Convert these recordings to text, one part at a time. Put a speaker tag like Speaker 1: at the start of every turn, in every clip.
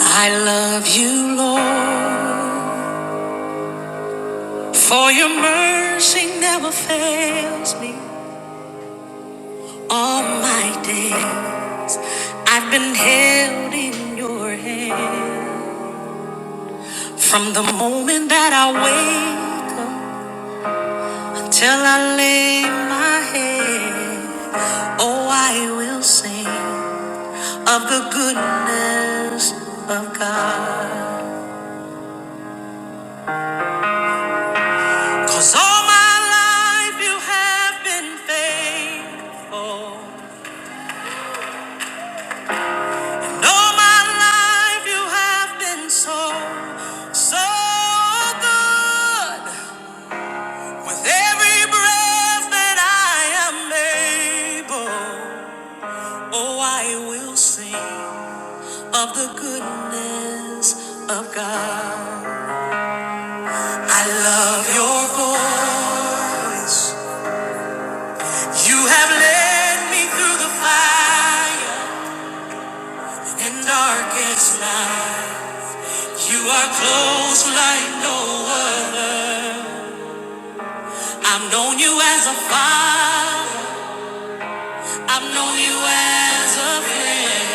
Speaker 1: I love you, Lord, for your mercy never fails me. All my day, I've been held in your hand. From the moment that I wake up till I lay my head, oh, I will sing of the goodness of God, 'cause all my life you have been faithful. All my life you have been so, so good. With every breath that I am able, oh, I will sing of the goodness of God. I love your voice. You have led me through the fire and darkest night. You are close like no other. I've known you as a father. I've known you as a friend.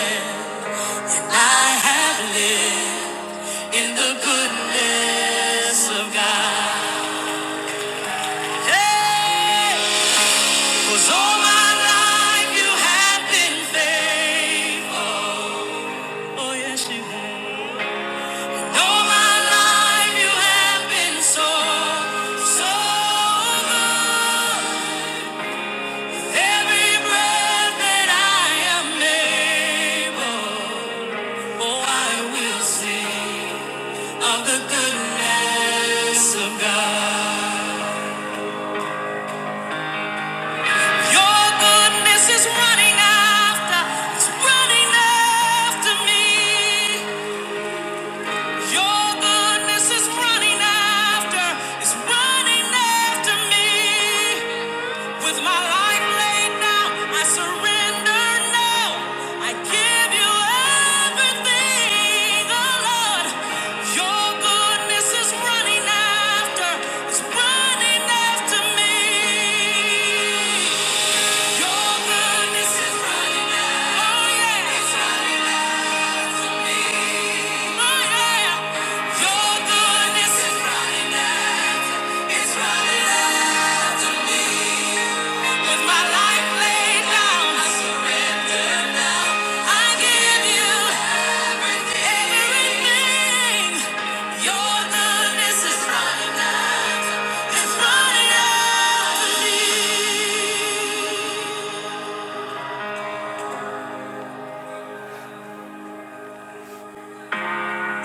Speaker 1: I have lived in the goodness of God. Hey, 'cause all my life you have been faithful. Oh yes, you have. All my life you have been so, so good. Every breath that I am able, oh I will sing. of the goodness of God. Your goodness is running after, it's running after me. Your goodness is running after, it's running after me. With my life laid down, I surrender now. I give you everything, oh Lord. Your goodness is running after, it's running after me. Your goodness is running after, oh yeah, it's running after me. Oh yeah, your goodness is running after, it's running after me. With my life laid down, I surrender now. I give you everything. Your goodness is running out. It's running out to me.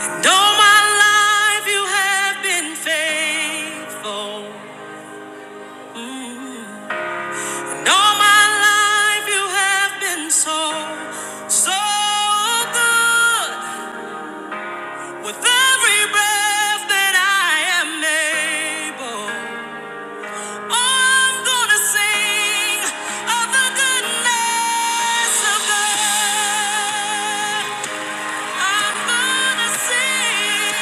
Speaker 1: And all my life you have been faithful. Mm. And all my life you have been so, so good. With every breath that I am able, oh, I'm gonna sing of the goodness of God. I'm gonna sing.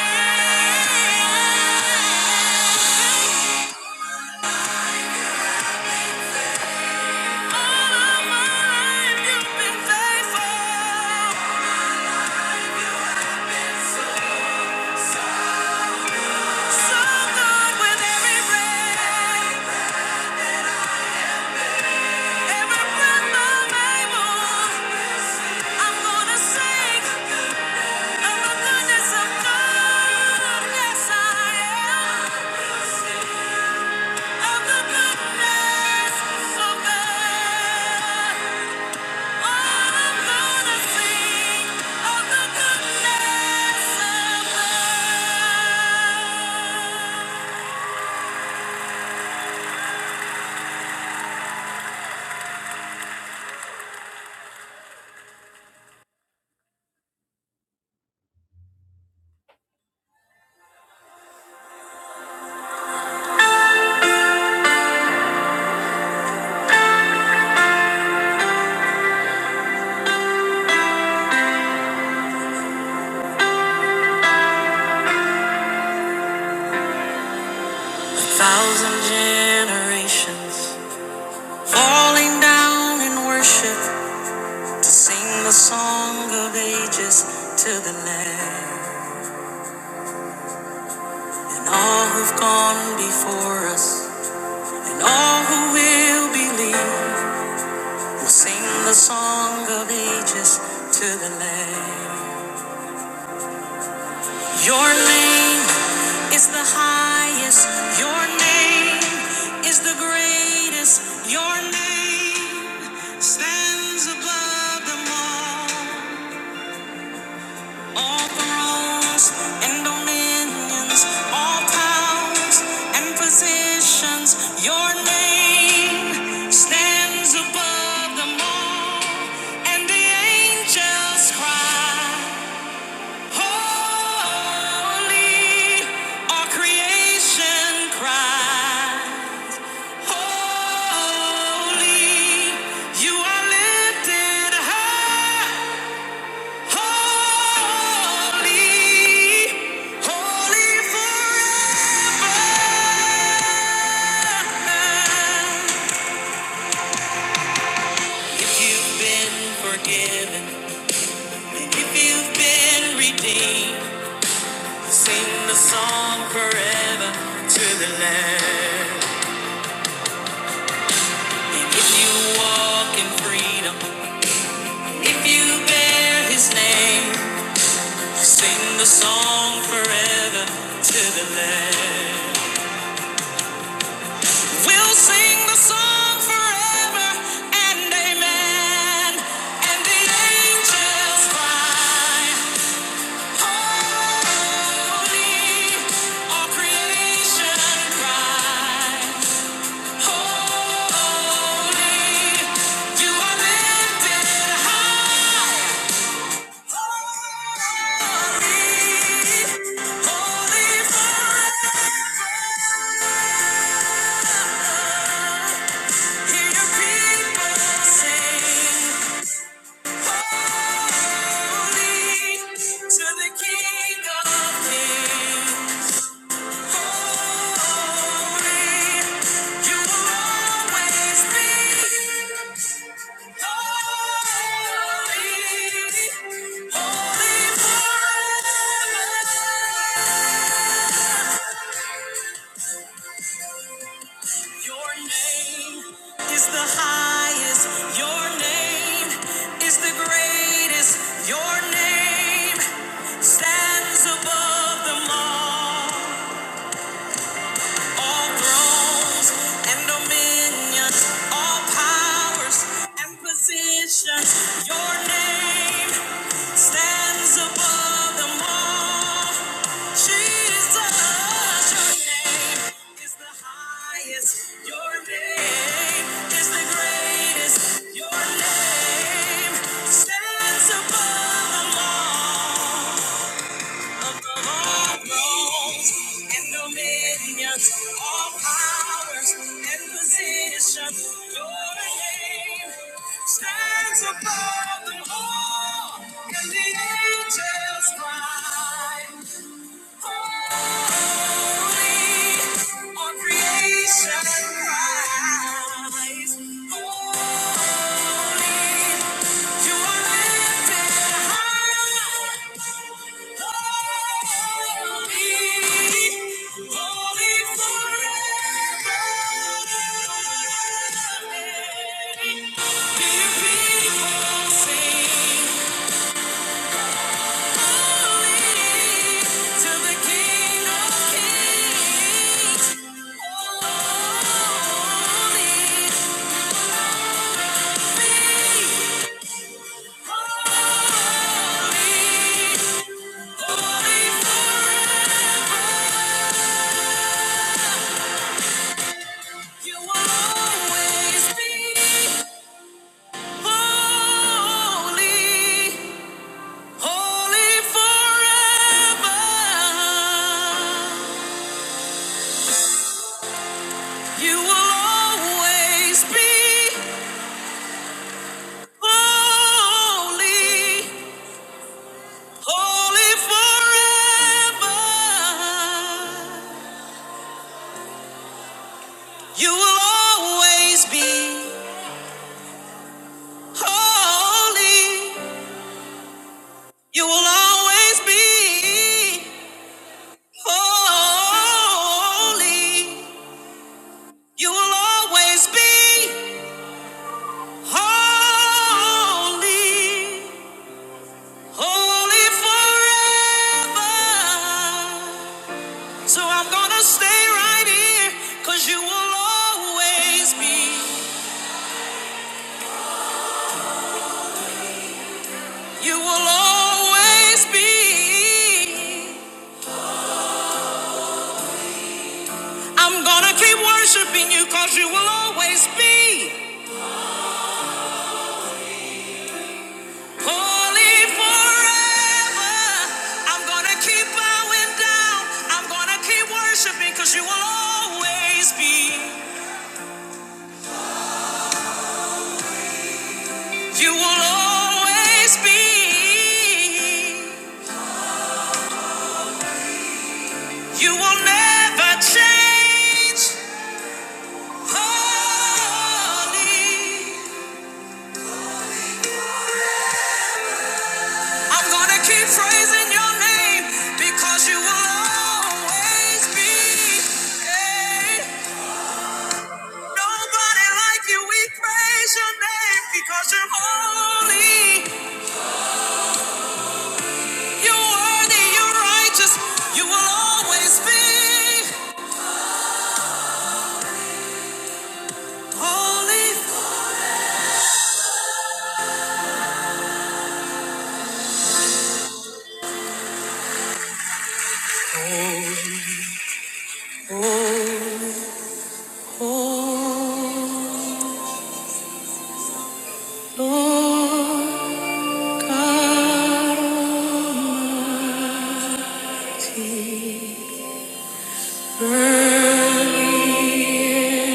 Speaker 1: All of my life you've been faithful, so good with every breath, every breath I'm able. I'm gonna sing. Thousand generations falling down in worship to sing the song of ages to the Lamb and all who've gone before us. And all who will believe will sing the song of ages to the Lamb. Your name is the highest. Your name is the greatest. Your name stands above them all. All thrones and dominions, all powers and positions, your name stands above them all. And the angels cry, Holy, our creation cry, Holy, you are lifted high. Holy, holy forever. If you've been forgiven, if you've been redeemed, sing the song forever to the Lamb. if you walk in freedom, if you bear His name, sing the song forever to the Lamb. We'll sing the song forever and amen. And the angels cry, holy. All creation cry, holy. You are lifted high, holy, holy forever. Holy forever. Your name is the highest. Your name is the greatest. Your name stands above them all. All thrones and dominions, all powers and positions. Your name stands above them all. Jesus, your Your Your Your name name name name is is the the highest. greatest. Your name stands above all, above all all dominions, all powers and positions. Your name Stands above them all, and the angels cry. On creation rise. Holy, you are lifted high. Holy, holy forever. Hear people sing. You will always be holy. Holy forever. You will always be holy. You will always be holy. You will always be holy. Holy forever. So I'm gonna stay right here, cause you will always be. You will always be. I'm gonna keep worshiping you because you will always be holy forever. I'm gonna keep bowing down. I'm gonna keep worshiping because you will always be. You will always be. You will never change. Holy. I'm gonna keep praising your name because you will always be. great. Nobody like you, we praise your name because you're holy, you're worthy, you're righteous, you will always be holy. Oh, oh, Lord God, Almighty.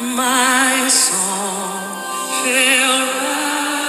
Speaker 1: My soul shall rise.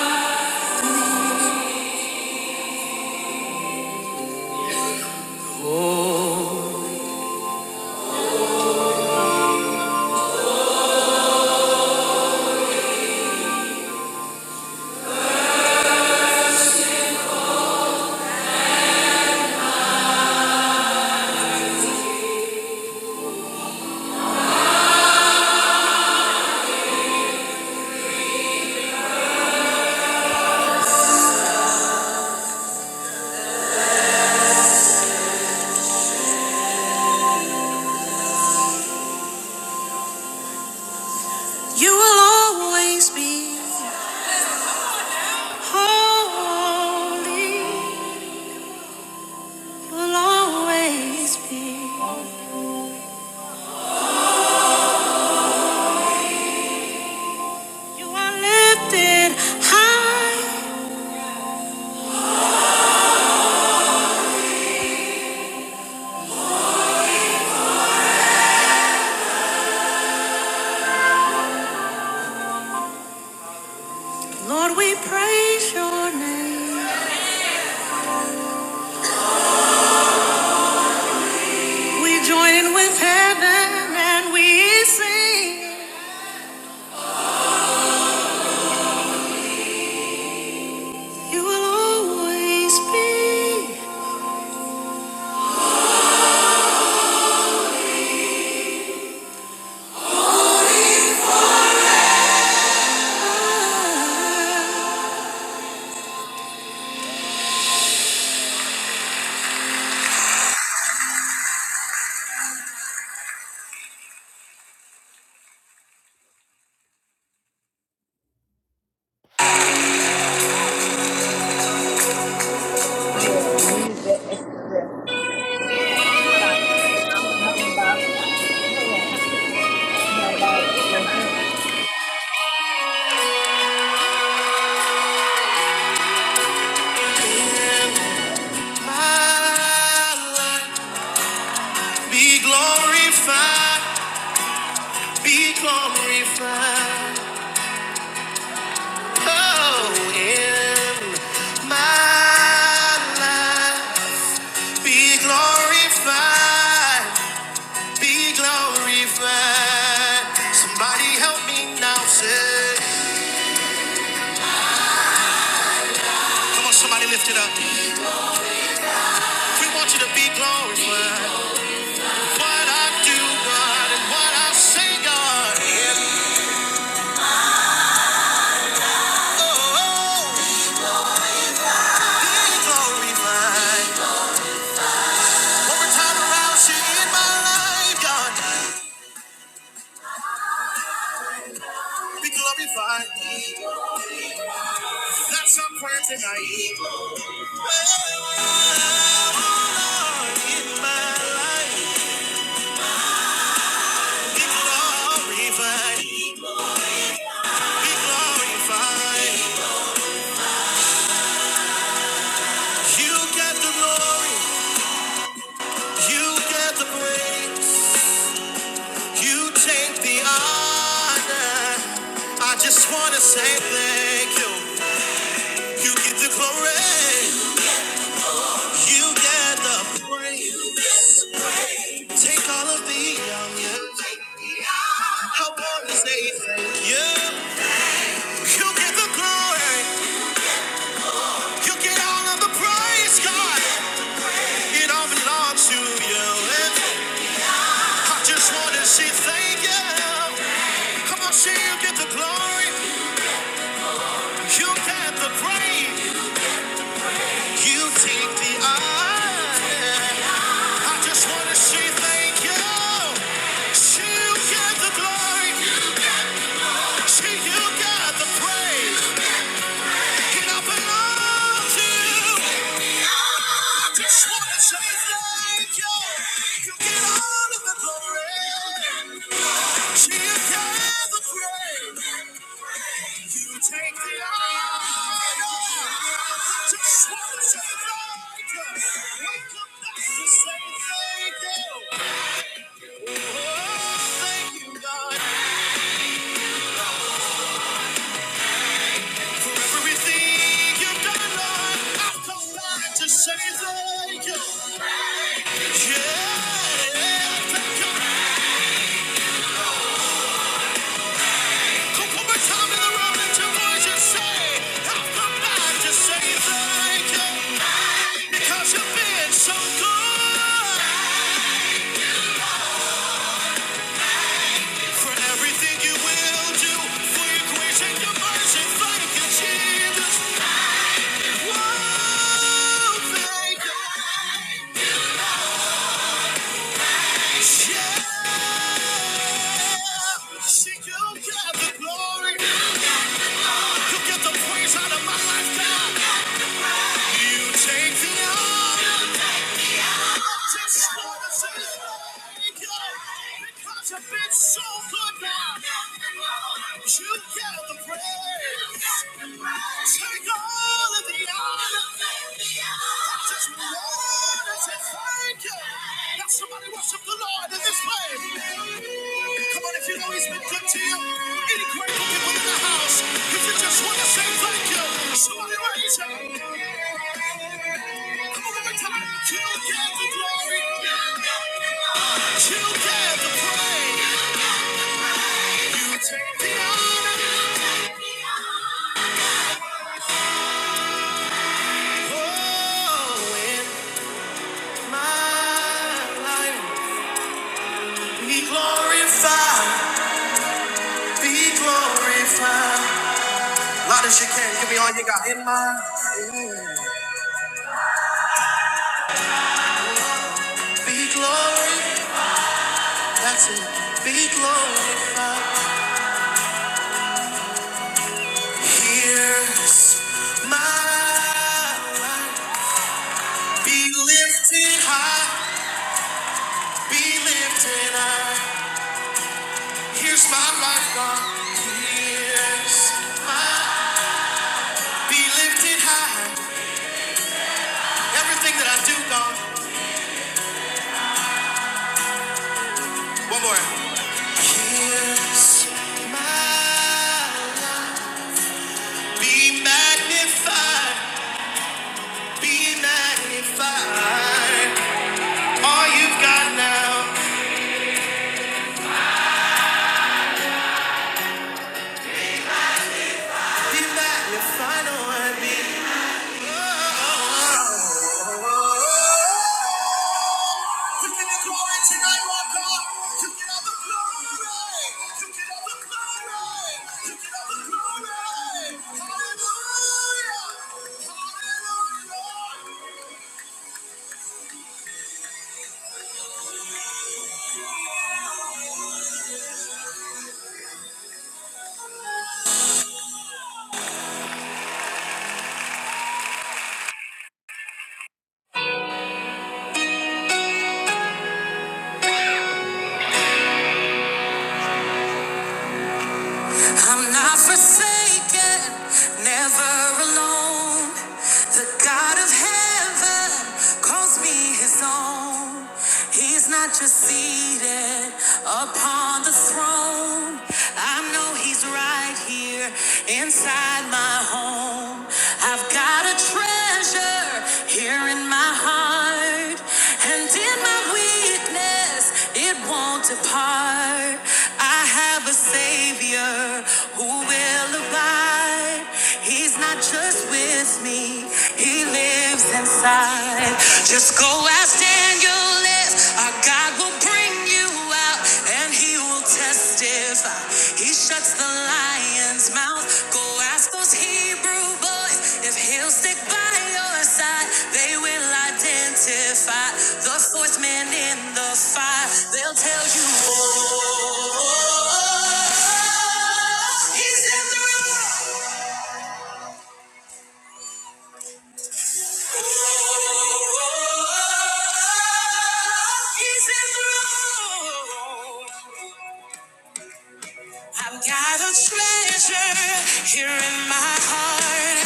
Speaker 1: You will always be holy. You will always be. You are lifted high. Lord, we praise your name. We join in with heaven and we sing. You will always
Speaker 2: Yeah, use that extra.
Speaker 1: be.
Speaker 2: Yeah, that's what I think I'm about.
Speaker 1: Be glorified, be glorified, oh, in my life. Be glorified, be glorified. Somebody help me now, say. Come on, somebody lift it up. We want you to be glorified. What I do, God, and what I say, God. And, oh, be glorified. Over time around, she in my life, God. Be glorified. That's our prayer tonight. Oh Lord, in my life, be glorified. Be glorified. You get the glory. You get the praise. You take the honor. I just wanna say thank you. You get the glory, you get the Take all of me. I wanna say thank you. You get the glory. You get all of the praise, God. It all belongs to you. And I just wanna say thank you. Come on, say you get the glory. You get the praise. You take the honor. I just wanna say thank you. Say you get the glory. Say you get the praise. It all belongs to you. I just wanna say thank you. You get all of the glory. She gets the praise. Take the honor. I just wanna say thank you. Wake up next to say thank you. Oh, thank you, God, for everything you've done, Lord. I've come back to say thank you. Yeah, thank you. Thank you. She go get the glory. You get the praise You take the honor. Just wanna say thank because you've been so good, God. You get the praise. Take all of the honor. I just wanna say thank you. Now somebody worship the Lord in this place. Come on, if you know He's been good to you, any grateful people in the house, if you just want to say thank you, somebody raise it. Come on, one more time. Till get the glory. Till get the praise. You take the honor. Oh, in my life, be glorified, be glorified. Lot of shit can give me all you got in mind. Be glorified, that's it. Be glorified. Here's my life. be lifted high, be lifted high. Here's my life, God. Here's my be lifted high. Everything that I do, God. One more. Here's my life. Be magnified, be magnified. All you've got now. And that your final word. I'm not forsaken, never alone. The God of heaven calls me his own. He's not just seated upon the throne. I know he's right here inside my home. I've got a treasure. here in my heart and in my weakness it won't depart i have a savior who will abide he's not just with me he lives inside just go ask daniel if our god will bring you and he will testify. He shuts the lion's mouth. Go ask those Hebrew boys if he'll stick by your side. They will identify the fourth man in the fire. They'll tell you, oh, he's in the room. He's in the room. I've got a treasure here in my heart,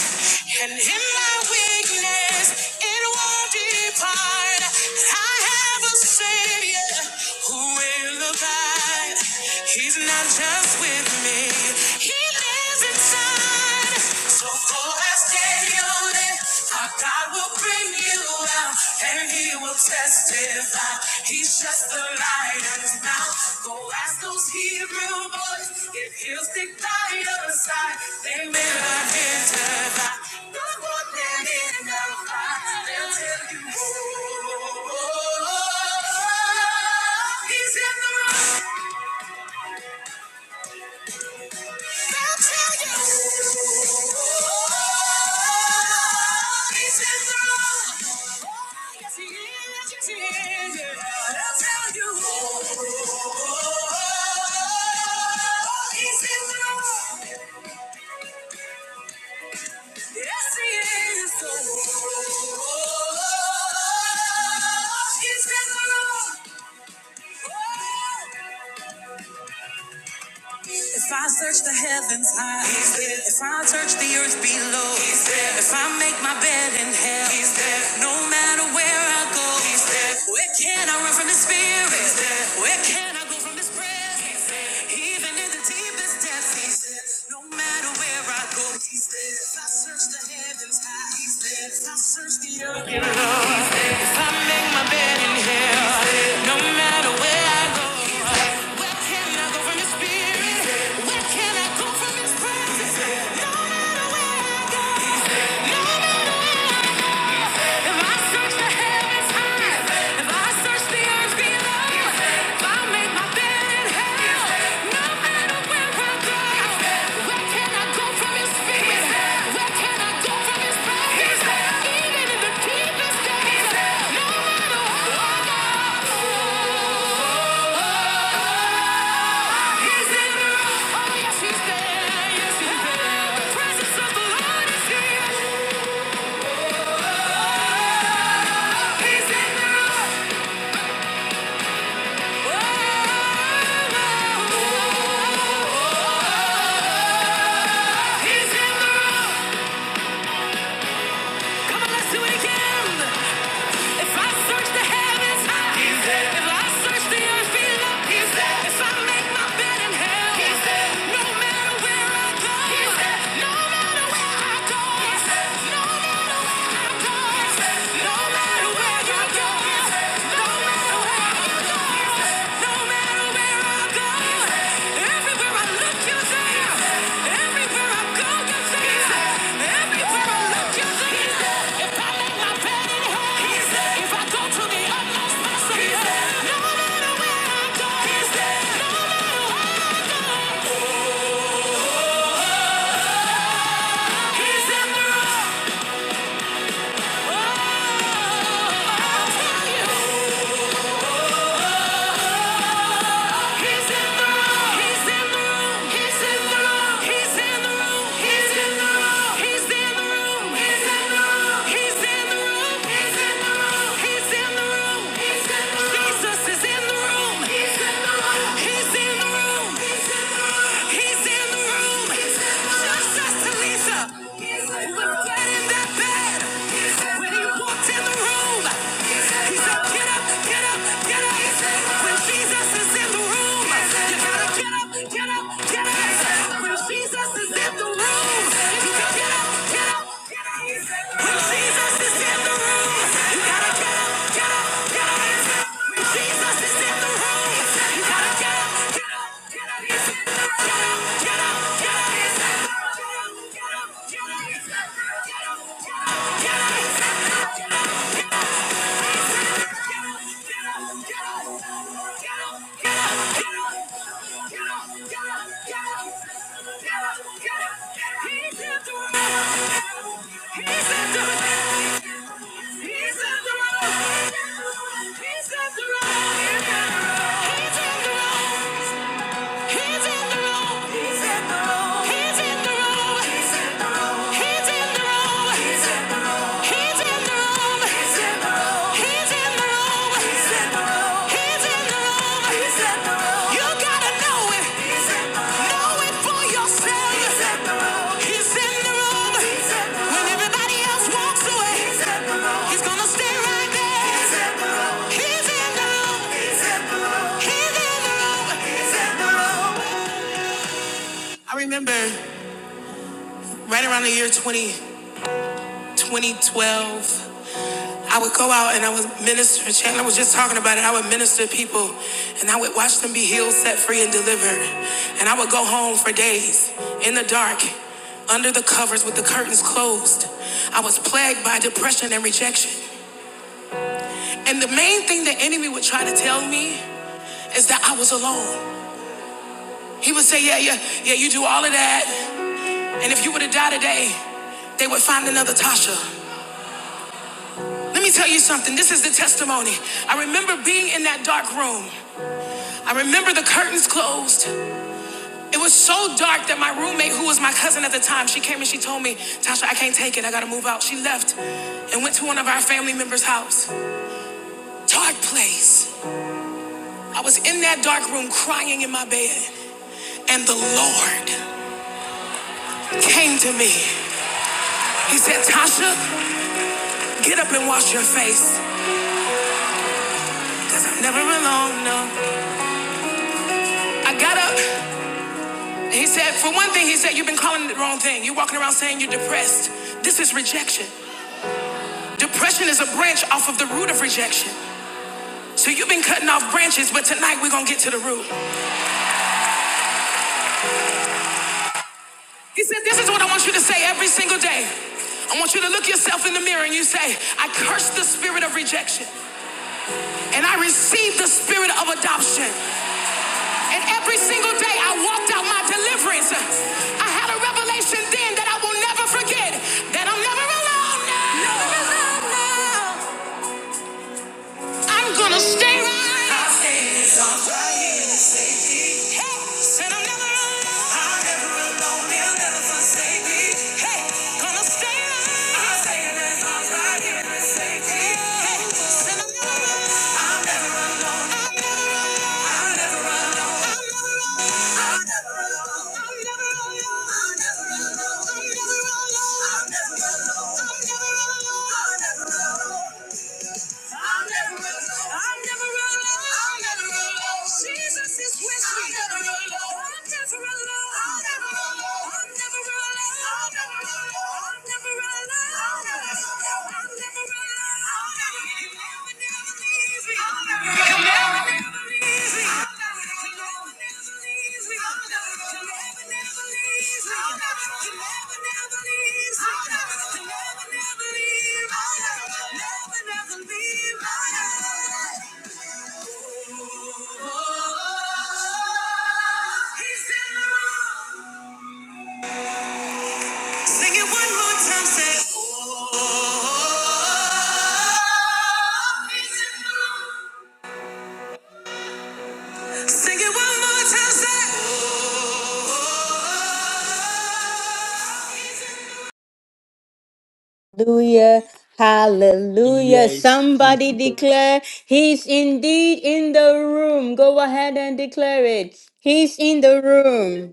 Speaker 1: and in my weakness, it won't depart. I have a Savior who will abide. He's not just with me, He lives inside. So go ask David, God will bring you out and he will testify. He's just the lion's mouth. Go ask those Hebrew boys if he'll stick by your side. They may not enter by. No one can in the They'll tell you. "Ooh, He's in the room. He's in the If I search the heavens high, he's there. If I search the earth below, he's there. If I make my bed in hell, he's there. No matter where I go, he's there. Where can I run from his spirit? He's there. Where can I go from his presence? He's there. Even in the deepest depths, he's there. No matter where I go, he's there. If I search the heavens high, he's there. If I make my bed in hell, no matter where I go, He's there. where can I go from his spirit? He's there. Where can I go from his presence? Come on, let's do it again. If I search the heavens high, He's there. If I search the earth below, He's there. If I make my bed in hell, He's there. No matter where I go, He's there. No matter where I go, He's there. No matter where I go, He's there. No matter where I go, He's there. No matter where I go. No matter where I go, everywhere I look, you're there. Everywhere I go, you're there. Everywhere I look, you're there. If I lay my bed in hell, if I go to the utmost possible, no matter where I go, no matter how, He's in the Lisa was dead in that bed when he walked in the room room. He get up, get up, get up. When Jesus is in the room, you gotta get up, get up, get up. When Jesus is in the room, you gotta get up, get up, get up. When Jesus is in the room, you gotta get up, get up, get up. When Jesus is in the room, you gotta Get up, get up, get up. He's in the road. He's in the road. He's in the road. He's in the room. He's in the room. He's in the room. He's in the room. He's in the room. He's in the room. He's in the room. He's in the room. He's in the room. You gotta know it right I remember right around the year 20, 2012. I would go out and I would minister. Chandler was just talking about it. I would minister to people and I would watch them be healed, set free, and delivered. And I would go home for days in the dark, under the covers with the curtains closed. I was plagued by depression and rejection. And the main thing the enemy would try to tell me is that I was alone. He would say, Yeah, yeah, yeah, you do all of that. And if you were to die today, they would find another Tasha. Let me tell you something. This is the testimony. I remember being in that dark room. I remember the curtains closed. It was so dark that my roommate, who was my cousin at the time, she came and she told me, Tasha, I can't take it. I gotta move out. She left and went to one of our family members' house. Dark place. I was in that dark room crying in my bed. And the Lord came to me. He said, Tasha, get up and wash your face. Because I'm never alone, no. I got up. He said, for one thing, he said, you've been calling it the wrong thing. You're walking around saying you're depressed. This is rejection. Depression is a branch off of the root of rejection. So you've been cutting off branches, but tonight we're going to get to the root. He said, this is what I want you to say every single day. I want you to look yourself in the mirror and you say, I curse the spirit of rejection and I receive the spirit of adoption. And every single day I walked out my deliverance. I had a revelation then that I will never forget that I'm never alone now. Never alone now. I'm gonna stay right. I say this all right. here. Hey, said I'm never alone. I'm never alone. He'll never forsake me. Hey, gonna stay right. I say this all right. He'll never me. Hey, I'm never alone. I'm never alone. I'm never alone. I'm never alone. I'm never alone. I'm never alone. I'm never alone. I'm never alone. I'll never run low. I'll never run low. I'll never run low. Jesus is with me. I'll never run low. I'll never run low. I'll never run low. I'll never run low. I'll never run low. I'll never run low. I'll never run low. I'll never run low. I'll never run low. I'll never run low. He's in the room. Hallelujah. Hallelujah.
Speaker 3: Yes, he's,
Speaker 1: Somebody declare he's indeed in the room. Go ahead and declare it. He's in the room.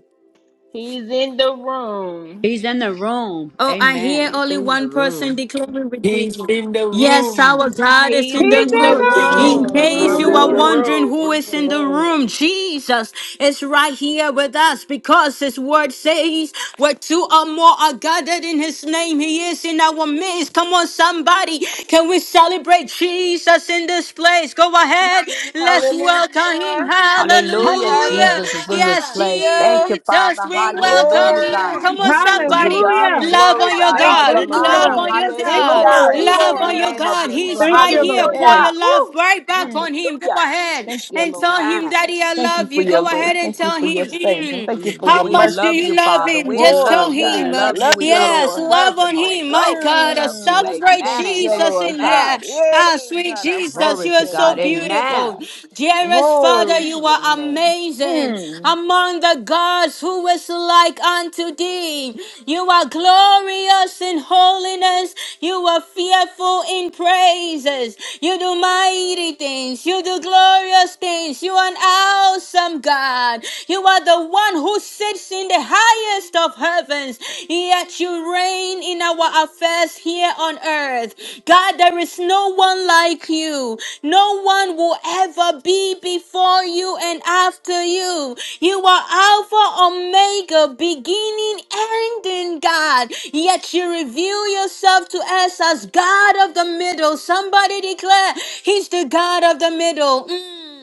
Speaker 4: He's in the room.
Speaker 5: He's in the room.
Speaker 1: Oh, I hear
Speaker 5: Amen.
Speaker 6: He's
Speaker 1: only
Speaker 6: in the
Speaker 1: one
Speaker 6: room.
Speaker 1: person declaring with me.
Speaker 3: he's in the
Speaker 1: Yes, our
Speaker 3: room.
Speaker 1: God is in
Speaker 4: He's
Speaker 7: He's
Speaker 6: He's
Speaker 1: the
Speaker 7: in
Speaker 8: He's
Speaker 4: in
Speaker 6: in
Speaker 4: the
Speaker 6: the
Speaker 1: room.
Speaker 7: the
Speaker 8: in the
Speaker 9: He's
Speaker 10: He's
Speaker 1: In
Speaker 10: in
Speaker 7: room.
Speaker 6: room.
Speaker 10: the
Speaker 8: room.
Speaker 1: case
Speaker 4: room.
Speaker 1: you
Speaker 9: in
Speaker 1: are
Speaker 9: the
Speaker 8: Hallelujah.
Speaker 10: room.
Speaker 6: Hallelujah.
Speaker 8: He is
Speaker 1: wondering
Speaker 9: room.
Speaker 1: who
Speaker 8: in
Speaker 1: is
Speaker 8: the
Speaker 1: in the
Speaker 8: room.
Speaker 1: room, Jesus is right here with us because his word says where two or more are gathered in his name, he is in our midst. Come on, somebody. Can we celebrate Jesus in this place? Go ahead. Let's welcome him.
Speaker 4: Hallelujah.
Speaker 5: Hallelujah.
Speaker 1: Hallelujah.
Speaker 5: Jesus is in this
Speaker 1: Yes,
Speaker 11: Hallelujah!
Speaker 5: place. Thank
Speaker 4: Hallelujah.
Speaker 5: you,
Speaker 1: Jesus
Speaker 5: Father.
Speaker 1: Yes, we
Speaker 11: Thank you,
Speaker 1: welcome
Speaker 5: Hallelujah,
Speaker 4: Glory
Speaker 1: you.
Speaker 11: Father.
Speaker 5: God.
Speaker 4: to
Speaker 1: Come
Speaker 4: your
Speaker 1: on,
Speaker 5: We
Speaker 4: name.
Speaker 11: Woo,
Speaker 5: give
Speaker 1: somebody.
Speaker 5: you all the
Speaker 7: Hallelujah.
Speaker 4: Mm.
Speaker 1: Love
Speaker 5: glory,
Speaker 11: come
Speaker 1: on your
Speaker 11: on
Speaker 5: God,
Speaker 4: Thank
Speaker 5: all
Speaker 11: now.
Speaker 1: God.
Speaker 4: you,
Speaker 5: your
Speaker 7: Thank you,
Speaker 11: Thank
Speaker 1: Love
Speaker 4: Lord.
Speaker 5: honor.
Speaker 11: you,
Speaker 1: on
Speaker 7: Lord.
Speaker 1: your
Speaker 11: Jesus.
Speaker 7: Thank
Speaker 1: God.
Speaker 7: you,
Speaker 5: Hallelujah.
Speaker 7: Lord.
Speaker 4: Glory,
Speaker 11: He's in
Speaker 1: Love
Speaker 5: In
Speaker 11: the
Speaker 5: the
Speaker 1: on
Speaker 4: glory.
Speaker 1: your
Speaker 5: name
Speaker 4: Thank
Speaker 11: room.
Speaker 5: of
Speaker 1: God.
Speaker 4: you,
Speaker 5: Jesus.
Speaker 1: He's
Speaker 4: thank
Speaker 7: Thank
Speaker 4: you,
Speaker 1: right
Speaker 7: you,
Speaker 4: thank
Speaker 1: here.
Speaker 4: you.
Speaker 7: Lord.
Speaker 1: Pour
Speaker 4: Eh,
Speaker 1: your
Speaker 5: Hallelujah.
Speaker 1: love
Speaker 4: woo.
Speaker 1: right back
Speaker 4: Mm.
Speaker 1: on him. Go
Speaker 5: Hallelujah.
Speaker 1: ahead
Speaker 4: Thank you,
Speaker 1: and
Speaker 4: Lord.
Speaker 1: tell him,
Speaker 5: And
Speaker 1: Daddy, I
Speaker 4: Thank you
Speaker 1: love
Speaker 4: for
Speaker 1: you.
Speaker 4: your
Speaker 1: Go
Speaker 4: grace.
Speaker 1: ahead and
Speaker 4: Thank you
Speaker 1: tell
Speaker 4: for
Speaker 1: him.
Speaker 4: your favor.
Speaker 1: Mm.
Speaker 4: Thank
Speaker 5: we,
Speaker 4: you for
Speaker 5: lo-
Speaker 4: your
Speaker 1: How
Speaker 5: we
Speaker 1: much do
Speaker 5: love
Speaker 4: mercy.
Speaker 1: you
Speaker 5: you,
Speaker 1: love
Speaker 5: Father.
Speaker 1: him?
Speaker 5: We
Speaker 1: Just tell
Speaker 4: Glory,
Speaker 5: love you. We
Speaker 1: him.
Speaker 4: God. I
Speaker 1: uh,
Speaker 5: love you.
Speaker 4: love
Speaker 5: We
Speaker 4: you,
Speaker 5: love your
Speaker 1: yes,
Speaker 4: Lord.
Speaker 1: love
Speaker 5: present
Speaker 1: on
Speaker 5: Holy
Speaker 1: him. My
Speaker 5: Ghost. We
Speaker 1: God, I
Speaker 5: love you.
Speaker 4: Mm.
Speaker 1: celebrate
Speaker 5: Amen.
Speaker 4: Thank you,
Speaker 5: Amen.
Speaker 1: Jesus
Speaker 4: Lord
Speaker 1: in
Speaker 5: Amen.
Speaker 1: here.
Speaker 4: God. Yay,
Speaker 1: Ah, sweet
Speaker 4: God, I
Speaker 1: Jesus. Jesus,
Speaker 4: praise
Speaker 5: Glory
Speaker 1: you
Speaker 5: to
Speaker 1: are
Speaker 4: your
Speaker 5: God.
Speaker 1: so
Speaker 4: name,
Speaker 5: Amen.
Speaker 4: God.
Speaker 1: beautiful. Dearest Father,
Speaker 4: Glory to
Speaker 1: you
Speaker 4: your
Speaker 1: are
Speaker 4: name.
Speaker 1: amazing.
Speaker 4: Mm.
Speaker 1: Among the gods, who is like unto thee? You are glorious in holiness. You are fearful in praises. You do mighty things. You do glorious things. You are an awesome God. You are the one who sits in the highest of heavens. Yet you reign in our affairs here on earth. God, there is no one like you. No one will ever be before you and after you. You are Alpha, Omega, beginning, ending, God. Yet you reveal yourself to us as God of the middle. Somebody declare, He's the God of the middle. Mm.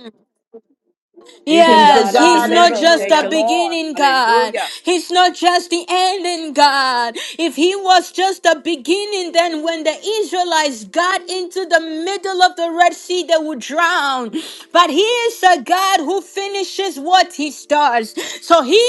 Speaker 5: He's the
Speaker 4: He's the
Speaker 5: God
Speaker 1: Yes,
Speaker 5: of the
Speaker 1: he's
Speaker 4: God of
Speaker 1: not
Speaker 4: the
Speaker 5: middle.
Speaker 1: just
Speaker 5: Thank
Speaker 1: the
Speaker 5: you,
Speaker 4: middle.
Speaker 5: Lord.
Speaker 1: beginning, God.
Speaker 5: Hallelujah.
Speaker 1: He's not just the ending, God. If he was just the beginning, then when the Israelites got into the middle of the Red Sea, they would drown. But he is a God who finishes what he starts. So he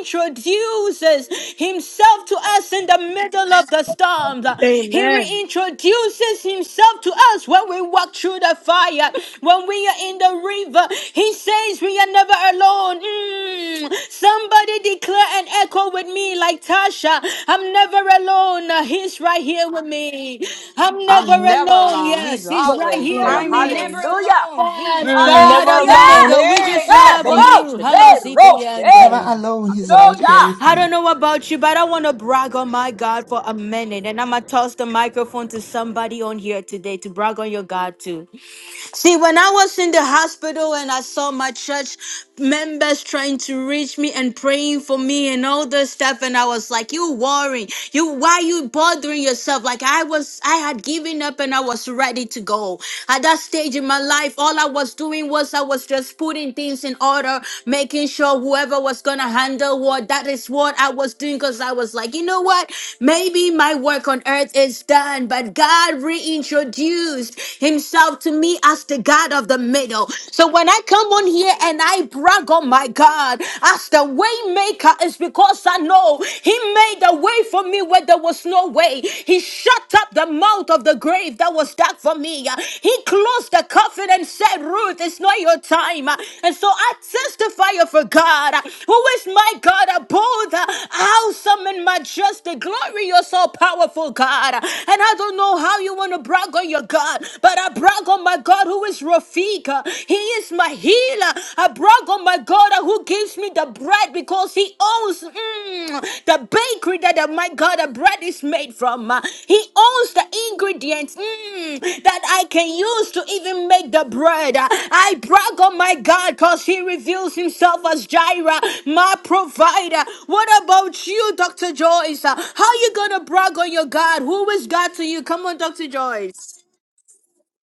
Speaker 1: reintroduces himself to us in the the middle of the storms. He
Speaker 7: Amen.
Speaker 1: reintroduces himself to us when we walk through the fire, when we are in the river. He says we are never alone. Mm. Somebody declare and echo with me, like Tasha. I'm never alone. He's right here with me. I'm never
Speaker 5: I'm never
Speaker 1: alone.
Speaker 5: alone. He's
Speaker 1: Yes, he's right
Speaker 5: always
Speaker 1: here
Speaker 5: there.
Speaker 7: Lord.
Speaker 1: with
Speaker 11: I'm
Speaker 1: me.
Speaker 11: never
Speaker 5: Hallelujah.
Speaker 11: alone. He's
Speaker 1: Yes,
Speaker 11: right
Speaker 4: Mm,
Speaker 1: God
Speaker 4: never
Speaker 11: here.
Speaker 1: of
Speaker 5: Hallelujah.
Speaker 1: the
Speaker 4: alone.
Speaker 1: middle, we just
Speaker 4: Hey,
Speaker 5: Yeah,
Speaker 4: God,
Speaker 1: love
Speaker 5: Bobo,
Speaker 1: on
Speaker 4: thank
Speaker 1: you. Hello,
Speaker 5: Shade, Roche.
Speaker 10: Never
Speaker 1: CBN
Speaker 10: alone. He's right here
Speaker 5: Hallelujah.
Speaker 10: with
Speaker 1: I don't
Speaker 10: me.
Speaker 1: know about you, but I want to brag on my God for a minute. And I'm going to toss the microphone to somebody on here today to brag on your God too. See, when I was in the hospital and I saw my church members trying to reach me and praying for me and all this stuff, and I was like, "You worrying? You why you bothering yourself?" Like I was, I had given up and I was ready to go. At that stage in my life, all I was doing was I was just putting things in order, making sure whoever was gonna handle what that is what I was doing because I was like, you know what? Maybe my work on earth is done, but God reintroduced Himself out to me as the God of the middle. So when I come on here and I brag on my God as the way maker, it's because I know He made a way for me where there was no way. He shut up the mouth of the grave that was dark for me. He closed the coffin and said, Ruth, it's not your time. And so I testify of a God who is my God, a bold, awesome, and majestic, glorious, all powerful God. And I don't know how you want to brag on your God. But I brag on my God who is Rafika. He is my healer. I brag on my God who gives me the bread because he owns mm, the bakery that uh, my God the bread is made from. Uh, He owns the ingredients mm, that I can use to even make the bread. Uh, I brag on my God because he reveals himself as Jireh, my provider. What about you, Dr. Joyce? Uh, How you gonna brag on your God? Who is God to you? Come on, Dr. Joyce.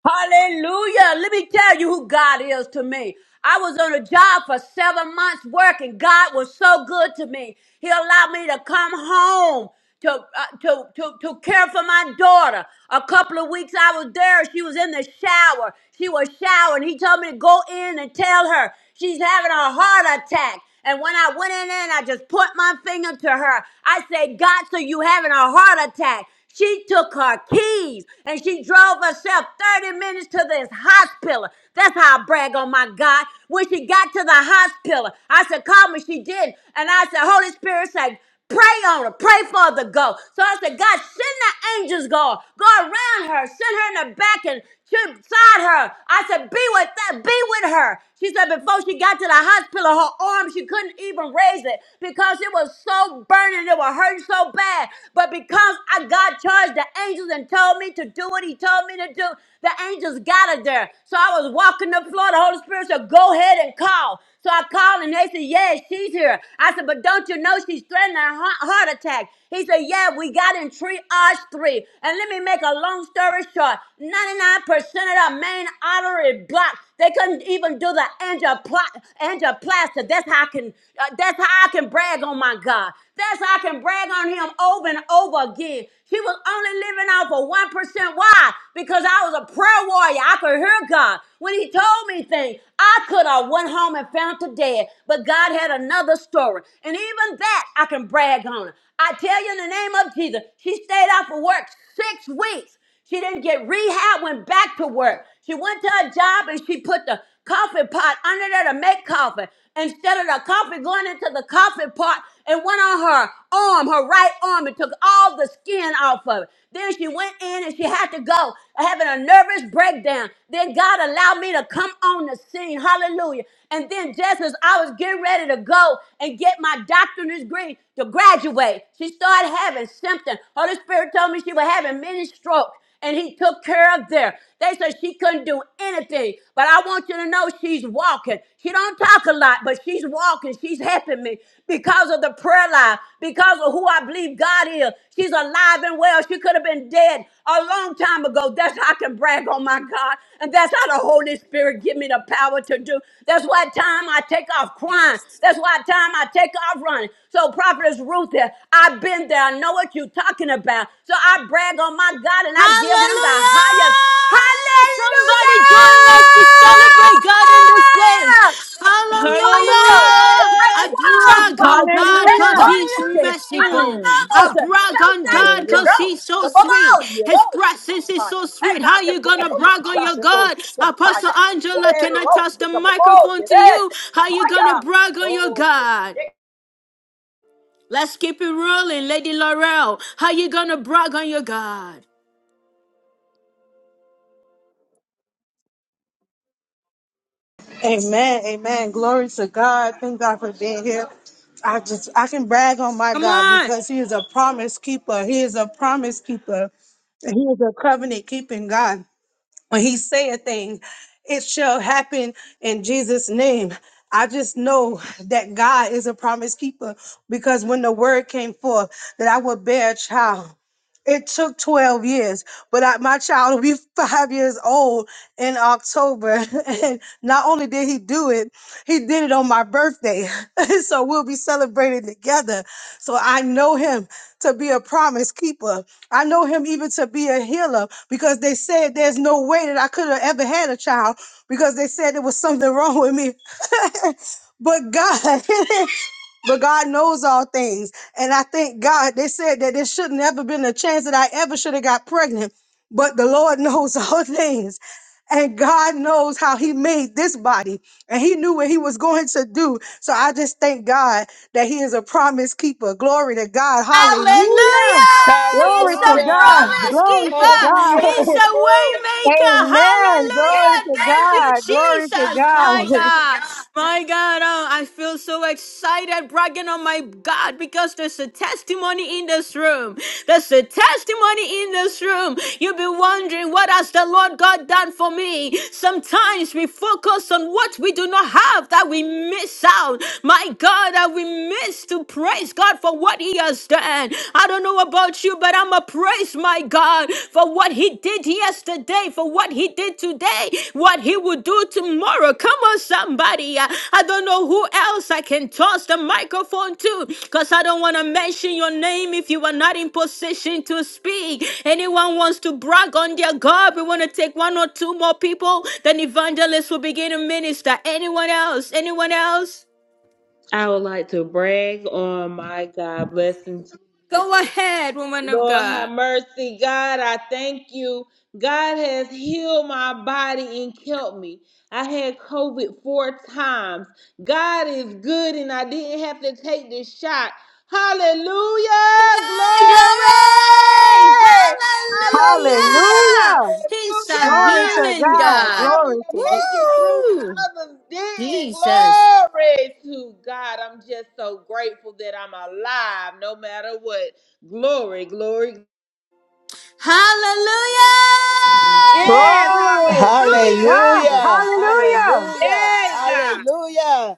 Speaker 5: Hallelujah. Let me tell you who God is to me. I was on a job for seven months working. God was so good to me. He allowed me to come home to, uh, to, to, to care for my daughter. A couple of weeks I was there. She was in the shower. She was showering. He told me to go in and tell her she's having a heart attack. And when I went in there and I just put my finger to her, I said, God, so you having a heart attack. She took her keys and she drove herself 30 minutes to this hospital. That's how I brag on my God. When she got to the hospital, I said, call me. She didn't. And I said, Holy Spirit said, Pray on her. Pray for her to go. So I said, God, send the angels, God. Go around her. Send her in the back and to- beside her. I said, be with that. Be with her. She said, before she got to the hospital, her arm, she couldn't even raise it because it was so burning. It was hurting so bad. But because I God charged the angels and told me to do what he told me to do, the angels got her there. So I was walking the floor. The Holy Spirit said, go ahead and call. So I called and they said, yeah, she's here. I said, but don't you know she's threatened a heart heart attack. He said, Yeah, we got in triage three. And let me make a long story short 99% of the main artery blocked. They couldn't even do the angiopla- angioplasty. That's how I can. uh, that's how I can brag on my God. That's how I can brag on Him over and over again. He was only living off of one percent. Why? Because I was a prayer warrior. I could hear God when He told me things. I could have went home and found to dead, but God had another story. And even that that I can brag on her. I tell you in the name of Jesus, she stayed out for work six weeks. She didn't get rehab, went back to work. She went to her job and she put the coffee pot under there to make coffee. Instead of the coffee going into the coffee pot, it went on her arm, her right arm, and took all the skin off of it. Then she went in and she had to go, having a nervous breakdown. Then God allowed me to come on the scene. Hallelujah. And then just as I was getting ready to go and get my doctorate doctorate degree to graduate. She started having symptoms. Holy Spirit told me she was having many strokes and he took care of there. They said she couldn't do anything, but I want you to know she's walking. She don't talk a lot, but she's walking. She's helping me because of the prayer life, because of who I believe God is. She's alive and well. She could have been dead a long time ago. That's how I can brag on my God, and that's how the Holy Spirit give me the power to do. That's why time I take off crying. That's why time I take off I've run. So, Prophetess Ruth here, I've been there. I know what you're talking about. So, I brag on my God and I give him the
Speaker 1: Hallelujah!
Speaker 5: highest. Hallelujah!
Speaker 1: Somebody join us to celebrate God in this place.
Speaker 5: It'll break
Speaker 4: Hallelujah!
Speaker 5: boulders.
Speaker 1: Hallelujah!
Speaker 5: it break walls,
Speaker 1: I brag on
Speaker 5: fall down.
Speaker 1: God
Speaker 7: Hallelujah.
Speaker 5: That's
Speaker 1: because
Speaker 5: part
Speaker 1: He's
Speaker 5: of it. put on shit.
Speaker 4: you.
Speaker 5: I'm
Speaker 11: Hallelujah!
Speaker 1: merciful.
Speaker 4: Mm.
Speaker 5: not
Speaker 1: I
Speaker 5: done,
Speaker 1: brag on
Speaker 5: Foundation
Speaker 1: God
Speaker 5: is
Speaker 4: Hallelujah.
Speaker 1: because
Speaker 5: on.
Speaker 1: He's so
Speaker 5: The
Speaker 1: sweet.
Speaker 5: bubble, you
Speaker 1: His
Speaker 5: know.
Speaker 1: presence is
Speaker 5: God.
Speaker 1: so
Speaker 5: That's
Speaker 1: sweet.
Speaker 5: how I
Speaker 1: How
Speaker 5: can
Speaker 1: you
Speaker 5: brag
Speaker 1: gonna
Speaker 5: on my
Speaker 1: brag on
Speaker 5: God.
Speaker 1: your
Speaker 5: It all
Speaker 1: God?
Speaker 5: shit to my
Speaker 1: Apostle
Speaker 5: higher.
Speaker 1: Angela,
Speaker 5: Yeah, it
Speaker 1: can I
Speaker 5: all
Speaker 1: toss
Speaker 5: shit
Speaker 1: the
Speaker 5: to my ball,
Speaker 1: microphone
Speaker 5: It
Speaker 1: to
Speaker 5: that
Speaker 1: you?
Speaker 5: shit to my
Speaker 1: How you gonna
Speaker 5: higher.
Speaker 1: brag on your
Speaker 5: Oh, boy.
Speaker 1: God?
Speaker 5: Yeah.
Speaker 1: Let's keep it rolling, Lady Laurel. How you gonna brag on your God?
Speaker 7: Amen. Amen. Glory to God. Thank God for being here. I just I can brag on my God because He is a promise keeper. He is a promise keeper. He is a covenant keeping God. when he say a thing it shall happen in jesus name i just know that god is a promise keeper because when the word came forth that i would bear a child it took 12 years but I, my child will be five years old in october and not only did he do it he did it on my birthday so we'll be celebrating together so I know him to be a promise keeper. I know him even to be a healer because they said there's no way that I could have ever had a child because they said there was something wrong with me. but God, but God knows all things. And I thank God they said that there should not ever been a chance that I ever should have got pregnant. But the Lord knows all things. And God knows how He made this body, and He knew what He was going to do. So I just thank God that He is a promise keeper. Glory to God. Hallelujah.
Speaker 1: Hallelujah! He's
Speaker 7: Glory to
Speaker 1: the
Speaker 4: Hallelujah.
Speaker 7: God.
Speaker 1: promise
Speaker 7: Glory to
Speaker 1: keeper.
Speaker 7: God.
Speaker 4: Hallelujah.
Speaker 1: He's the way
Speaker 4: Woo.
Speaker 1: maker.
Speaker 7: Amen.
Speaker 1: Hallelujah!
Speaker 7: Glory to
Speaker 1: Thank you,
Speaker 7: God. Glory to
Speaker 1: Jesus.
Speaker 7: God.
Speaker 1: My God. My God. Oh, I feel so excited bragging on my God because there's a testimony in this room. There's a testimony in this room. You've been wondering, what has the Lord God done for me? Sometimes we focus on what we do not have that we miss out. My God, that we miss is to praise God for what He has done. I don't know about you, but I'm a praise my God for what He did yesterday, for what He did today, what He will do tomorrow. Come on, somebody. I I don't know who else I can toss the microphone to because I don't want to mention your name if you are not in position to speak. Anyone wants to brag on their God, we want to take one or two more people, then evangelists will begin to minister. Anyone else? Anyone else?
Speaker 4: I would like to brag on my God blessings. Lord have mercy. God, I thank you. God has healed my body and kept me. I had COVID four times. God is good and I didn't have to take the shot. Hallelujah. Glory.
Speaker 1: Glory!
Speaker 4: Hallelujah.
Speaker 1: Hallelujah!
Speaker 7: Hallelujah.
Speaker 1: He's a
Speaker 7: Glory
Speaker 4: Hallelujah.
Speaker 7: to
Speaker 1: healing
Speaker 4: He
Speaker 7: God.
Speaker 1: God.
Speaker 4: allowed me
Speaker 7: Glory to
Speaker 4: to
Speaker 7: God.
Speaker 4: make it through when
Speaker 1: Woo!
Speaker 4: others didn't.
Speaker 1: Jesus.
Speaker 4: Glory to God. I'm just so grateful that I'm alive no matter what. Glory, glory.
Speaker 1: Hallelujah!
Speaker 4: Yes,
Speaker 7: Glory to
Speaker 4: hallelujah, hallelujah.
Speaker 7: God.
Speaker 12: Hallelujah.
Speaker 7: Hallelujah.
Speaker 12: Hallelujah.
Speaker 4: Yay, God.
Speaker 12: Hallelujah.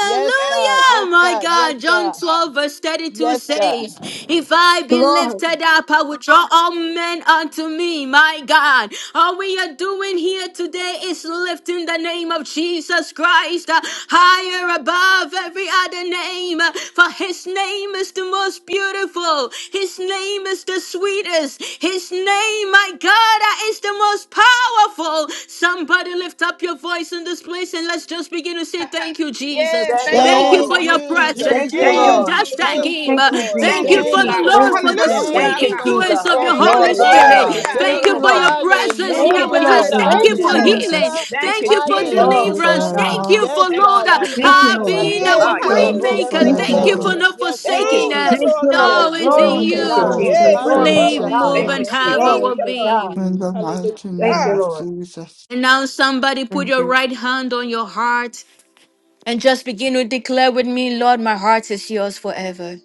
Speaker 12: Yes, God. Yes,
Speaker 1: my
Speaker 12: God. Yes,
Speaker 1: God. John
Speaker 12: God.
Speaker 1: 12, verse 32
Speaker 12: Yes, God.
Speaker 1: says, If I be
Speaker 7: Lord,
Speaker 1: lifted up, I will draw all men unto me, my God. All we are doing here today is lifting the name of Jesus Christ uh, higher above every other name, uh, for his name is the most beautiful, his name is the sweetest, his name, my God, uh, is the most powerful. Somebody lift up up your voice in this place and let's just begin to say thank you, Jesus.
Speaker 4: Yes,
Speaker 5: Thank you,
Speaker 4: thank you,
Speaker 1: Thank
Speaker 5: Lord.
Speaker 1: you for
Speaker 12: Thank
Speaker 4: Lord.
Speaker 5: Thank
Speaker 1: your
Speaker 5: you,
Speaker 12: you,
Speaker 5: Jesus.
Speaker 7: thank
Speaker 1: presence.
Speaker 7: you,
Speaker 5: Thank you
Speaker 1: Mm,
Speaker 4: Thank
Speaker 5: for
Speaker 7: Lord.
Speaker 12: Jesus.
Speaker 4: you,
Speaker 1: Just
Speaker 5: Jesus.
Speaker 4: Jesus.
Speaker 1: thank
Speaker 12: Thank
Speaker 1: him.
Speaker 12: you,
Speaker 7: Thank you,
Speaker 12: Lord.
Speaker 5: Thank
Speaker 1: Thank
Speaker 4: Thank
Speaker 7: Jesus.
Speaker 1: you
Speaker 4: you,
Speaker 1: for
Speaker 12: Thank
Speaker 5: you,
Speaker 1: the
Speaker 12: you,
Speaker 4: God.
Speaker 5: Jesus.
Speaker 7: Thank
Speaker 1: Lord
Speaker 12: Lord.
Speaker 1: for
Speaker 7: you,
Speaker 1: the
Speaker 7: Jesus.
Speaker 4: Hallelujah,
Speaker 12: Thank
Speaker 1: sweet
Speaker 5: Thank
Speaker 12: you,
Speaker 5: you, Jesus.
Speaker 12: Lord.
Speaker 4: God.
Speaker 1: influence of your
Speaker 5: Oh,
Speaker 12: Thank you,
Speaker 1: Holy
Speaker 7: Glory to
Speaker 11: Thank you,
Speaker 5: shikabobo,
Speaker 12: Lord.
Speaker 1: Spirit.
Speaker 7: God.
Speaker 11: Father.
Speaker 4: Hallelujah,
Speaker 7: Thank
Speaker 1: Thank
Speaker 11: Thank
Speaker 7: you,
Speaker 1: you
Speaker 11: you,
Speaker 4: God.
Speaker 1: for
Speaker 5: shikirosha.
Speaker 1: your
Speaker 7: Lord.
Speaker 11: Father.
Speaker 4: Thank
Speaker 11: Thank you,
Speaker 4: you,
Speaker 1: presence
Speaker 5: Thank
Speaker 11: Lord.
Speaker 7: Thank
Speaker 5: you,
Speaker 1: here
Speaker 4: Lord.
Speaker 7: you,
Speaker 1: with
Speaker 12: Hallelujah.
Speaker 1: us.
Speaker 4: Hallelujah,
Speaker 7: Lord.
Speaker 5: Jesus.
Speaker 1: Thank
Speaker 10: Thank
Speaker 7: Thank
Speaker 1: you
Speaker 10: you,
Speaker 7: you,
Speaker 1: for
Speaker 7: Lord.
Speaker 4: hallelujah,
Speaker 1: healing.
Speaker 10: Jesus.
Speaker 12: Hallelujah.
Speaker 4: hallelujah.
Speaker 5: Thank
Speaker 1: Thank
Speaker 5: you,
Speaker 1: you
Speaker 4: Thank
Speaker 1: for
Speaker 5: Jesus.
Speaker 10: Thank
Speaker 4: you,
Speaker 10: you
Speaker 7: Glory
Speaker 10: for
Speaker 7: to
Speaker 1: deliverance.
Speaker 12: Hallelujah.
Speaker 10: your
Speaker 4: Lord.
Speaker 7: God.
Speaker 1: Thank you
Speaker 10: love.
Speaker 1: for
Speaker 12: Yes,
Speaker 5: Thank you,
Speaker 1: Lord
Speaker 12: God.
Speaker 4: Thank
Speaker 1: uh,
Speaker 4: you
Speaker 12: I
Speaker 4: for
Speaker 5: Jesus.
Speaker 7: Thank
Speaker 4: keeping
Speaker 12: thank
Speaker 7: you,
Speaker 1: uh,
Speaker 4: my
Speaker 12: you. I
Speaker 7: Lord.
Speaker 1: being our
Speaker 4: kids.
Speaker 12: thank
Speaker 5: Ah,
Speaker 12: you. I
Speaker 1: way
Speaker 10: Thank
Speaker 5: yoro,
Speaker 10: you
Speaker 12: thank
Speaker 4: Hallelujah.
Speaker 10: for
Speaker 1: maker.
Speaker 12: you. I
Speaker 4: Thank
Speaker 7: Thank
Speaker 10: your
Speaker 7: you,
Speaker 1: Thank
Speaker 4: you,
Speaker 12: thank
Speaker 1: you for
Speaker 7: Lord.
Speaker 10: love.
Speaker 4: Lord.
Speaker 5: shikabobosha.
Speaker 12: you.
Speaker 1: not
Speaker 12: Yes,
Speaker 5: Thank you,
Speaker 1: forsaking
Speaker 4: Thank
Speaker 12: Lord.
Speaker 4: you,
Speaker 1: us.
Speaker 5: Jesus.
Speaker 7: Thank
Speaker 4: Lord
Speaker 7: you,
Speaker 4: God, for
Speaker 1: No,
Speaker 7: Lord.
Speaker 12: Yes,
Speaker 4: turning
Speaker 1: it's
Speaker 7: Glory
Speaker 1: in
Speaker 12: Lord.
Speaker 4: things
Speaker 10: Thank
Speaker 7: to
Speaker 10: you
Speaker 5: Thank
Speaker 12: Yes,
Speaker 5: you,
Speaker 10: for
Speaker 7: God.
Speaker 4: around.
Speaker 10: your
Speaker 1: you.
Speaker 12: Lord.
Speaker 5: Jesus.
Speaker 4: Hey,
Speaker 1: We
Speaker 4: God,
Speaker 7: Glory
Speaker 4: I
Speaker 10: faithfulness,
Speaker 7: to
Speaker 1: live,
Speaker 4: thank
Speaker 10: O
Speaker 12: Hallelujah.
Speaker 7: God.
Speaker 1: move,
Speaker 4: you,
Speaker 5: Thank you,
Speaker 10: God.
Speaker 1: and
Speaker 4: Lord.
Speaker 1: have
Speaker 5: Jesus.
Speaker 4: Thank
Speaker 7: Glory
Speaker 1: our
Speaker 4: you,
Speaker 7: to
Speaker 4: Lord.
Speaker 7: God.
Speaker 10: In
Speaker 1: being.
Speaker 10: the mighty
Speaker 7: Thank
Speaker 10: name
Speaker 7: you,
Speaker 4: Hallelujah.
Speaker 10: of
Speaker 7: Lord.
Speaker 10: Jesus.
Speaker 1: And now, somebody put
Speaker 10: Thank
Speaker 1: your
Speaker 10: you.
Speaker 1: right hand on your heart and just begin to declare with me, Lord, my heart is yours forever.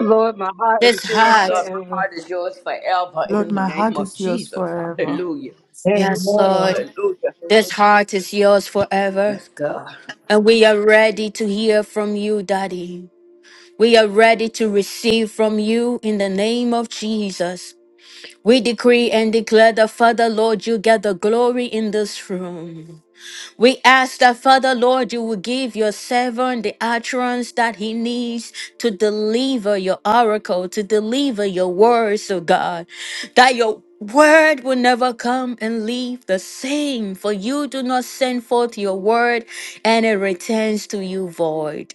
Speaker 7: Lord, my heart is
Speaker 1: This
Speaker 7: yours
Speaker 1: heart,
Speaker 5: Lord, my
Speaker 7: forever.
Speaker 5: heart is yours forever
Speaker 10: Lord,
Speaker 5: in the
Speaker 10: my
Speaker 5: name
Speaker 10: heart
Speaker 5: of
Speaker 10: is yours
Speaker 5: Jesus.
Speaker 10: forever.
Speaker 5: Hallelujah.
Speaker 4: do
Speaker 1: yes,
Speaker 7: Amen.
Speaker 4: forever.
Speaker 1: Lord,
Speaker 5: Hallelujah.
Speaker 4: So
Speaker 1: this
Speaker 4: What you
Speaker 1: heart is yours forever.
Speaker 5: Let's go,
Speaker 1: And we are ready to hear from you, Daddy. We are ready to receive from you in the name of Jesus. We decree and declare that, Father, Lord, you get the glory in this room. We ask that, Father Lord, you will give your servant the utterance that he needs to deliver your oracle, to deliver your words, oh God. That your word will never come and leave the same, for you do not send forth your word and it returns to you void.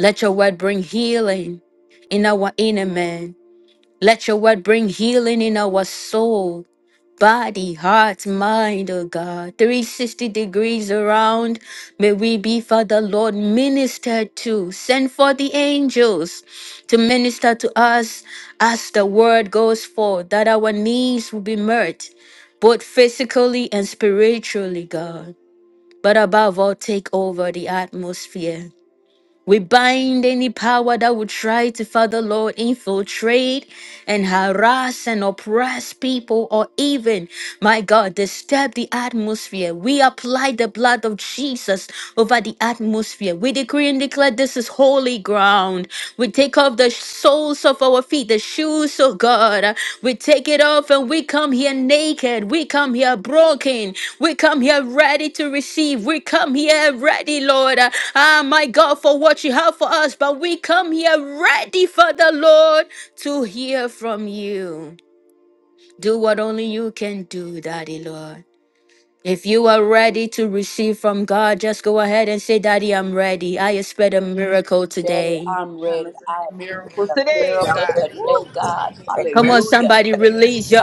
Speaker 1: Let your word bring healing in our inner man. Let your word bring healing in our soul body, heart, mind, oh God. 360 degrees around. May we be, Father Lord, ministered to. Send for the angels to minister to us as the word goes forth, that our needs will be met, both physically and spiritually, God. But above all, take over the atmosphere. We bind any power that would try to, Father Lord, infiltrate and harass and oppress people, or even, my God, disturb the atmosphere. We apply the blood of Jesus over the atmosphere. We decree and declare this is holy ground. We take off the soles of our feet, the shoes of God. We take it off and we come here naked. We come here broken. We come here ready to receive. We come here ready, Lord. Ah, my God, for what you have for us. But we come here ready for the Lord to hear from you. Do what only you can do, Daddy Lord. If you are ready to receive from God, just go ahead and say, Daddy, I'm ready. I expect a
Speaker 4: said in
Speaker 1: miracle
Speaker 5: Daddy,
Speaker 1: today.
Speaker 5: I'm ready.
Speaker 4: promise
Speaker 5: I
Speaker 4: and the
Speaker 5: expect
Speaker 4: miracle
Speaker 5: a
Speaker 9: Today
Speaker 4: today,
Speaker 9: I'm
Speaker 5: miracle
Speaker 4: God.
Speaker 9: ready
Speaker 5: today,
Speaker 4: Woo.
Speaker 5: God.
Speaker 9: a
Speaker 1: Come on,
Speaker 9: miracle.
Speaker 5: Hallelujah.
Speaker 1: somebody, release your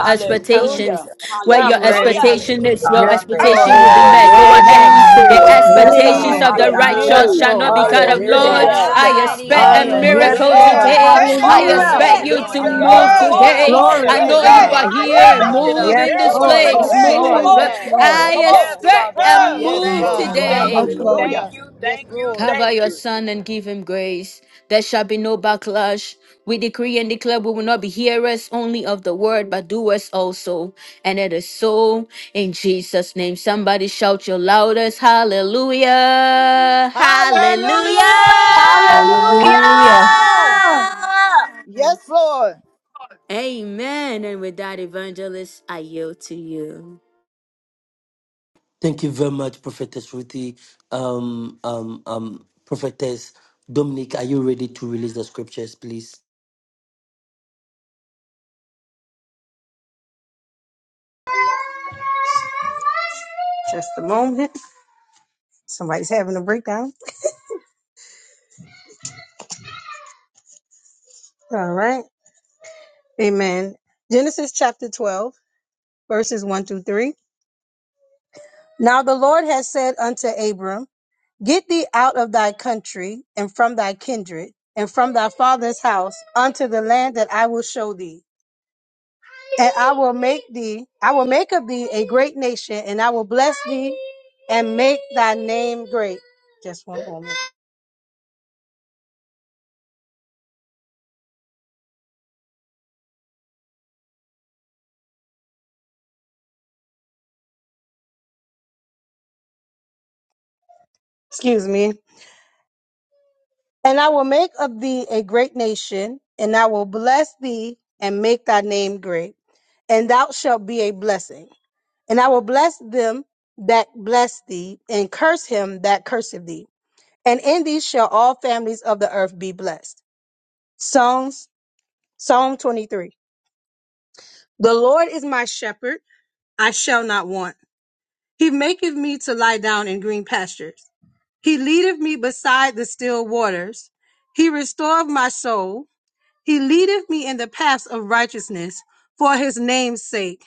Speaker 4: Hallelujah.
Speaker 1: expectations. Where
Speaker 7: I'm
Speaker 1: your
Speaker 7: ready.
Speaker 5: Hallelujah.
Speaker 4: Hallelujah.
Speaker 1: expectation is, your
Speaker 7: Yes,
Speaker 1: expectation
Speaker 7: Lord.
Speaker 12: I
Speaker 1: will
Speaker 4: Hallelujah.
Speaker 1: be
Speaker 12: am
Speaker 9: Hallelujah.
Speaker 1: met. Go
Speaker 5: Hallelujah,
Speaker 12: ready
Speaker 1: ahead.
Speaker 10: I'm
Speaker 5: God.
Speaker 12: to
Speaker 10: ready
Speaker 9: Hallelujah.
Speaker 1: The
Speaker 10: to
Speaker 5: Glory
Speaker 10: hear
Speaker 5: to
Speaker 7: Yes,
Speaker 10: from
Speaker 5: God.
Speaker 1: expectations
Speaker 10: you,
Speaker 12: receive
Speaker 7: Lord.
Speaker 1: of
Speaker 9: Daddy,
Speaker 1: the
Speaker 12: from
Speaker 10: Lord.
Speaker 9: I'm
Speaker 7: Yes,
Speaker 1: righteous
Speaker 5: Hallelujah.
Speaker 12: you.
Speaker 1: shall not
Speaker 9: expecting
Speaker 7: Lord.
Speaker 1: be cut
Speaker 9: a
Speaker 7: Yes,
Speaker 1: off.
Speaker 9: miracle
Speaker 1: Lord,
Speaker 7: Lord.
Speaker 11: Daddy,
Speaker 12: Hallelujah.
Speaker 1: I
Speaker 11: I'm
Speaker 9: today.
Speaker 5: Hallelujah.
Speaker 11: ready.
Speaker 1: expect
Speaker 10: I'm
Speaker 12: I
Speaker 1: a
Speaker 11: I
Speaker 5: Glory,
Speaker 11: will
Speaker 12: am
Speaker 5: glory,
Speaker 7: Yes,
Speaker 10: ready.
Speaker 1: miracle
Speaker 11: receive a
Speaker 9: Hallelujah.
Speaker 12: ready.
Speaker 7: Lord.
Speaker 4: Yeah,
Speaker 5: glory.
Speaker 1: today.
Speaker 4: send
Speaker 12: I
Speaker 11: miracle
Speaker 4: the
Speaker 1: I
Speaker 5: Babo,
Speaker 10: I
Speaker 7: Hallelujah.
Speaker 11: today
Speaker 1: expect
Speaker 12: expect.
Speaker 4: miracle.
Speaker 11: and
Speaker 1: you
Speaker 5: shikido,
Speaker 11: give
Speaker 10: expect
Speaker 1: to
Speaker 11: a
Speaker 12: I'm
Speaker 10: a
Speaker 9: Hallelujah.
Speaker 1: move
Speaker 5: shando,
Speaker 11: miracle
Speaker 4: Oh
Speaker 5: babo,
Speaker 12: looking.
Speaker 10: miracle
Speaker 4: God,
Speaker 11: today.
Speaker 1: today.
Speaker 10: today.
Speaker 5: babo,
Speaker 7: Glory
Speaker 4: Daddy,
Speaker 1: I
Speaker 9: Hallelujah.
Speaker 4: I'm
Speaker 7: to
Speaker 1: know
Speaker 12: Yes,
Speaker 5: rishike,
Speaker 1: you are
Speaker 4: ready.
Speaker 7: God.
Speaker 12: God.
Speaker 9: I'm
Speaker 12: Yes,
Speaker 5: bahaya.
Speaker 1: here.
Speaker 10: In the
Speaker 12: God.
Speaker 9: expecting a
Speaker 1: Move
Speaker 10: name
Speaker 12: Yes,
Speaker 7: Yes,
Speaker 10: of
Speaker 1: in
Speaker 12: God.
Speaker 1: this
Speaker 5: Go,
Speaker 9: miracle
Speaker 12: Yes,
Speaker 4: Yeah,
Speaker 5: no,
Speaker 7: Lord.
Speaker 9: from
Speaker 7: Yes,
Speaker 1: place.
Speaker 5: no,
Speaker 9: you
Speaker 12: God.
Speaker 5: shike,
Speaker 10: Jesus.
Speaker 7: Lord.
Speaker 9: today,
Speaker 12: Yes,
Speaker 1: Move.
Speaker 7: Yes,
Speaker 5: babo,
Speaker 9: Daddy.
Speaker 12: God.
Speaker 5: she,
Speaker 7: Lord.
Speaker 4: yeah.
Speaker 12: Yes,
Speaker 1: I
Speaker 4: Mm.
Speaker 5: babo.
Speaker 9: Yes,
Speaker 12: God.
Speaker 1: expect
Speaker 9: Father.
Speaker 1: a
Speaker 9: I
Speaker 4: Oh,
Speaker 12: Yes,
Speaker 10: Thank
Speaker 1: move
Speaker 9: thank you,
Speaker 10: you,
Speaker 12: God.
Speaker 9: thank
Speaker 7: Yes,
Speaker 10: Lord.
Speaker 1: today.
Speaker 9: you,
Speaker 7: Lord.
Speaker 12: Hallelujah.
Speaker 9: thank you,
Speaker 12: Yes,
Speaker 9: thank you,
Speaker 4: Mm.
Speaker 12: Lord.
Speaker 9: thank
Speaker 1: Cover your
Speaker 9: you.
Speaker 1: son and give him grace. There shall be no backlash. We decree and declare we will not be hearers only of the word, but doers also. And it is so in Jesus' name. Somebody shout your loudest hallelujah! Hallelujah!
Speaker 12: Hallelujah.
Speaker 4: hallelujah.
Speaker 7: Hallelujah.
Speaker 10: Hallelujah.
Speaker 11: Hallelujah!
Speaker 12: Yes, Lord.
Speaker 1: Amen. And with that, evangelist, I yield to you.
Speaker 3: Thank you very much, Prophetess Ruthie. Um, um, um, Prophetess Dominic, are you ready to release the scriptures, please?
Speaker 7: Just a moment. Somebody's having a breakdown. All right. Amen. Genesis chapter 12, verses 1 through 3. Now the Lord has said unto Abram, Get thee out of thy country and from thy kindred and from thy father's house unto the land that I will show thee. And I will make thee, I will make of thee a great nation, and I will bless thee and make thy name great. Just one moment. Excuse me. And I will make of thee a great nation, and I will bless thee and make thy name great, and thou shalt be a blessing. And I will bless them that bless thee, and curse him that curseth thee. And in thee shall all families of the earth be blessed. Psalms, Psalm 23. The Lord is my shepherd, I shall not want. He maketh me to lie down in green pastures. He leadeth me beside the still waters. He restoreth my soul. He leadeth me in the paths of righteousness for his name's sake.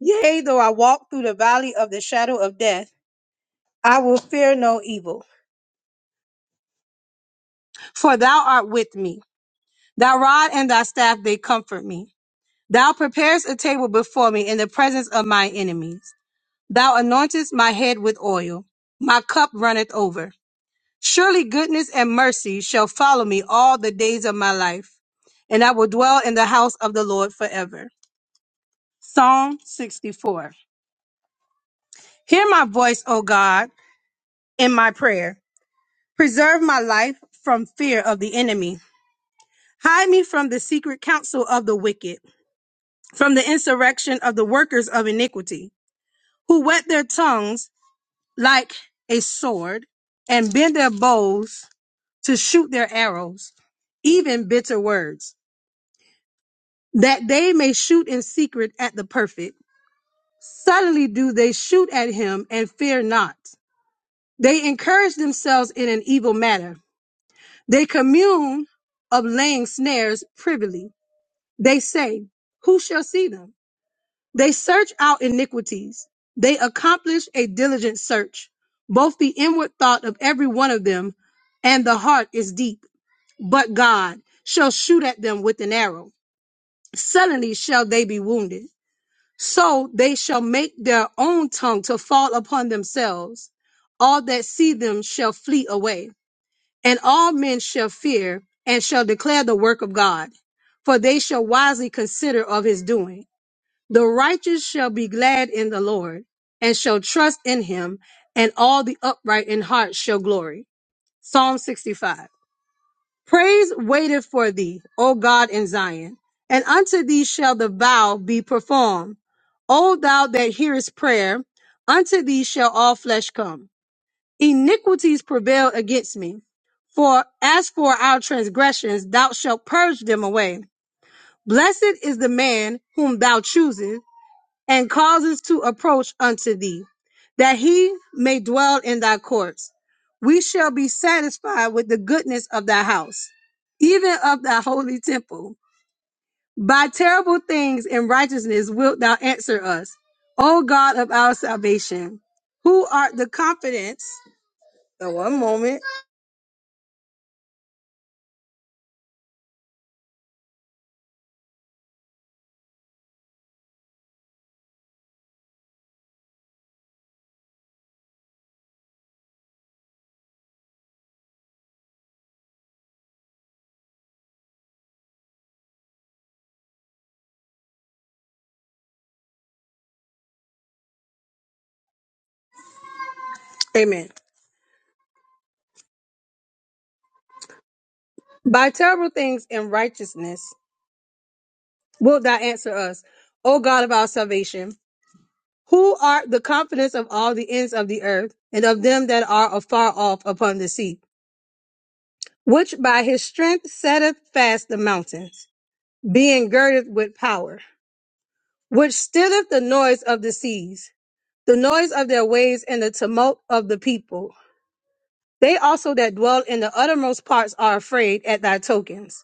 Speaker 7: Yea, though I walk through the valley of the shadow of death, I will fear no evil. For thou art with me. Thy rod and thy staff, they comfort me. Thou preparest a table before me in the presence of my enemies. Thou anointest my head with oil. My cup runneth over. Surely goodness and mercy shall follow me all the days of my life, and I will dwell in the house of the Lord forever. Psalm 64. Hear my voice, O God, in my prayer. Preserve my life from fear of the enemy. Hide me from the secret counsel of the wicked, from the insurrection of the workers of iniquity, who wet their tongues like a sword and bend their bows to shoot their arrows, even bitter words, that they may shoot in secret at the perfect. Suddenly do they shoot at him and fear not. They encourage themselves in an evil matter They commune of laying snares privily. They say, Who shall see them? They search out iniquities. They accomplish a diligent search. Both the inward thought of every one of them and the heart is deep. But God shall shoot at them with an arrow. Suddenly shall they be wounded. So they shall make their own tongue to fall upon themselves. All that see them shall flee away and all men shall fear and shall declare the work of God, for they shall wisely consider of his doing. The righteous shall be glad in the Lord and shall trust in him, and all the upright in heart shall glory. Psalm 65. Praise waiteth for thee, O God in Zion, and unto thee shall the vow be performed. O thou that hearest prayer, unto thee shall all flesh come iniquities prevailed against me. For as for our transgressions, thou shalt purge them away. Blessed is the man whom thou choosest and causes to approach unto thee, that he may dwell in thy courts. We shall be satisfied with the goodness of thy house, even of thy holy temple. By terrible things and righteousness wilt thou answer us, O God of our salvation. Who art the confidence? Oh, One moment. Amen. By terrible things and righteousness wilt thou answer us, O God of our salvation, who art the confidence of all the ends of the earth, and of them that are afar off upon the sea, which by his strength setteth fast the mountains, being girded with power, which stilleth the noise of the seas, the noise of their waves and the tumult of the people. They also that dwell in the uttermost parts are afraid at thy tokens.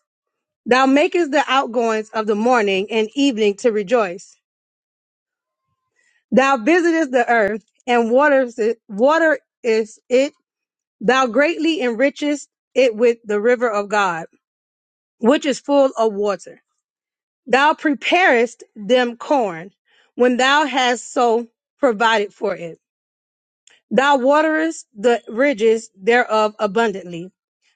Speaker 7: Thou makest the outgoings of the morning and evening to rejoice. Thou visitest the earth and waters it, water is it. Thou greatly enrichest it with the river of God, which is full of water. Thou preparest them corn when thou hast so provided for it. Thou waterest the ridges thereof abundantly.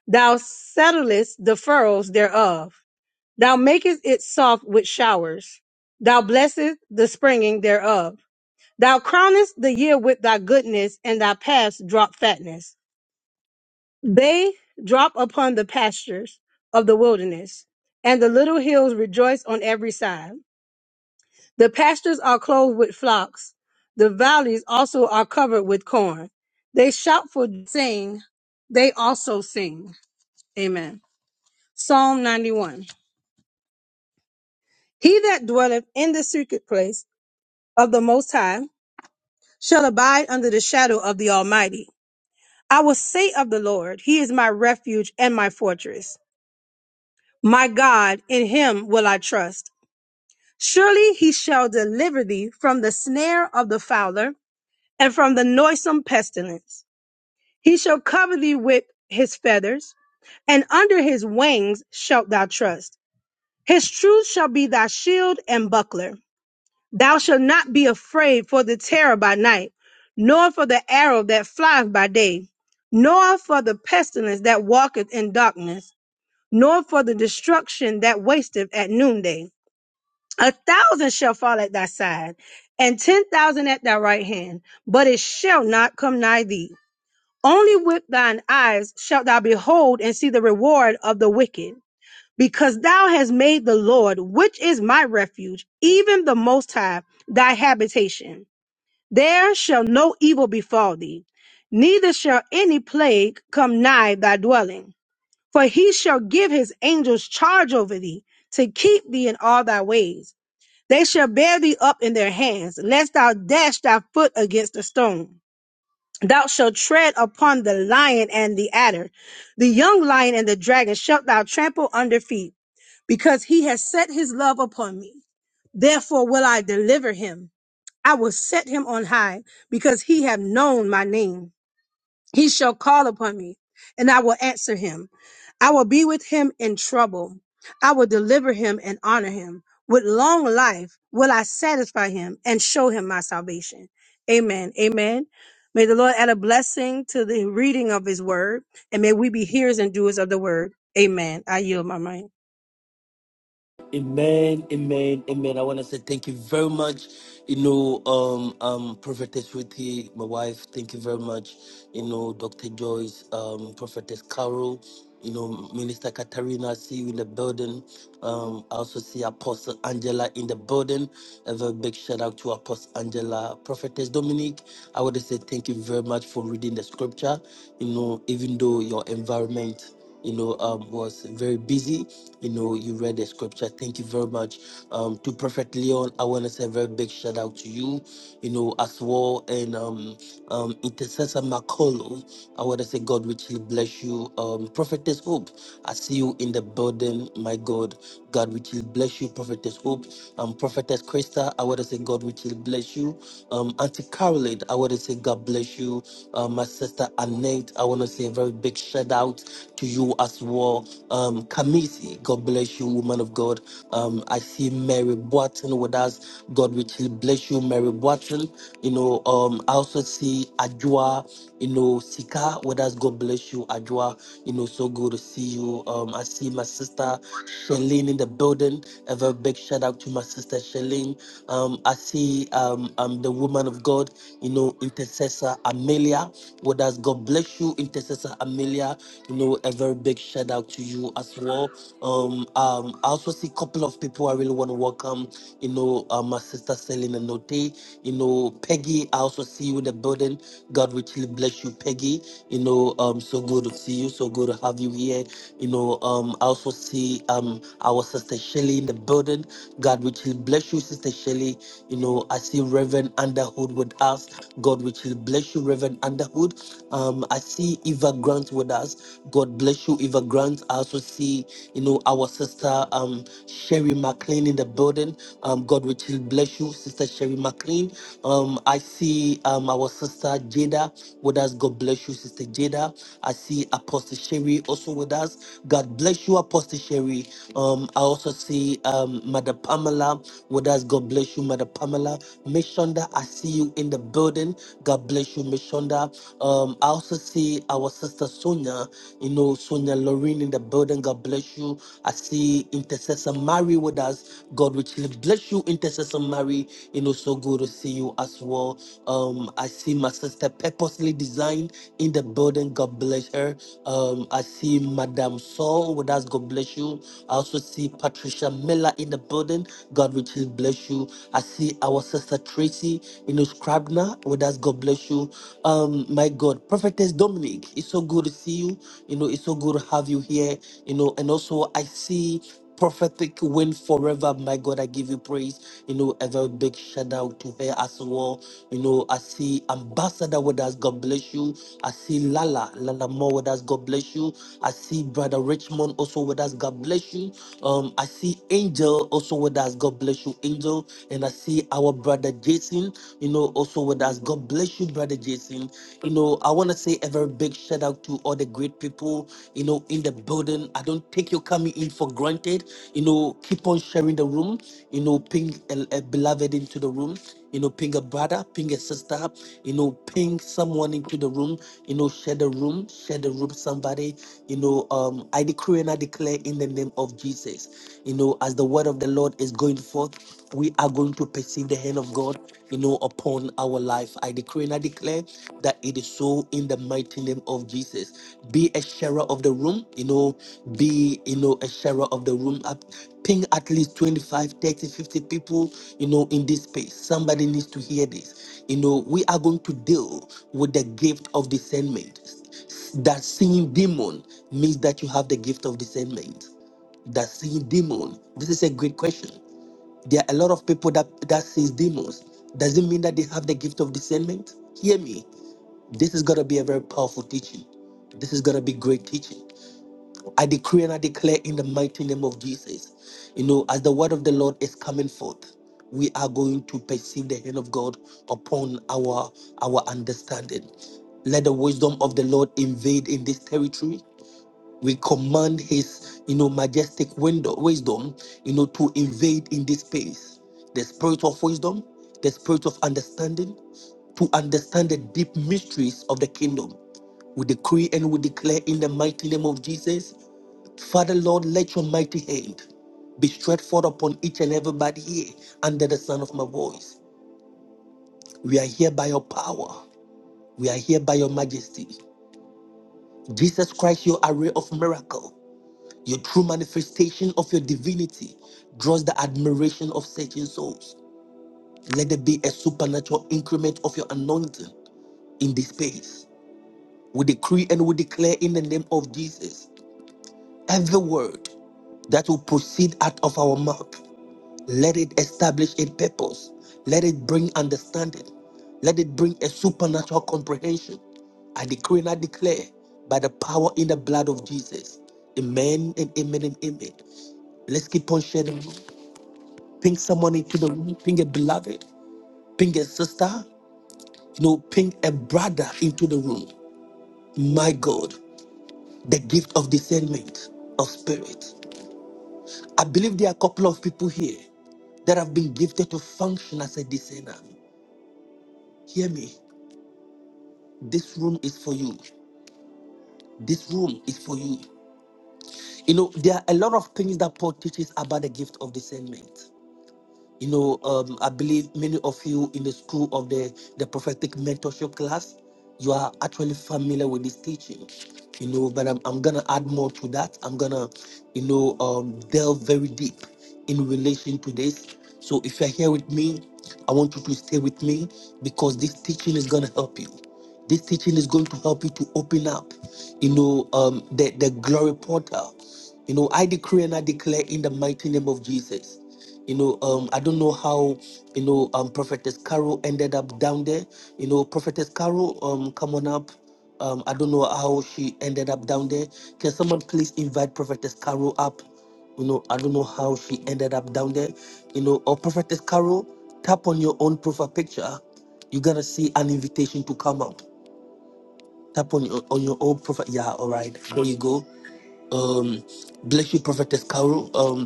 Speaker 7: Thou settlest the furrows thereof. Thou makest it soft with showers. Thou blessest the springing thereof. Thou crownest the year with thy goodness, and thy paths drop fatness. They drop upon the pastures of the wilderness, and the little hills rejoice on every side. The pastures are clothed with flocks. The valleys also are covered with corn. They shout for sing. They also sing. Amen. Psalm 91. He that dwelleth in the secret place of the Most High shall abide under the shadow of the Almighty. I will say of the Lord, He is my refuge and my fortress. My God, in Him will I trust. Surely He shall deliver thee from the snare of the fowler and from the noisome pestilence. He shall cover thee with His feathers, and under His wings shalt thou trust. His truth shall be thy shield and buckler. Thou shalt not be afraid for the terror by night, nor for the arrow that flieth by day, nor for the pestilence that walketh in darkness, nor for the destruction that wasteth at noonday. A thousand shall fall at thy side, and ten thousand at thy right hand, but it shall not come nigh thee. Only with thine eyes shalt thou behold and see the reward of the wicked because thou hast made the Lord, which is my refuge, even the Most High, thy habitation. There shall no evil befall thee, neither shall any plague come nigh thy dwelling. For he shall give his angels charge over thee, to keep thee in all thy ways. They shall bear thee up in their hands, lest thou dash thy foot against a stone. Thou shalt tread upon the lion and the adder, the young lion and the dragon shalt thou trample under feet because he has set his love upon me. Therefore will I deliver him. I will set him on high because he have known my name. He shall call upon me and I will answer him. I will be with him in trouble. I will deliver him and honor him. With long life will I satisfy him and show him my salvation. Amen. Amen. May the Lord add a blessing to the reading of his word and may we be hearers and doers of the word. Amen. I yield my mind.
Speaker 3: Amen, amen, amen. I want to say thank you very much. You know, um, um, Prophetess Ruthie, my wife, thank you very much. You know, Dr. Joyce, um, Prophetess Carol, you know, Minister Katarina, I see you in the building. Um, I also see Apostle Angela in the building. A very big shout out to Apostle Angela. Prophetess Dominique, I want to say thank you very much for reading the scripture. You know, even though your environment you know, um, was very busy. You know, you read the scripture. Thank you very much. Um, to Prophet Leon, I want to say a very big shout out to you, you know, as well. And um, um, Intercessor Makolo, I want to say God richly bless you. Um, Prophetess Hope, I see you in the building, my God. God, we will bless you. Prophetess Hope, um, Prophetess Krista, I want to say God, we will bless you. Um, Auntie Caroline, I want to say God bless you. Um, my sister Annette, I want to say a very big shout out to you as well. Um, Kamisi, God bless you, woman of God. Um, I see Mary Boateng with us. God richly bless you, Mary Boateng. You know, um, I also see Ajua, you know, Sika with us. God bless you, Ajua. You know, so good to see you. Um, I see my sister Shalene in the building. A very big shout out to my sister Shalene. Um, I see um, um the woman of God, you know, intercessor Amelia with us. God bless you, intercessor Amelia. You know, a very big shout out to you as well. Um, um, I also see a couple of people I really want to welcome. You know, uh, my sister Selena Note. You know, Peggy. I also see you in the building. God richly bless you, Peggy. You know, um, so good to see you. So good to have you here. You know, um, I also see um our sister Shelly in the building. God richly bless you, sister Shelly. You know, I see Reverend Underhood with us. God richly bless you, Reverend Underhood. Um, I see Eva Grant with us. God bless you, Eva Grant. I also see, you know, our sister um, Sherry McLean in the building. Um, God richly bless you, Sister Sherry McLean. Um, I see um, our sister Jada with us. God bless you, Sister Jada. I see Apostle Sherry also with us. God bless you, Apostle Sherry. Um, I also see um, Mother Pamela with us. God bless you, Mother Pamela. Mishonda, I see you in the building. God bless you, Mishonda. Um, I also see our sister Sonia, you know, Sonia Lorraine in the building. God bless you. I see Intercessor Mary with us. God richly bless you, Intercessor Mary. You know, so good to see you as well. Um, I see my sister purposely designed in the building. God bless her. Um, I see Madame Saul with us. God bless you. I also see Patricia Miller in the building. God richly bless you. I see our sister Tracy. Tracy, you know, Scribner with us. God bless you. Um, my God, Prophetess Dominic, it's so good to see you. You know, it's so good to have you here. You know, and also I see prophetic win forever. My God, I give you praise. You know, a very big shout out to her as well. You know, I see Ambassador with us. God bless you. I see Lala, Lala Moore with us. God bless you. I see Brother Richmond also with us. God bless you. Um, I see Angel also with us. God bless you. Angel. Angel, and I see our brother Jason, you know, also with us. God bless you, brother Jason. You know, I want to say a very big shout out to all the great people, you know, in the building. I don't take your coming in for granted. You know, keep on sharing the room, you know, ping a, a beloved into the room. You know, ping a brother, ping a sister, you know, ping someone into the room, you know, share the room, share the room, somebody, you know, um, I decree and I declare in the name of Jesus, you know, as the the word of the Lord is going forth, we are going to perceive the hand of God, you know, upon our life. I decree and I declare that it is so in the mighty name of Jesus. Be a sharer of the room, you know, be, you know, a sharer of the room. Up, ping at least 25, 30, 50 people, you know, in this space. Somebody needs to hear this. You know, we are going to deal with the gift of discernment. That seeing demon means that you have the gift of discernment that seeing demon? This is a great question. There are a lot of people that that sees demons. Does it mean that they have the gift of discernment? Hear me. This is gonna be a very powerful teaching. This is gonna be great teaching. I decree and I declare in the mighty name of Jesus. You know, as the word of the Lord is coming forth, we are going to perceive the hand of God upon our our understanding. Let the wisdom of the Lord invade in this territory we command his you know majestic window wisdom you know to invade in this space the spirit of wisdom the spirit of understanding to understand the deep mysteries of the kingdom we decree and we declare in the mighty name of jesus father lord let your mighty hand be stretched forth upon each and everybody here under the sound of my voice we are here by your power we are here by your majesty jesus christ your array of miracles Your true manifestation of your divinity draws the admiration of searching souls. Let there be a supernatural increment of your anointing in this space. We decree and we declare in the name of Jesus every word that will proceed out of our mouth. Let it establish a purpose. Let it bring understanding. Let it bring a supernatural comprehension. I decree and I declare by the power in the blood of Jesus. Amen and amen and amen. Let's keep on sharing. Ping someone into the room. Ping a beloved. Ping a sister. You know, ping a brother into the room. My God, the gift of discernment of spirit. I believe there are a couple of people here that have been gifted to function as a discerner. Hear me. This room is for you. This room is for you. You know, there are a lot of things that Paul teaches about the gift of discernment. You know, um, I believe many of you in the school of the, the prophetic mentorship class, you are actually familiar with this teaching. You know, but I'm, I'm gonna add more to that. I'm gonna, you know, um, delve very deep in relation to this. So if you're here with me, I want you to stay with me because this teaching is gonna help you. This teaching is going to help you to open up, you know, um, the, the glory portal. You know, I decree and I declare in the mighty name of Jesus. You know, um, I don't know how, you know, um, Prophetess Carol ended up down there. You know, Prophetess Carol, um, come on up. Um, I don't know how she ended up down there. Can someone please invite Prophetess Carol up? You know, I don't know how she ended up down there. You know, or Prophetess Carol, tap on your own profile picture. You're gonna see an invitation to come up. Tap on your on your own profile. Yeah, all right. There you go. Um, bless you, Prophetess Carol. Um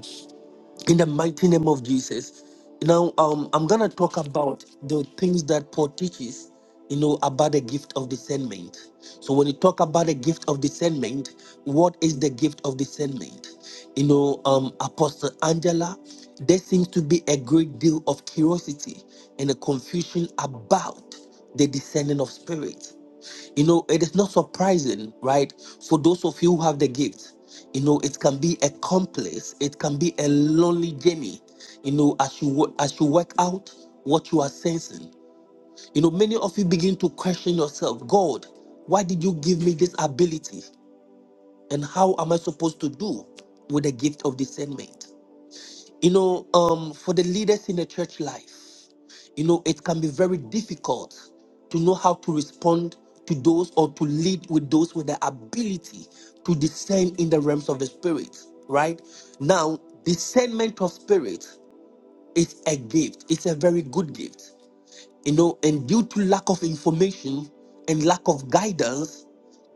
Speaker 3: in the mighty name of Jesus. Now, um, I'm gonna talk about the things that Paul teaches, you know, about the gift of discernment. So, when you talk about the gift of discernment, what is the gift of discernment? You know, um, Apostle Angela, there seems to be a great deal of curiosity and a confusion about the discerning of spirit. You know, it is not surprising, right? For those of you who have the gift, you know, it can be a complex, it can be a lonely journey. You know, as you wo- as you work out what you are sensing, you know, many of you begin to question yourself, God, why did you give me this ability, and how am I supposed to do with the gift of discernment? You know, um, for the leaders in the church life, you know, it can be very difficult to know how to respond to those or to lead with those with the ability to discern in the realms of the spirit, right? Now, discernment of spirit is a gift, it's a very good gift, you know, and due to lack of information and lack of guidance,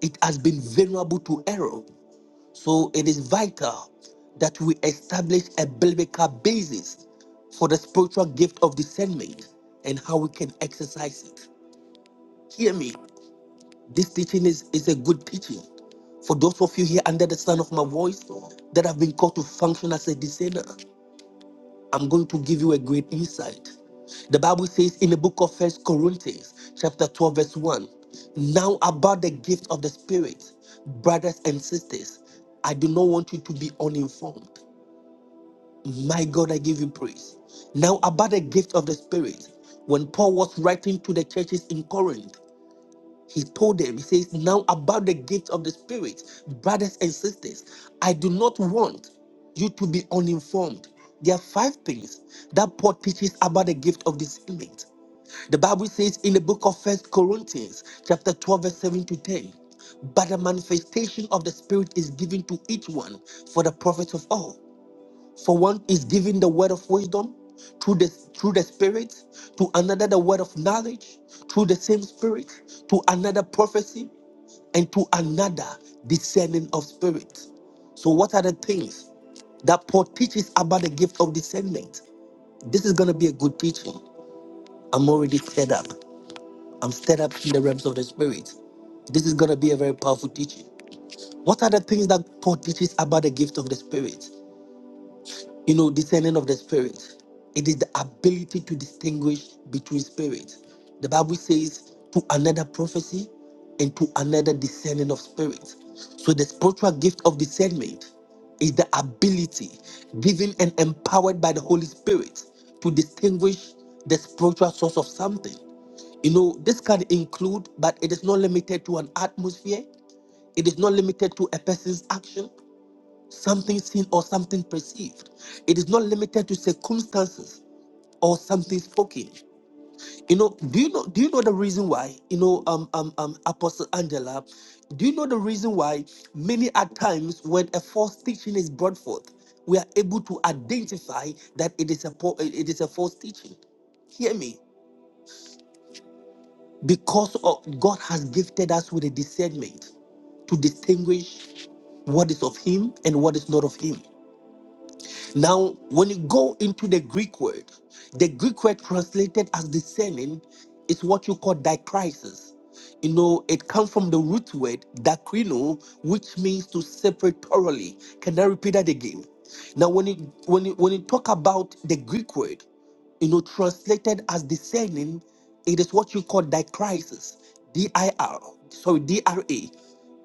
Speaker 3: it has been vulnerable to error. So it is vital that we establish a biblical basis for the spiritual gift of discernment and how we can exercise it. Hear me. This teaching is, is a good teaching. For those of you here under the sound of my voice that have been called to function as a discerner, I'm going to give you a great insight. The Bible says in the book of First Corinthians, chapter 12, verse 1, now about the gift of the Spirit, brothers and sisters, I do not want you to be uninformed. My God, I give you praise. Now, about the gift of the Spirit, when Paul was writing to the churches in Corinth, he told them, he says, Now about the gift of the Spirit, brothers and sisters, I do not want you to be uninformed. There are five things that Paul teaches about the gift of discernment. The Bible says in the book of First Corinthians, chapter 12, verse 7 to 10, but the manifestation of the Spirit is given to each one for the profit of all. For one is giving the word of wisdom through the through the spirit, to another the word of knowledge through the same spirit, to another prophecy, and to another discerning of spirit. So, what are the things that Paul teaches about the gift of discernment? This is gonna be a good teaching. I'm already stirred up. I'm stirred up in the realms of the spirit. This is gonna be a very powerful teaching. What are the things that Paul teaches about the gift of the spirit? You know, discerning of the spirit. It is the ability to distinguish between spirits. The Bible says to another prophecy and to another discerning of spirits. So the spiritual gift of discernment is the ability given and empowered by the Holy Spirit to distinguish the spiritual source of something. You know, this can include, but it is not limited to an atmosphere. It is not limited to a person's action something seen or something perceived. It is not limited to circumstances or something spoken. You know, do you know do you know the reason why? You know, um um um Apostle Angela, do you know the reason why many at times when a false teaching is brought forth, we are able to identify that it is a po- it is a false teaching. Hear me. Because of God has gifted us with a discernment to distinguish what is of him and what is not of him. Now, when you go into the Greek word, the Greek word translated as discerning is what you call dichrisis. You know, it comes from the root word dakrino, which means to separate thoroughly. Can I repeat that again? Now, when you when you when you talk about the Greek word, you know, translated as discerning, it is what you call dichrisis, D-I-R, sorry, D-R-A,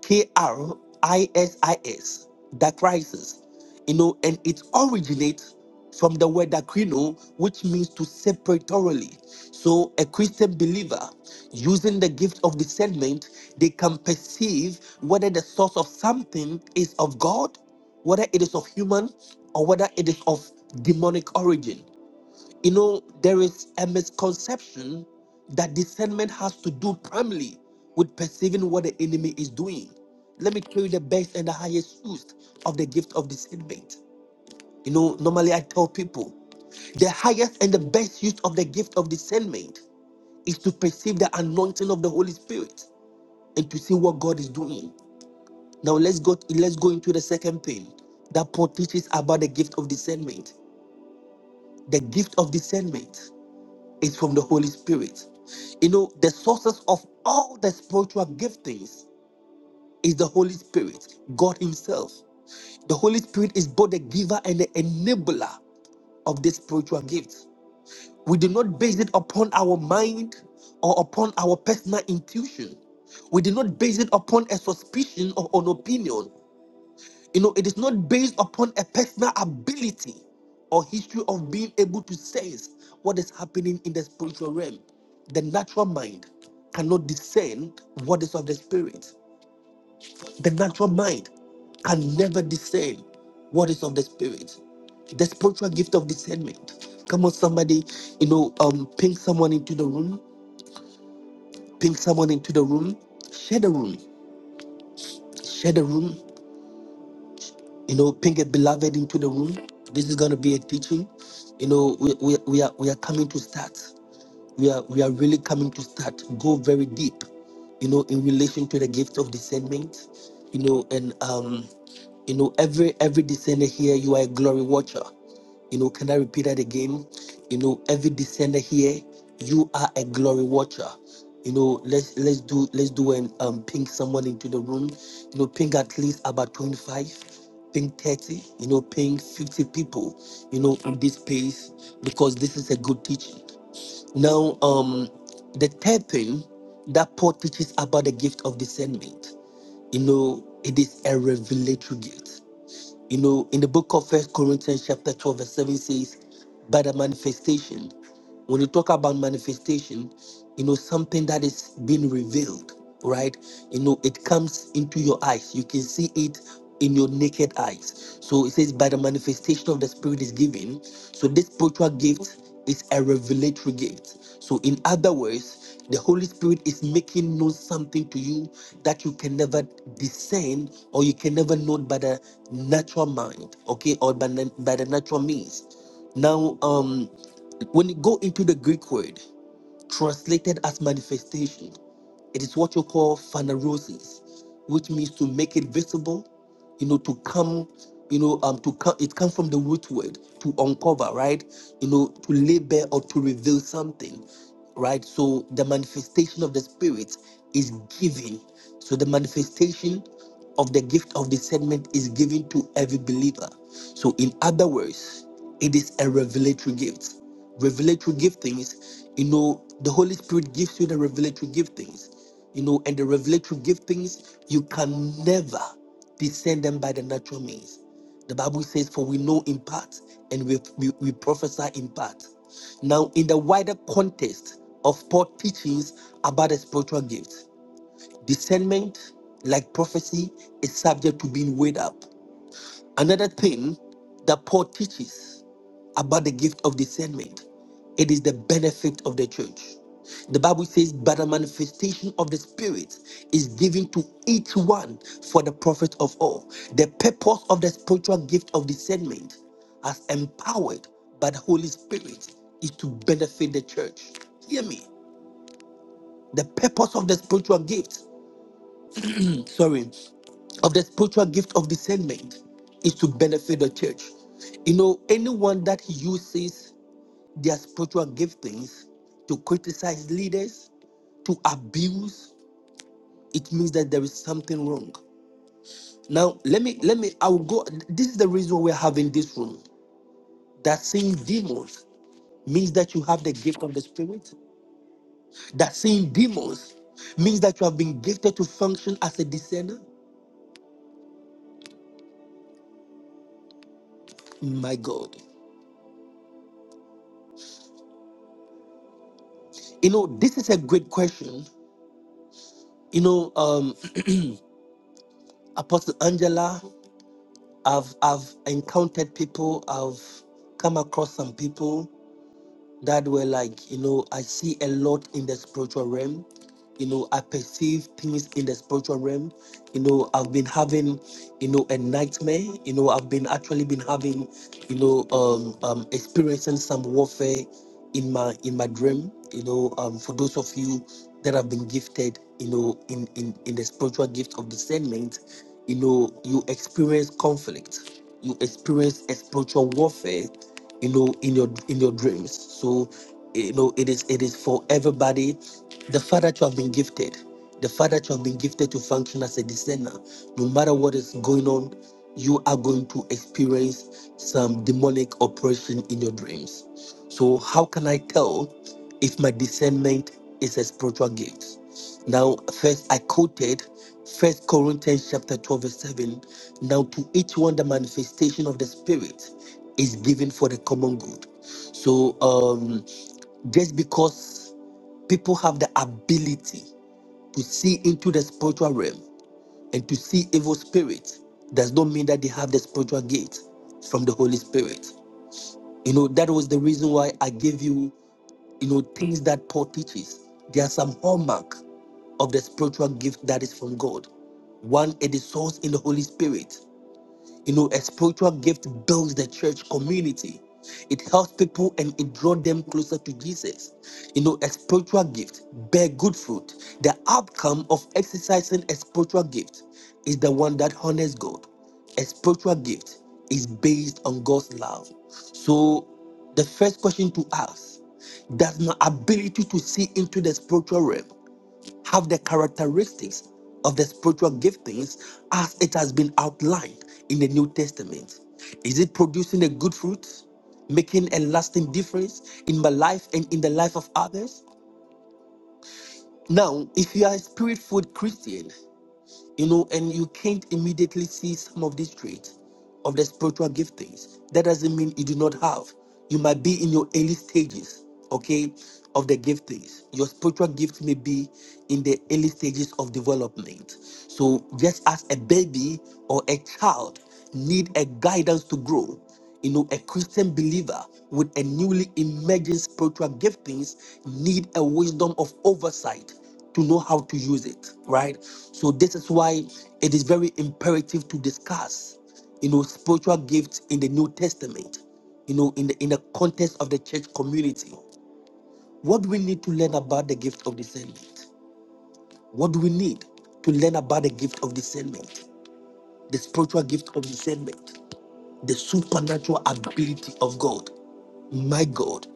Speaker 3: K-R-I-S-I-S, dichrisis you know, and it originates from the word "akrino," which means to separate thoroughly. So, a Christian believer using the gift of discernment, they can perceive whether the source of something is of God, whether it is of human, or whether it is of demonic origin. You know, there is a misconception that discernment has to do primarily with perceiving what the enemy is doing. Let me tell you the best and the highest use of the gift of discernment. You know, normally I tell people the highest and the best use of the gift of discernment is to perceive the anointing of the Holy Spirit and to see what God is doing. Now let's go let's go into the second thing that Paul teaches about the gift of discernment. The gift of discernment is from the Holy Spirit. You know, the sources of all the spiritual giftings is the Holy Spirit, God Himself. The Holy Spirit is both the giver and the enabler of this spiritual gift. We did not base it upon our mind or upon our personal intuition. We did not base it upon a suspicion or an opinion. You know, it is not based upon a personal ability or history of being able to sense what is happening in the spiritual realm. The natural mind cannot discern what is of the spirit. The natural mind can never discern what is of the spirit. The spiritual gift of discernment. Come on, somebody, you know, um, ping someone into the room, ping someone into the room, share the room, share the room, you know, ping a beloved into the room. This is gonna be a teaching. You know, we, we, we are we are coming to start. we are we are really coming to start go very deep you know in relation to the gift of discernment you know and um you know every every discerner here you are a glory watcher you know can i repeat that again you know every descender here you are a glory watcher you know let's let's do let's do and um ping someone into the room you know ping at least about 25 ping 30 you know ping 50 people you know in this space because this is a good teaching now, um, the third thing that Paul teaches about the gift of discernment, you know, it is a revelatory gift. You know, in the book of First Corinthians, chapter 12, verse 7 says, by the manifestation. When you talk about manifestation, you know, something that is being revealed, right? You know, it comes into your eyes. You can see it in your naked eyes. So it says, by the manifestation of the Spirit is given. So this spiritual gift is a revelatory gift. So, in other words, the Holy Spirit is making known something to you that you can never discern or you can never know by the natural mind, okay, or by the, by the natural means. Now, um, when you go into the Greek word, Translated as manifestation, it is what you call phanerosis, which means to make it visible, you know, to come, you know, um, to come. It comes from the root word to uncover, right? You know, to lay bare or to reveal something, right? So the manifestation of the spirit is given. So the manifestation of the gift of discernment is given to every believer. So in other words, it is a revelatory gift revelatory giftings, you know, the Holy Spirit gives you the revelatory giftings, you know, and the revelatory giftings, you can never discern them by the natural means. The Bible says, For we know in part and we, we, we prophesy in part. Now, in the wider context of Paul's teachings about the spiritual gifts, discernment, like prophecy, is subject to being weighed up. Another thing that Paul teaches about the gift of discernment. It is the benefit of the church. The Bible says, but the manifestation of the Spirit is given to each one for the profit of all. The purpose of the spiritual gift of discernment, as empowered by the Holy Spirit, is to benefit the church. Hear me. The purpose of the spiritual gift, sorry, of the spiritual gift of discernment is to benefit the church. You know, anyone that uses their spiritual giftings to criticize leaders, to abuse, it means that there is something wrong. Now, let me, let me, I will go. This is the reason we're having this room. That seeing demons means that you have the gift of the Spirit. That seeing demons means that you have been gifted to function as a discerner. My God. You know, this is a great question. You know, um, Apostle Angela, I've, I've encountered people, I've come across some people that were like, you know, I see a lot in the spiritual realm you know i perceive things in the spiritual realm you know i've been having you know a nightmare you know i've been actually been having you know um, um experiencing some warfare in my in my dream you know um for those of you that have been gifted you know in in in the spiritual gift of discernment you know you experience conflict you experience a spiritual warfare you know in your in your dreams so you know it is it is for everybody the fact that you have been gifted, the fact that you have been gifted to function as a discerner, no matter what is going on, you are going to experience some demonic oppression in your dreams. So, how can I tell if my discernment is a spiritual gift? Now, first I quoted First Corinthians chapter 12, verse 7. Now to each one the manifestation of the spirit is given for the common good. So um just because people have the ability to see into the spiritual realm and to see evil spirits does not mean that they have the spiritual gate from the holy spirit you know that was the reason why i gave you you know things that paul teaches there are some hallmark of the spiritual gift that is from god one it is sourced in the holy spirit you know, a spiritual gift builds the church community. It helps people and it draws them closer to Jesus. You know, a spiritual gift bear good fruit. The outcome of exercising a spiritual gift is the one that honors God. A spiritual gift is based on God's love. So, the first question to ask does my ability to see into the spiritual realm have the characteristics of the spiritual giftings as it has been outlined in the New Testament? Is it producing a good fruit, making a lasting difference in my life and in the life of others? Now, if you are a spirit filled Christian, you know, and you can't immediately see some of these traits of the spiritual giftings. That doesn't mean you do not have. You might be in your early stages, okay, of the giftings. Your spiritual gift may be in the early stages of development. So just as a baby or a child need a guidance to grow, you know, a Christian believer with a newly emerging spiritual giftings need a wisdom of oversight to know how to use it, right? So this is why it is very imperative to discuss, you know, spiritual gifts in the New Testament, you know, in the in the context of the church community. What do we need to learn about the gift of discernment? What do we need to learn about the gift of discernment? The spiritual gift of discernment, the supernatural ability of God, my God,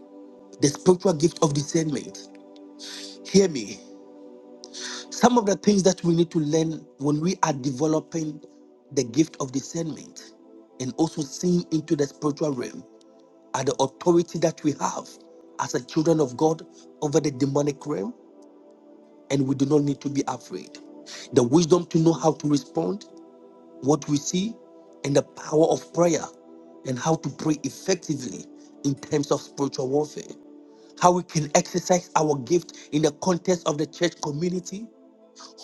Speaker 3: the spiritual gift of discernment. Hear me. Some of the things that we need to learn when we are developing the gift of discernment and also seeing into the spiritual realm are the authority that we have as a children of God over the demonic realm, and we do not need to be afraid. The wisdom to know how to respond, what we see, and the power of prayer and how to pray effectively in terms of spiritual warfare, how we can exercise our gift in the context of the church community,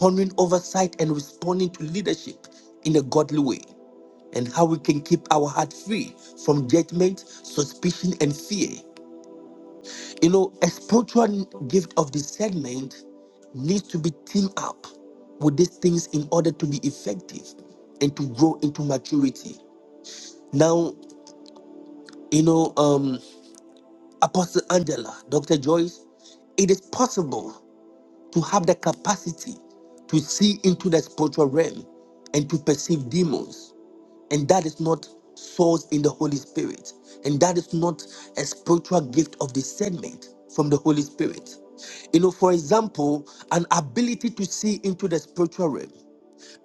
Speaker 3: honoring oversight and responding to leadership in a godly way, and how we can keep our heart free from judgment, suspicion, and fear. You know, a spiritual gift of discernment needs to be teamed up with these things in order to be effective and to grow into maturity. Now, you know, um, Apostle Angela, Dr. Joyce, it is possible to have the capacity to see into the spiritual realm and to perceive demons and that is not source in the Holy Spirit, and that is not a spiritual gift of discernment from the Holy Spirit. You know, for example, an ability to see into the spiritual realm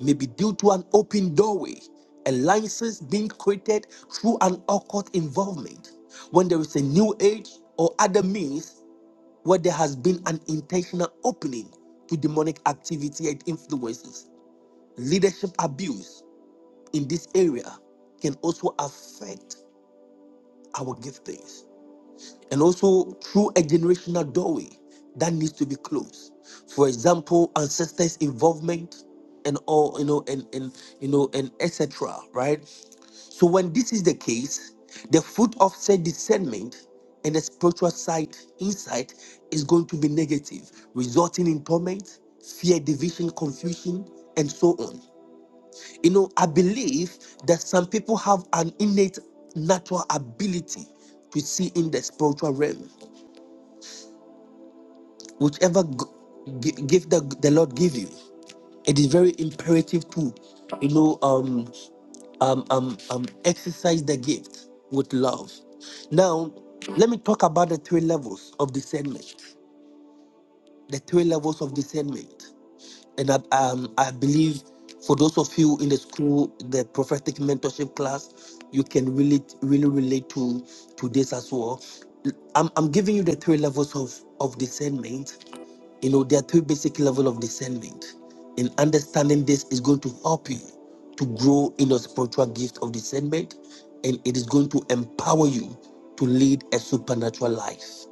Speaker 3: may be due to an open doorway, a license being created through an occult involvement. When there is a new age or other means where there has been an intentional opening to demonic activity and influences, leadership abuse, in this area can also affect our giftings and also through a generational doorway that needs to be closed. For example, ancestors' involvement and all you know and and you know and etc. Right. So when this is the case, the fruit of said discernment and the spiritual side insight is going to be negative, resulting in torment, fear, division, confusion, and so on. You know, I believe that some people have an innate natural ability to see in the spiritual realm, whichever g- gi- gift that the Lord give you. It is very imperative to, you know, um, um, um, um, exercise the gift with love. Now, let me talk about the three levels of discernment. The three levels of discernment. and that um, I believe for those of you in the school, the prophetic mentorship class, you can really, really relate to to this as well. I'm, I'm giving you the three levels of of discernment. You know, there are three basic level of discernment, and understanding this is going to help you to grow in your spiritual gift of discernment, and it is going to empower you to lead a supernatural life.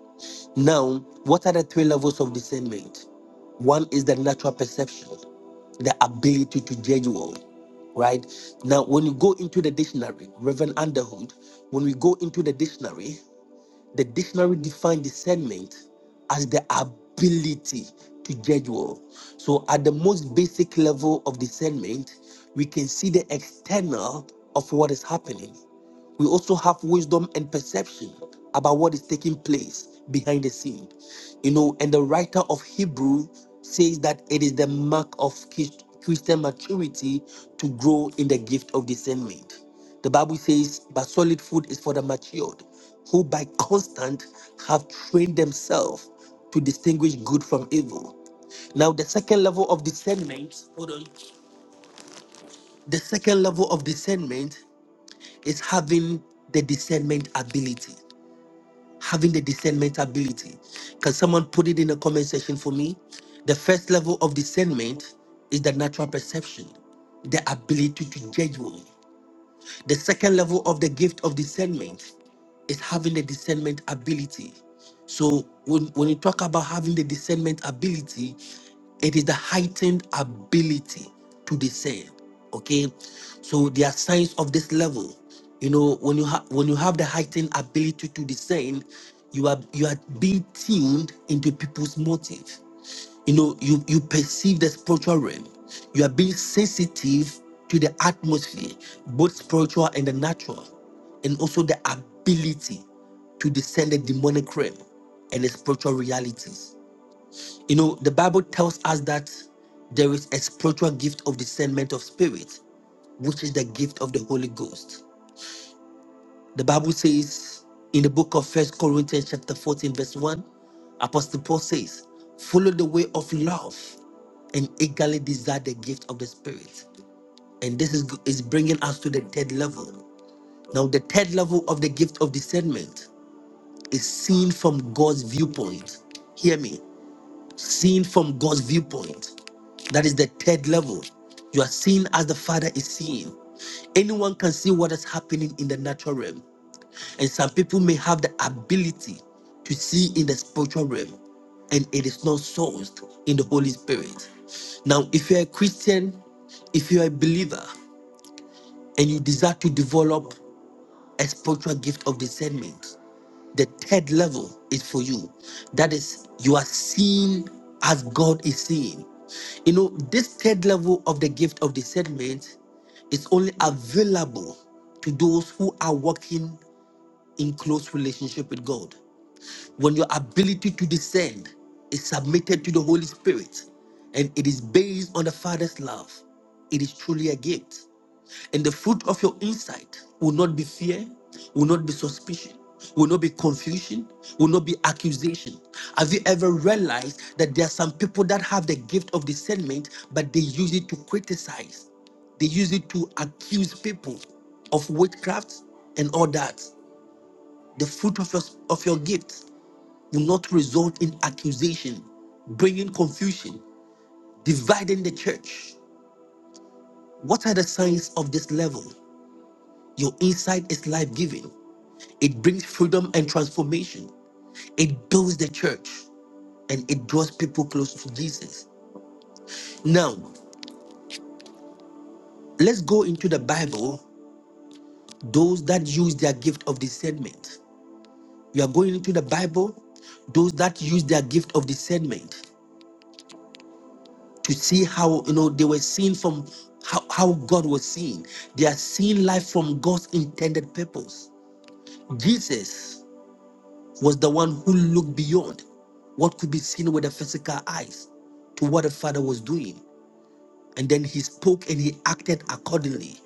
Speaker 3: Now, what are the three levels of discernment? One is the natural perception, the ability to judge well, right? Now, when you go into the dictionary, Reverend Underhood, when we go into the dictionary, the dictionary defines discernment as the ability to judge well. So, at the most basic level of discernment, we can see the external of what is happening we also have wisdom and perception about what is taking place behind the scene you know and the writer of hebrew says that it is the mark of Chris- christian maturity to grow in the gift of discernment the bible says but solid food is for the matured who by constant have trained themselves to distinguish good from evil now, the second level of discernment, hold on. The second level of discernment is having the discernment ability having the discernment ability. Can someone put it in the comment section for me? The first level of discernment is the natural perception, the ability to judge. well. The second level of the gift of discernment is having the discernment ability. So when, when you talk about having the discernment ability, it is the heightened ability to discern. Okay, so there are signs of this level. You know, when you have when you have the heightened ability to discern, you are you are being tuned into people's motive you know you you perceive the spiritual realm you are being sensitive to the atmosphere both spiritual and the natural and also the ability to discern the demonic realm and the spiritual realities you know the bible tells us that there is a spiritual gift of discernment of spirit which is the gift of the holy ghost the Bible says in the book of First Corinthians, chapter 14, verse 1, Apostle Paul says, Follow the way of love and eagerly desire the gift of the Spirit. And this is, is bringing us to the third level. Now, the third level of the gift of discernment is seen from God's viewpoint. Hear me, seen from God's viewpoint. That is the third level. You are seen as the Father is seeing. Anyone can see what is happening in the natural realm, and some people may have the ability to see in the spiritual realm, and it is not sourced in the Holy Spirit. Now, if you're a Christian, if you're a believer, and you desire to develop a spiritual gift of discernment, the third level is for you. That is, you are seen as God is seen. You know, this third level of the gift of discernment is only available to those who are walking in close relationship with God when your ability to descend is submitted to the Holy Spirit and it is based on the Father's love, it is truly a gift. And the fruit of your insight will not be fear, will not be suspicion, will not be confusion, will not be accusation. Have you ever realized that there are some people that have the gift of discernment, but they use it to criticize? They use it to accuse people of witchcraft and all that. The fruit of your, of your gift will not result in accusation, bringing confusion, dividing the church. What are the signs of this level? Your insight is life giving, it brings freedom and transformation, it builds the church, and it draws people close to Jesus. Now, let's go into the Bible, those that use their gift of discernment. You are going into the Bible, those that use their gift of discernment. to see how you know they were seen from how, how God was seen. They are seeing life from God's intended purpose. Jesus was the one who looked beyond what could be seen with the physical eyes to what the Father was doing. And then he spoke and he acted accordingly.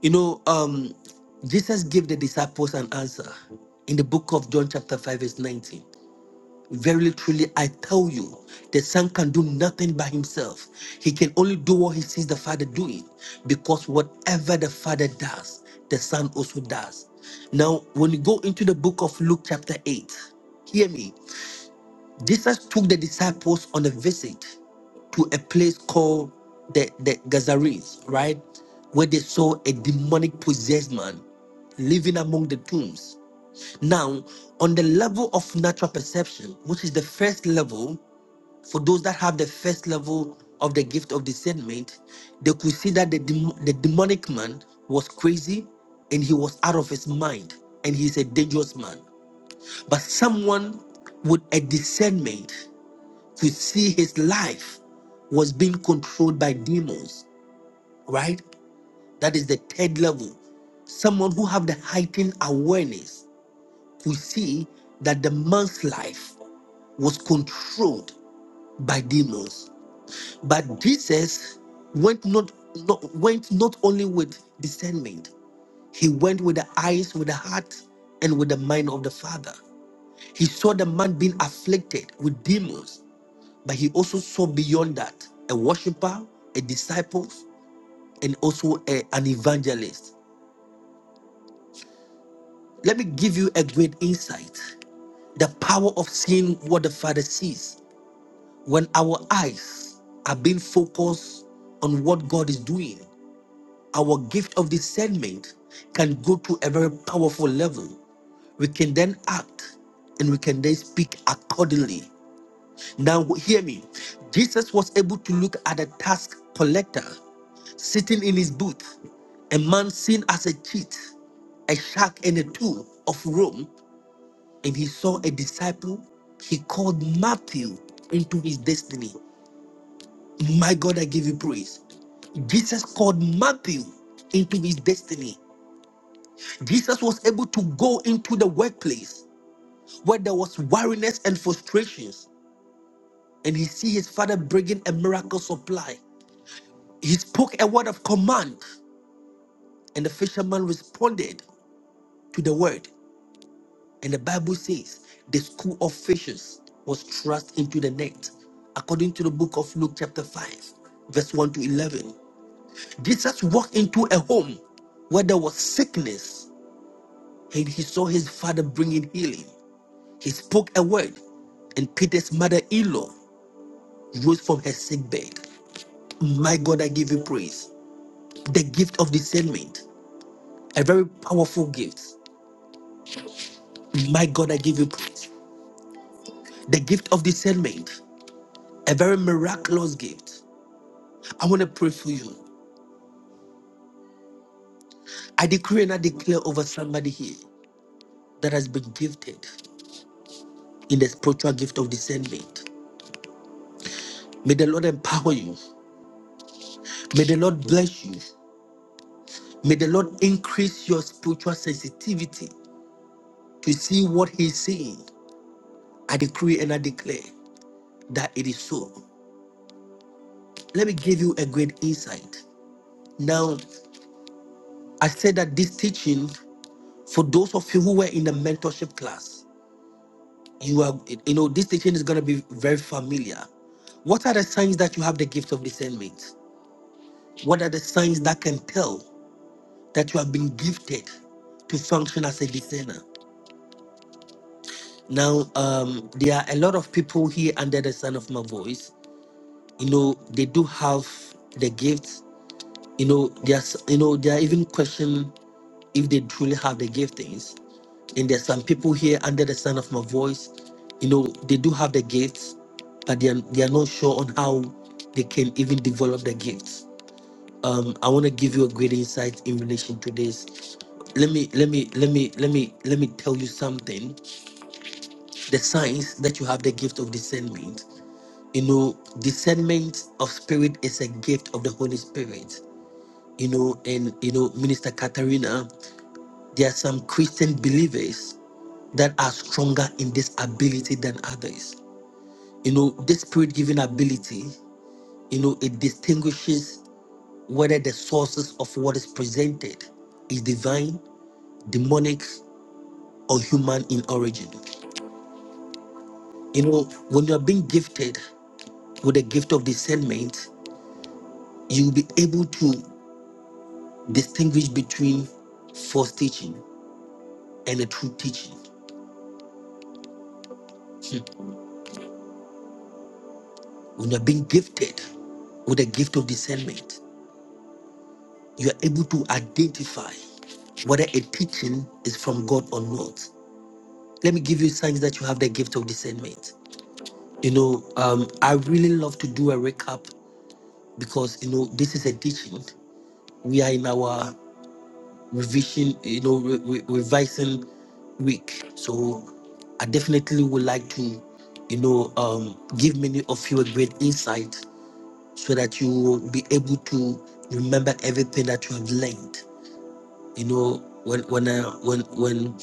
Speaker 3: You know, um, Jesus gave the disciples an answer in the book of John, chapter 5, verse 19. Verily, truly, I tell you, the Son can do nothing by himself. He can only do what he sees the Father doing, because whatever the Father does, the Son also does. Now, when you go into the book of Luke, chapter 8, hear me. Jesus took the disciples on a visit to a place called the, the Gazarenes, right? Where they saw a demonic possessed man living among the tombs. Now, on the level of natural perception, which is the first level, for those that have the first level of the gift of discernment, they could see that the, dem- the demonic man was crazy and he was out of his mind and he's a dangerous man. But someone with a discernment could see his life was being controlled by demons, right? That is the third level. Someone who have the heightened awareness we see that the man's life was controlled by demons. But Jesus went not, not went not only with discernment, he went with the eyes, with the heart, and with the mind of the Father. He saw the man being afflicted with demons, but he also saw beyond that a worshiper, a disciple, and also a- an evangelist. Let me give you a great insight the power of seeing what the Father sees When our eyes are being focused on what God is doing, our gift of discernment can go to a very powerful level. We can then act and we can then speak accordingly. Now, hear me. Jesus was able to look at a tax collector sitting in his booth, a man seen as a cheat, a shark, and a tool of Rome, and he saw a disciple he called Matthew into his destiny. My God, I give you praise. Jesus called Matthew into his destiny. Jesus was able to go into the workplace where there was weariness and frustrations, and he see his father bringing a miracle supply. He spoke a word of command, and the fisherman responded to the word. And the Bible says the school of fishes was thrust into the net, according to the book of Luke, chapter 5, verse 1 to 11. Jesus walked into a home where there was sickness and he saw his father bringing healing. He spoke a word, and Peter's mother in law rose from her sick bed. My God, I give you praise. The gift of discernment, a very powerful gift. My God, I give you praise. The gift of discernment, a very miraculous gift. I want to pray for you. I decree and I declare over somebody here that has been gifted in the spiritual gift of discernment. May the Lord empower you. May the Lord bless you. May the Lord increase your spiritual sensitivity to see what He's saying. I decree and I declare that it is so. Let me give you a great insight. Now, I said that this teaching, for those of you who were in the mentorship class, you are, you know, this teaching is going to be very familiar. What are the signs that you have the gift of discernment? What are the signs that can tell that you have been gifted to function as a discerner? Now, um, there are a lot of people here under the sound of my voice. You know, they do have the gifts. You know, there's, you know, they are even questioning if they truly have the giftings. And there's some people here under the sound of my voice. You know, they do have the gifts, but they are, they are not sure on how they can even develop the gifts. Um, I want to give you a great insight in relation to this. Let me, let me, let me, let me, let me tell you something the signs that you have the gift of discernment. You know, discernment of spirit is a gift of the Holy Spirit. You know, and you know, Minister Katarina, there are some Christian believers that are stronger in this ability than others. You know, this spirit given ability, you know, it distinguishes whether the sources of what is presented is divine, demonic, or human in origin. You know, when you are being gifted with the gift of discernment, you'll be able to distinguish between false teaching and the true teaching. When you're being gifted with the gift of discernment, you are able to identify whether a teaching is from God or not. Let me give you signs that you have the gift of discernment. You know, um, I really love to do a recap because you know this is a teaching. We are in our revision, you know, re- re- revising week. So I definitely would like to, you know, um, give many of you a great insight so that you will be able to remember everything that you have learned. You know, when when uh, when when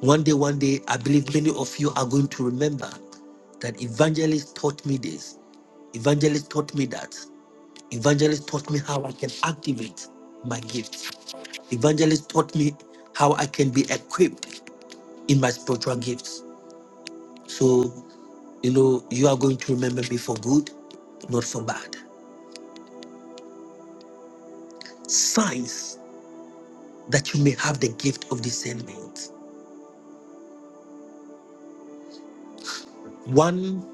Speaker 3: one day, one day, I believe many of you are going to remember that evangelist taught me this, evangelist taught me that, evangelist taught me how I can activate my gifts. Evangelist taught me how I can be equipped in my spiritual gifts. So, you know, you are going to remember me for good, not for bad. Signs that you may have the gift of discernment. One,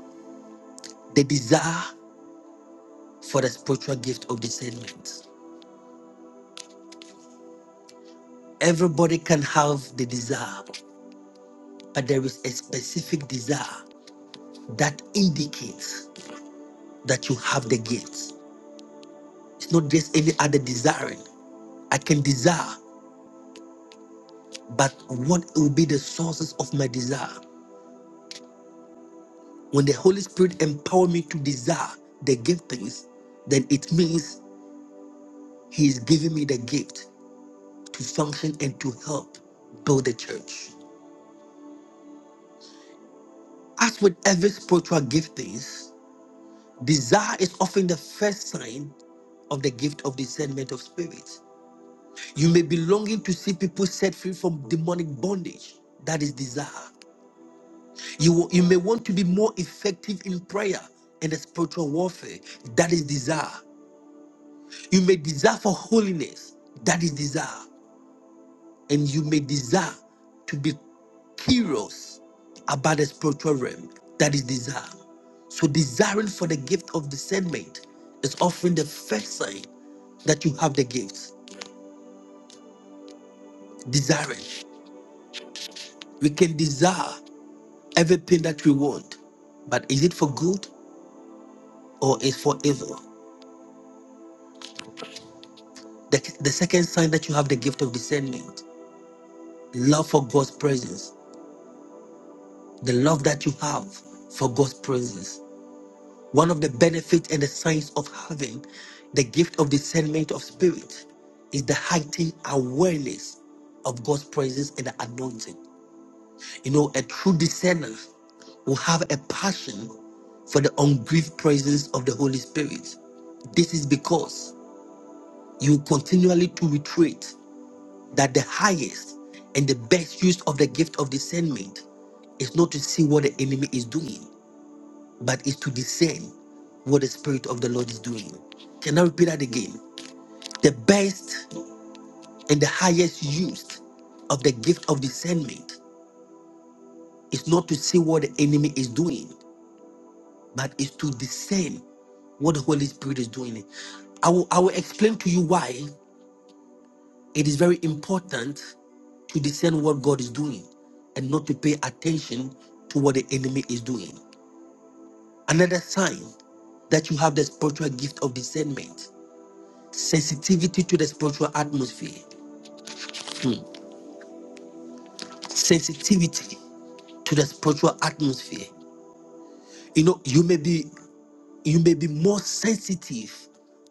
Speaker 3: the desire for the spiritual gift of discernment. Everybody can have the desire, but there is a specific desire that indicates that you have the gift. It's not just any other desiring. I can desire. but what will be the sources of my desire? When the Holy Spirit empower me to desire the giftings, then it means He is giving me the gift to function and to help build the church. As with every spiritual giftings, desire is often the first sign of the gift of discernment of spirit. You may be longing to see people set free from demonic bondage. That is desire. You, will- you may want to be more effective in prayer and the spiritual warfare. That is desire. You may desire for holiness. That is desire. And you may desire to be curious about the spiritual realm. That is desire. So, desiring for the gift of discernment is often the first sign that you have the gifts. Desiring. We can desire everything that we want, but is it for good or is for evil? The, the second sign that you have the gift of discernment, love for God's presence, the love that you have for God's presence. One of the benefits and the signs of having the gift of discernment of spirit is the heightened awareness of God's presence and the anointing. You know, a true discerner will have a passion for the ungrieved presence of the Holy Spirit. This is because you continually to reiterate that the highest and the best use of the gift of discernment is not to see what the enemy is doing, but is to discern what the Spirit of the Lord is doing. Can I repeat that again? The best and the highest use of the gift of discernment is not to see what the enemy is doing, but is to discern what the Holy Spirit is doing. I will, I will explain to you why It is very important to discern what God is doing and not to pay attention to what the enemy is doing. Another sign that you have the spiritual gift of discernment, sensitivity to the spiritual atmosphere. Hmm. Sensitivity to the spiritual atmosphere. You know, you may be you may be more sensitive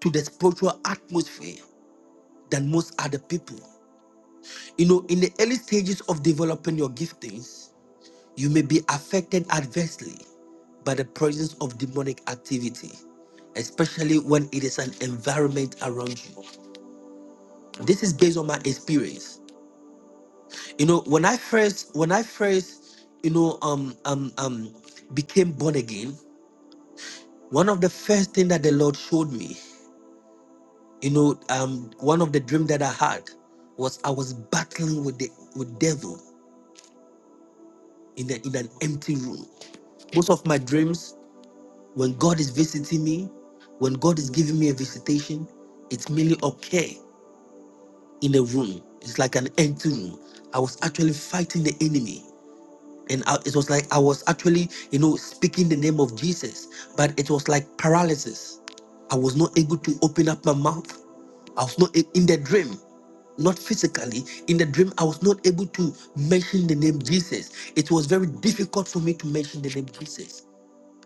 Speaker 3: to the spiritual atmosphere than most other people. You know, in the early stages of developing your giftings, You may be affected adversely by the presence of demonic activity, especially when it is an environment around you. This is based on my experience. You know, when I first, when I first, you know, um, um, um, became born again, one of the first thing that the Lord showed me, you know, um, one of the dream that I had was I was battling with the with devil in the, in an empty room. Most of my dreams When God is visiting me, when God is giving me a visitation, it's merely okay in a room. It's like an empty room. I was actually fighting the enemy. And I, it was like I was actually, you know, speaking the name of Jesus, but it was like paralysis. I was not able to open up my mouth. I was not a- in the dream, not physically. In the dream, I was not able to mention the name Jesus. It was very difficult for me to mention the name Jesus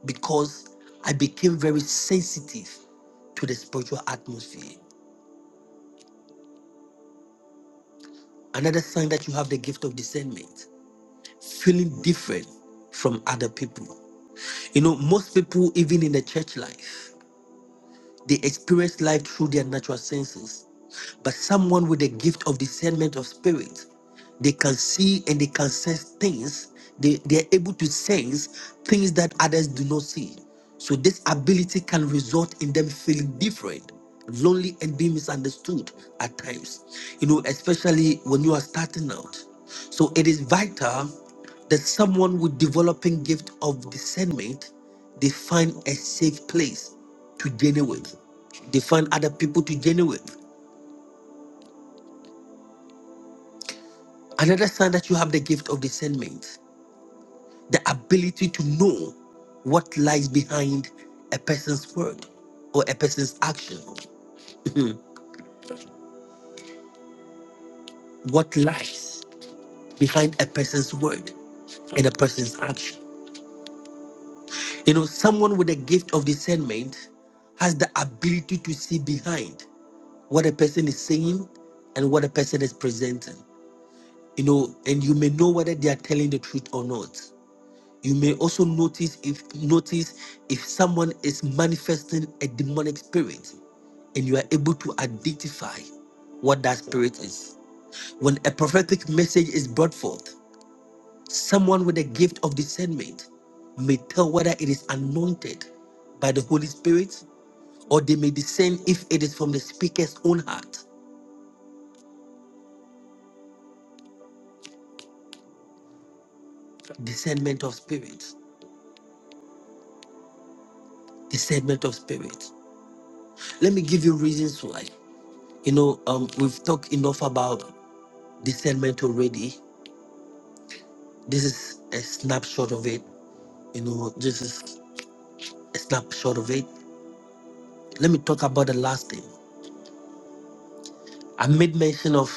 Speaker 3: because I became very sensitive to the spiritual atmosphere. Another sign that you have the gift of discernment, feeling different from other people. You know, most people, even in the church life, They experience life through their natural senses. But someone with the gift of discernment of spirit, they can see and they can sense things. They, they are able to sense things that others do not see. So this ability can result in them feeling different, lonely, and being misunderstood at times. You know, especially when you are starting out. So it is vital that someone with developing gift of discernment, they find a safe place to journey with. They find other people to journey with. Another sign that you have the gift of discernment, the ability to know what lies behind a person's word or a person's action, what lies behind a person's word and a person's action. You know, someone with a gift of discernment has the ability to see behind what a person is saying and what a person is presenting. You know, and you may know whether they are telling the truth or not. you may also notice if notice if someone is manifesting a demonic spirit and you are able to identify what that spirit is when a prophetic message is brought forth someone with a gift of discernment may tell whether it is anointed by the holy spirit or they may discern if it is from the speaker's own heart discernment of spirit discernment of spirit let me give you reasons why you know um, we've talked enough about discernment already. This is a snapshot of it. You know, this is a snapshot of it. Let me talk about the last thing. I made mention of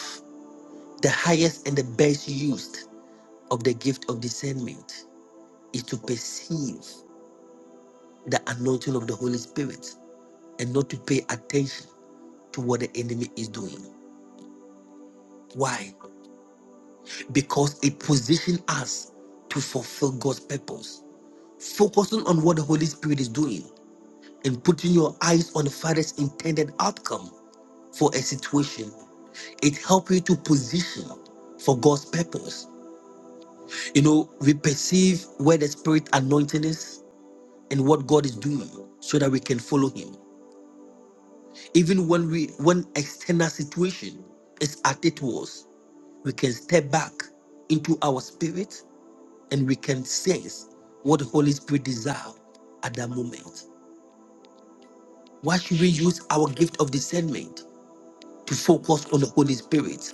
Speaker 3: the highest and the best used of the gift of discernment is to perceive the anointing of the Holy Spirit and not to pay attention to what the enemy is doing. Why? Because it positions us to fulfill God's purpose, focusing on what the Holy Spirit is doing and putting your eyes on the Father's intended outcome for a situation. It helps you to position for God's purpose. You know, we perceive where the Spirit anointing is and what God is doing so that we can follow Him. Even when we when external situation is at its worst, we can step back into our spirit and we can sense what the Holy Spirit desires at that moment. Why should we use our gift of discernment to focus on the Holy Spirit.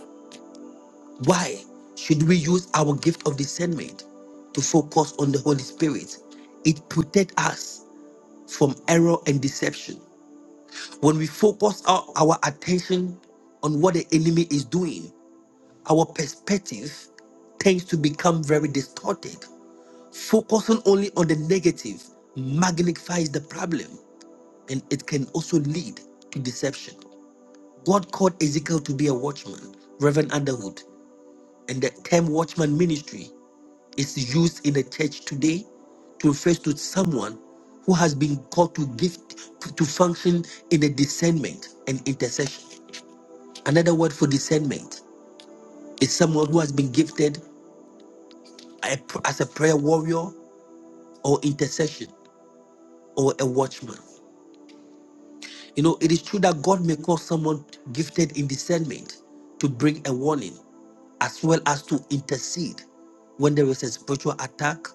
Speaker 3: Why should we use our gift of discernment to focus on the Holy Spirit? It protects us from error and deception. When we focus our, our attention on what the enemy is doing, our perspective tends to become very distorted. Focusing only on the negative magnifies the problem and it can also lead to deception. God called Ezekiel to be a watchman, Reverend Underwood. and the term watchman ministry is used in the church today to refer to someone who has been called to gift to, to function in a discernment and intercession. Another word for discernment is someone who has been gifted a- as a prayer warrior or intercession or a watchman. You know, it is true that God may call someone gifted in discernment to bring a warning as well as to intercede when there is a spiritual attack,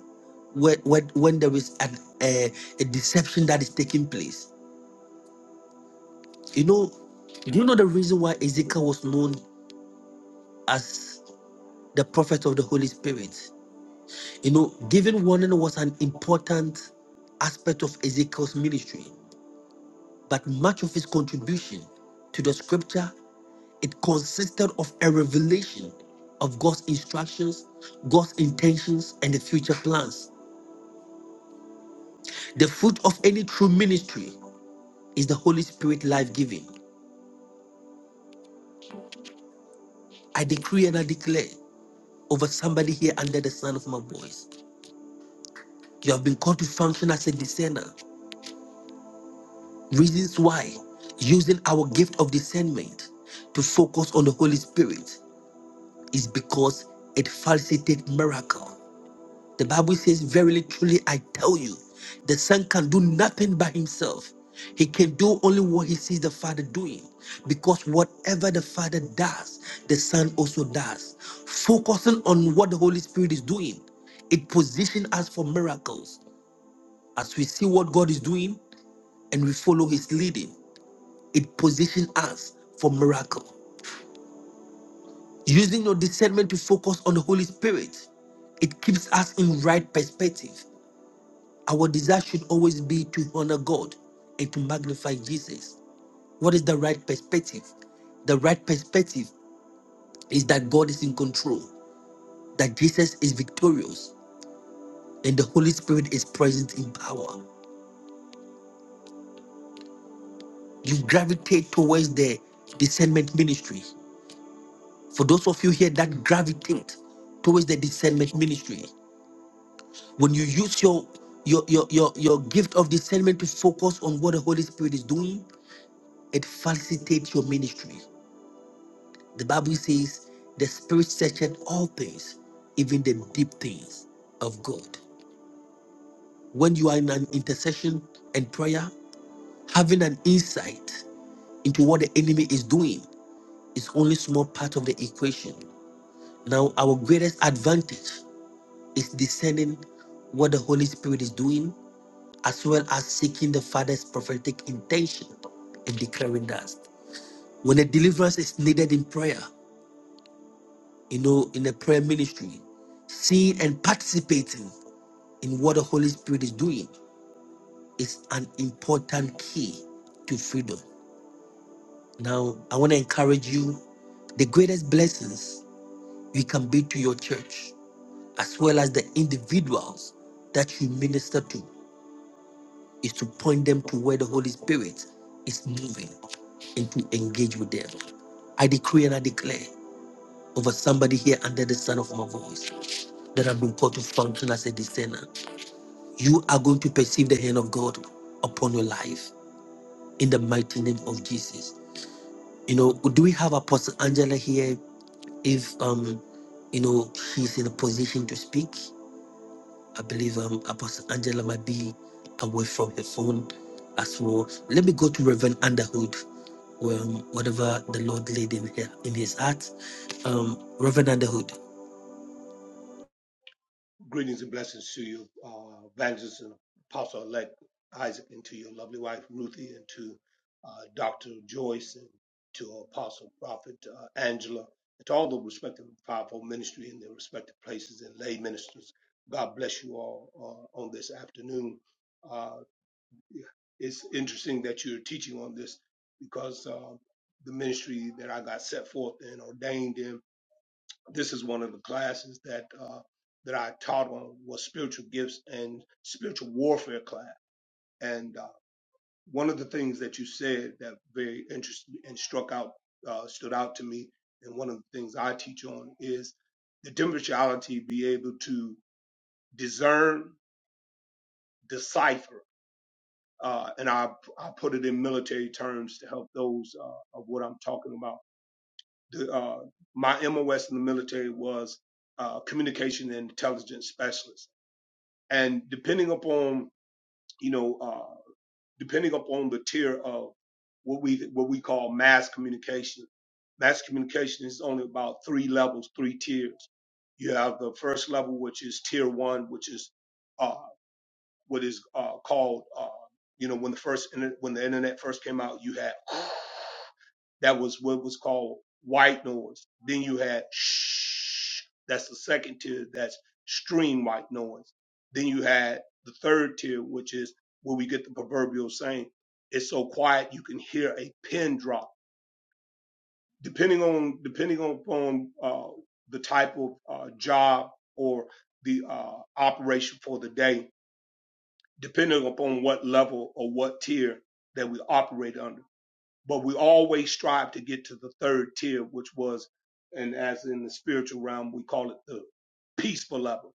Speaker 3: when, when, when there is an, a, a deception that is taking place. You know, do you know the reason why Ezekiel was known as the prophet of the Holy Spirit? You know, giving warning was an important aspect of Ezekiel's ministry, but much of his contribution to the scripture It consisted of a revelation of God's instructions, God's intentions, and the future plans. The fruit of any true ministry is the Holy Spirit life giving. I decree and I declare over somebody here under the sound of my voice. You have been called to function as a discerner. Reasons why using our gift of discernment to focus on the Holy Spirit is because it facilitates miracle. The Bible says, Verily, truly, I tell you, the Son can do nothing by himself. He can do only what he sees the Father doing. Because whatever the Father does, the Son also does. Focusing on what the Holy Spirit is doing, it positions us for miracles. As we see what God is doing and we follow his leading, it positions us for miracle. Using your discernment to focus on the Holy Spirit, it keeps us in right perspective Our desire should always be to honor God and to magnify Jesus. What is the right perspective? The right perspective is that God is in control, that Jesus is victorious, and the Holy Spirit is present in power. You gravitate towards the discernment ministry. For those of you here that gravitate towards the discernment ministry, when you use your your, your, your, your gift of discernment to focus on what the Holy Spirit is doing, it facilitates your ministry. The Bible says the spirit searcheth all things, even the deep things of God. When you are in an intercession and prayer, having an insight into what the enemy is doing is only small part of the equation. Now, our greatest advantage is discerning what the Holy Spirit is doing, as well as seeking the Father's prophetic intention and declaring that. When a deliverance is needed in prayer, you know, in the prayer ministry, seeing and participating in what the Holy Spirit is doing is an important key to freedom. Now, I want to encourage you the greatest blessings you can be to your church, as well as the individuals that you minister to, is to point them to where the Holy Spirit is moving and to engage with them. I decree and I declare. over somebody here under the sound of my voice that have been called to function as a discerner. You are going to perceive the hand of God upon your life in the mighty name of Jesus. You know, do we have Apostle Angela here? If um, you know, she's in a position to speak. I believe um Apostle Angela might be away from her phone as well. Let me go to Reverend Underhood. Um, whatever the Lord laid in her in his heart. Um, Reverend Underhood.
Speaker 13: Greetings and blessings to you, uh, evangelist and apostle elect Isaac, and to your lovely wife Ruthie, and to uh, Dr. Joyce, and to apostle prophet uh, Angela, and to all the respective fivefold ministry in their respective places and lay ministers. God bless you all uh, on this afternoon. Uh, it's interesting that you're teaching on this because uh, the ministry that I got set forth and ordained in this is one of the classes that uh, that I taught on was spiritual gifts and spiritual warfare class. And uh, one of the things that you said that very interesting and struck out uh, stood out to me, and one of the things I teach on is the differentiality, be able to discern, decipher, uh, and I I put it in military terms to help those uh, of what I'm talking about. The, uh, my MOS in the military was uh, communication and intelligence specialist and depending upon you know uh, depending upon the tier of what we what we call mass communication mass communication is only about three levels three tiers you have the first level which is tier one which is uh, what is uh, called uh, you know when the first internet, when the internet first came out you had that was what was called white noise. Then you had shh. That's the second tier. That's stream white noise. Then you had the third tier, which is where we get the proverbial saying, "It's so quiet you can hear a pin drop." Depending on depending on upon uh, the type of uh, job or the uh, operation for the day, depending upon what level or what tier that we operate under but we always strive to get to the third tier, which was, and as in the spiritual realm, we call it the peaceful level.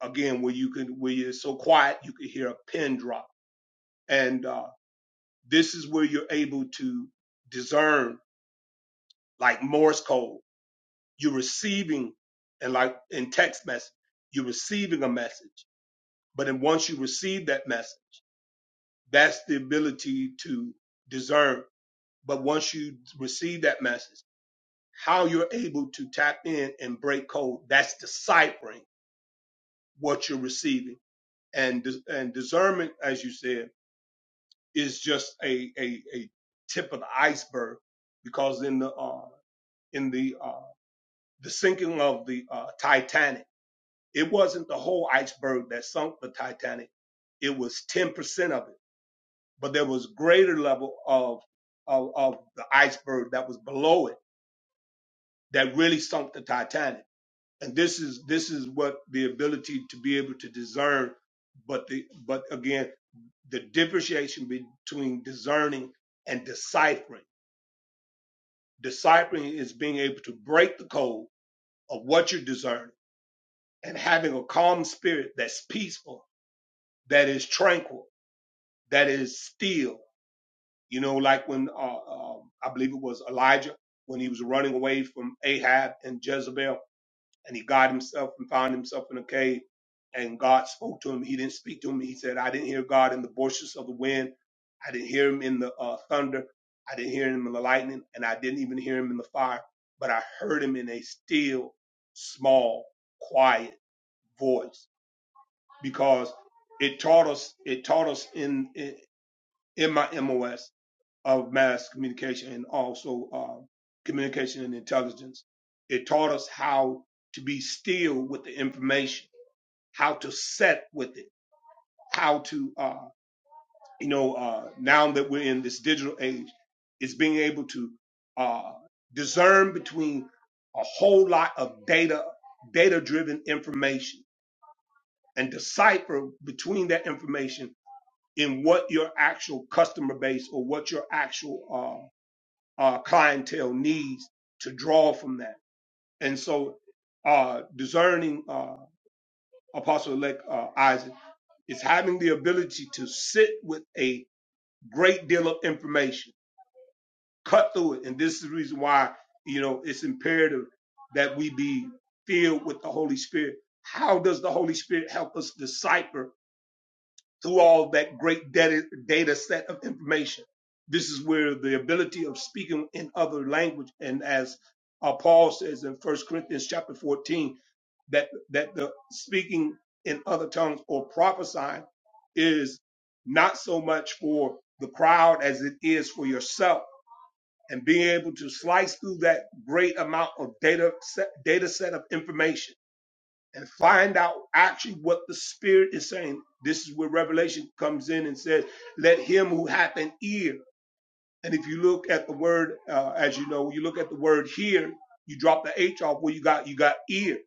Speaker 13: Again, where you can, where you're so quiet, you can hear a pin drop. And uh, this is where you're able to discern, like Morse code, you're receiving, and like in text message, you're receiving a message. But then once you receive that message, that's the ability to discern. But once you receive that message, how you're able to tap in and break code. That's deciphering what you're receiving. And, dis- and discernment, as you said, is just a, a, a tip of the iceberg because in the, uh, in the, uh, the sinking of the uh, Titanic, it wasn't the whole iceberg that sunk the Titanic. It was 10% of it, but there was greater level of, of, of the iceberg that was below it that really sunk the Titanic and this is this is what the ability to be able to discern but the but again the differentiation between discerning and deciphering deciphering is being able to break the code of what you're discerning and having a calm spirit that's peaceful that is tranquil that is still you know like when uh, um, i believe it was elijah when he was running away from ahab and jezebel and he got himself and found himself in a cave. And God spoke to him. He didn't speak to him. He said, I didn't hear God in the bushes of the wind. I didn't hear him in the uh, thunder. I didn't hear him in the lightning. And I didn't even hear him in the fire. But I heard him in a still, small, quiet voice because it taught us, it taught us in, in, in my MOS of mass communication and also uh, communication and intelligence. It taught us how to be still with the information, how to set with it, how to, uh, you know, uh, now that we're in this digital age, is being able to uh, discern between a whole lot of data, data driven information and decipher between that information in what your actual customer base or what your actual um, uh, clientele needs to draw from that. And so, uh, discerning uh, Apostle elect uh, Isaac is having the ability to sit with a great deal of information, cut through it. And this is the reason why, you know, it's imperative that we be filled with the Holy Spirit. How does the Holy Spirit help us decipher? through all that great data, data set of information. This is where the ability of speaking in other language, and as uh, Paul says in First Corinthians chapter 14, that that the speaking in other tongues or prophesying is not so much for the crowd as it is for yourself, and being able to slice through that great amount of data set, data set of information and find out actually what the spirit is saying. This is where Revelation comes in and says, "Let him who hath an ear." And if you look at the word, uh, as you know, when you look at the word "hear." you drop the H off where you got you got ear.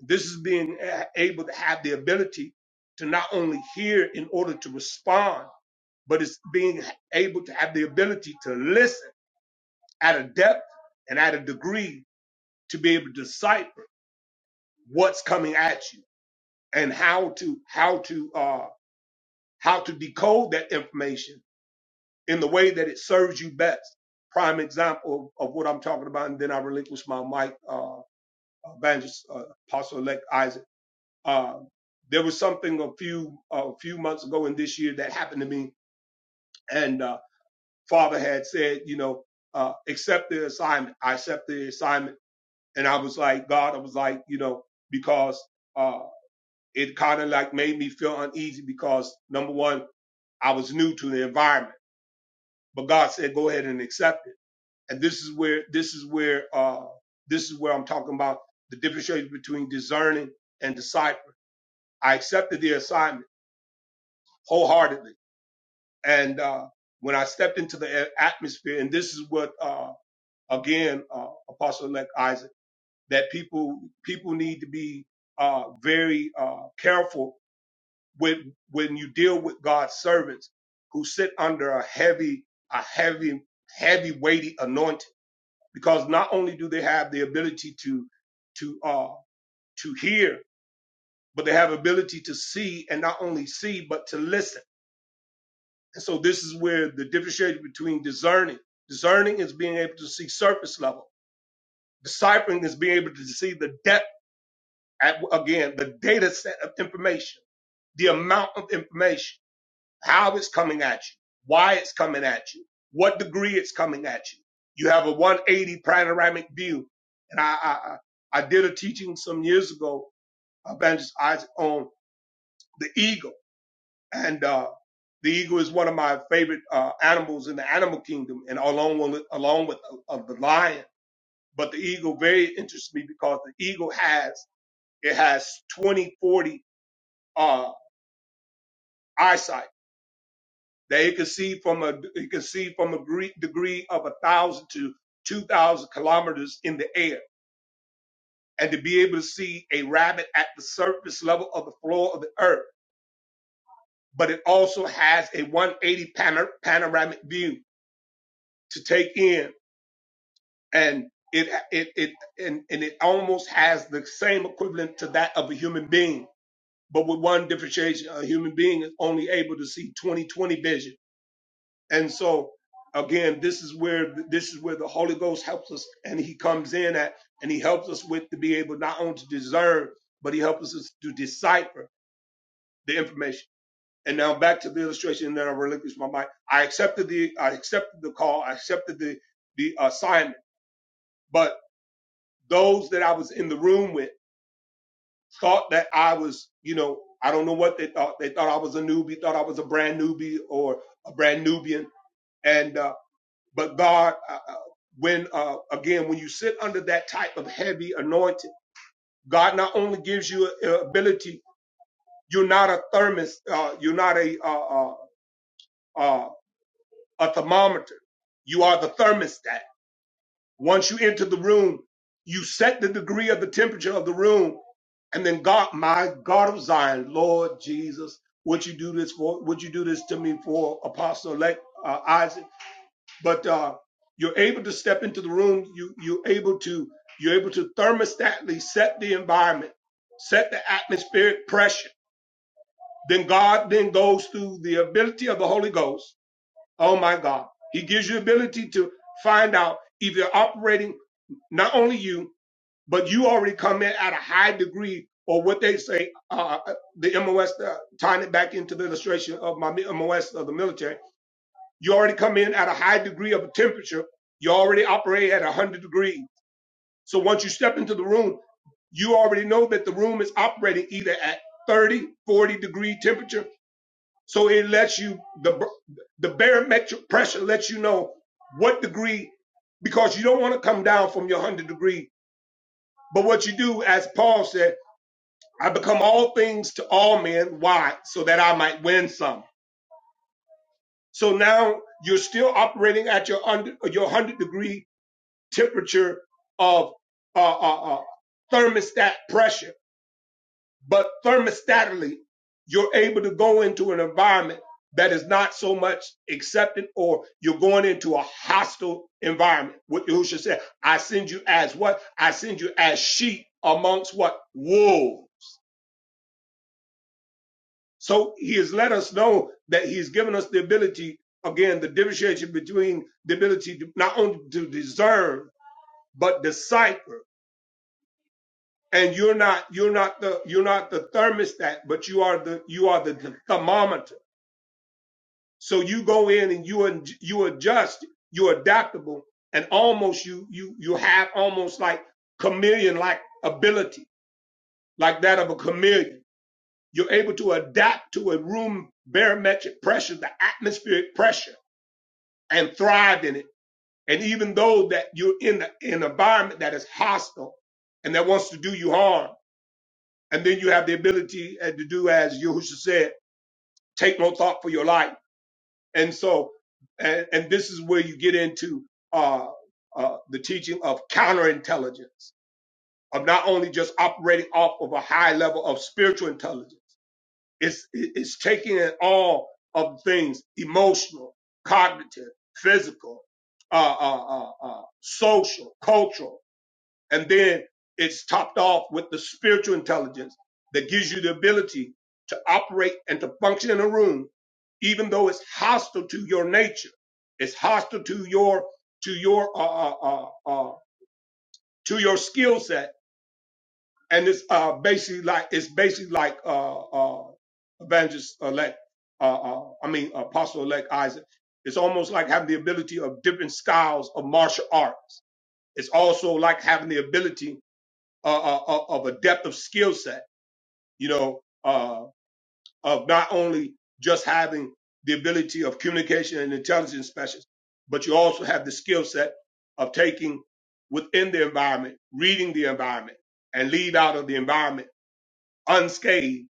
Speaker 13: This is being a- able to have the ability to not only hear in order to respond, but it's being able to have the ability to listen at a depth and at a degree to be able to decipher what's coming at you and how to how to uh, how to decode that information in the way that it serves you best. Prime example of, of what I'm talking about, and then I relinquish my mic, uh, evangelist, uh, apostle elect Isaac. Uh, there was something a few, a few months ago in this year that happened to me, and, uh, father had said, you know, uh, accept the assignment. I accept the assignment. And I was like, God, I was like, you know, because, uh, it kind of like made me feel uneasy because number one, I was new to the environment but God said, go ahead and accept it. And this is where, this is where, uh, this is where I'm talking about the differentiation between discerning and deciphering. I accepted the assignment wholeheartedly. And, uh, when I stepped into the a- atmosphere, and this is what, uh, again, uh, Apostle elect Isaac, that people, people need to be, uh, very, uh, careful with when you deal with God's servants who sit under a heavy, a heavy, heavy weighty anointing because not only do they have the ability to to uh to hear but they have ability to see and not only see but to listen and so this is where the differentiation between discerning discerning is being able to see surface level deciphering is being able to see the depth at, again the data set of information the amount of information how it's coming at you, why it's coming at you, what degree it's coming at you. You have a 180 panoramic view. And I, I, I did a teaching some years ago, Evangelist Isaac, on the eagle. And uh, the eagle is one of my favorite uh, animals in the animal kingdom, and along with, along with uh, of the lion. But the eagle very interests me because the eagle has it has 20, 40 uh, eyesight that it could see from a it could see from a gre- degree of a thousand to two thousand kilometers in the air, and to be able to see a rabbit at the surface level of the floor of the earth. But it also has a 180 panor- panoramic view to take in, and it it it and, and it almost has the same equivalent to that of a human being, but with one differentiation: a human being is only able to see 20/20 vision And so again, this is where this is where the Holy Ghost helps us, and He comes in at, and He helps us with to be able not only to discern, but He helps us to decipher the information. And now back to the illustration, and then I relinquish my mind. I accepted the I accepted the call, I accepted the the assignment, but those that I was in the room with thought that I was, you know, I don't know what they thought. They thought I was a newbie, thought I was a brand newbie or a brand Nubian, and uh, But God, uh, uh, when uh, again, when you sit under that type of heavy anointing, God not only gives you a- a ability, you're not a thermos, uh, you're not a uh, uh, uh, a thermometer. You are the thermostat. Once you enter the room, you set the degree of the temperature of the room, and then God, my God of Zion, Lord Jesus, would you do this for? Would you do this to me for Apostle elect, uh, Isaac? but uh, you're able to step into the room. You you're able to you're able to thermostatly set the environment, set the atmospheric pressure. Then God then goes through the ability of the Holy Ghost. Oh my God, He gives you ability to find out if you're operating not only you, but you already come in at a high degree or what they say uh, uh, the MOS. Uh, tying it back into the illustration of my MOS of the military you already come in at a high degree of temperature. You already operate at 100 degrees. So once you step into the room, you already know that the room is operating either at 30, 40 degree temperature. So it lets you, the, the barometric pressure lets you know what degree, because you don't want to come down from your 100 degree. But what you do, as Paul said, I become all things to all men. Why? So that I might win some. So now you're still operating at your under, your 100 degree temperature of uh, uh, uh, thermostat pressure, but thermostatically, you're able to go into an environment that is not so much accepted, or you're going into a hostile environment. What Yahushua said, I send you as what? I send you as sheep amongst what? Wolves. So he has let us know that he's given us the ability, again, the differentiation between the ability to not only to discern, but decipher and you're not you're not the you're not the thermostat but you are the you are the, thermometer so you go in and you ad- you adjust you're adaptable and almost you you you have almost like chameleon like ability like that of a chameleon you're able to adapt to a room barometric pressure the atmospheric pressure and thrive in it and even though that you're in the, an environment that is hostile and that wants to do you harm And then you have the ability uh, to do as Yahushua said, take no thought for your life. And so, and, and this is where you get into uh, uh, the teaching of counterintelligence, of not only just operating off of a high level of spiritual intelligence, it's, it's taking in all of the things emotional, cognitive, physical, uh, uh, uh, uh, social, cultural and then it's topped off with the spiritual intelligence that gives you the ability to operate and to function in a room, even though it's hostile to your nature. It's hostile to your, to your, uh, uh, uh, uh, to your skill set. And it's, uh, basically like, it's basically like, uh, uh, evangelist elect, uh, uh, I mean, apostle elect Isaac. It's almost like having the ability of different styles of martial arts. It's also like having the ability uh, uh, uh, of a depth of skill set, you know, uh, of not only just having the ability of communication and intelligence specialists, but you also have the skill set of taking within the environment, reading the environment, and leave out of the environment unscathed,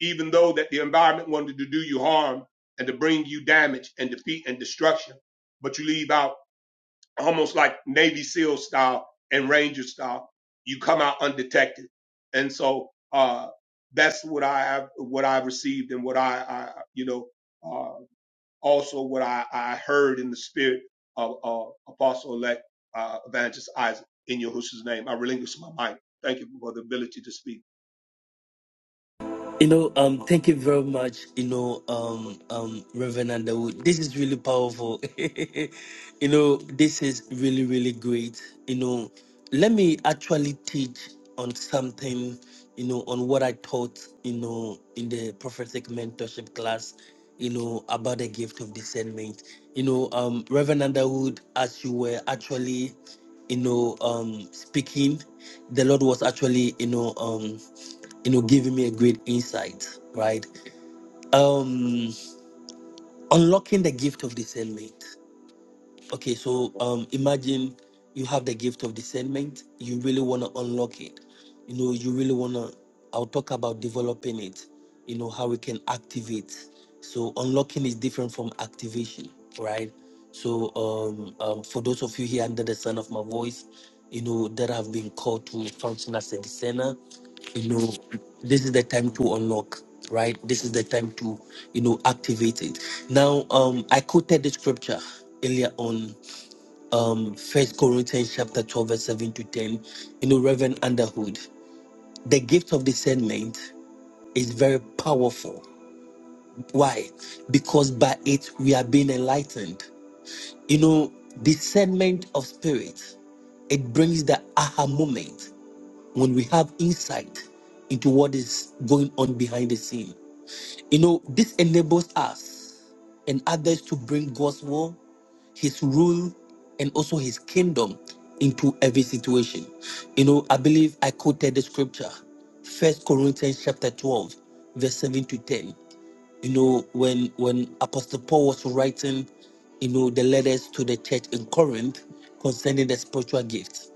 Speaker 13: even though that the environment wanted to do you harm and to bring you damage and defeat and destruction. But you leave out almost like Navy SEAL style and Ranger style. You come out undetected, and so uh, that's what I have, what I received, and what I, I you know, uh, also what I, I heard in the spirit of uh, Apostle Elect uh, Evangelist Isaac in Yahushua's name. I relinquish my mic. Thank you for the ability to speak.
Speaker 3: You know, um, thank you very much. You know, um, um, Reverend Underwood, this is really powerful. you know, this is really, really great. You know, let me actually teach on something. You know, on what I taught. You know, in the prophetic mentorship class. You know about the gift of discernment. You know, um, Reverend Underwood, as you were actually, you know, um, speaking, the Lord was actually, you know, um you know, giving me a great insight, right? Um, unlocking the gift of discernment. Okay, so um, imagine you have the gift of discernment. You really want to unlock it. You know, you really want to. I'll talk about developing it. You know how we can activate. So unlocking is different from activation, right? So um, um, for those of you here under the sound of my voice, you know that have been called to function as a discerner, you know this is the time to unlock right this is the time to you know activate it now um i quoted the scripture earlier on um first corinthians chapter 12 verse 7 to 10 you know reverend underhood the gift of discernment is very powerful why because by it we are being enlightened you know discernment of spirit it brings the aha moment when we have insight into what is going on behind the scene you know this enables us and others to bring God's will, His rule, and also His kingdom into every situation. You know, I believe I quoted the scripture, First Corinthians chapter twelve, verse seven to ten. You know, when when Apostle Paul was writing, you know, the letters to the church in Corinth concerning the spiritual gifts,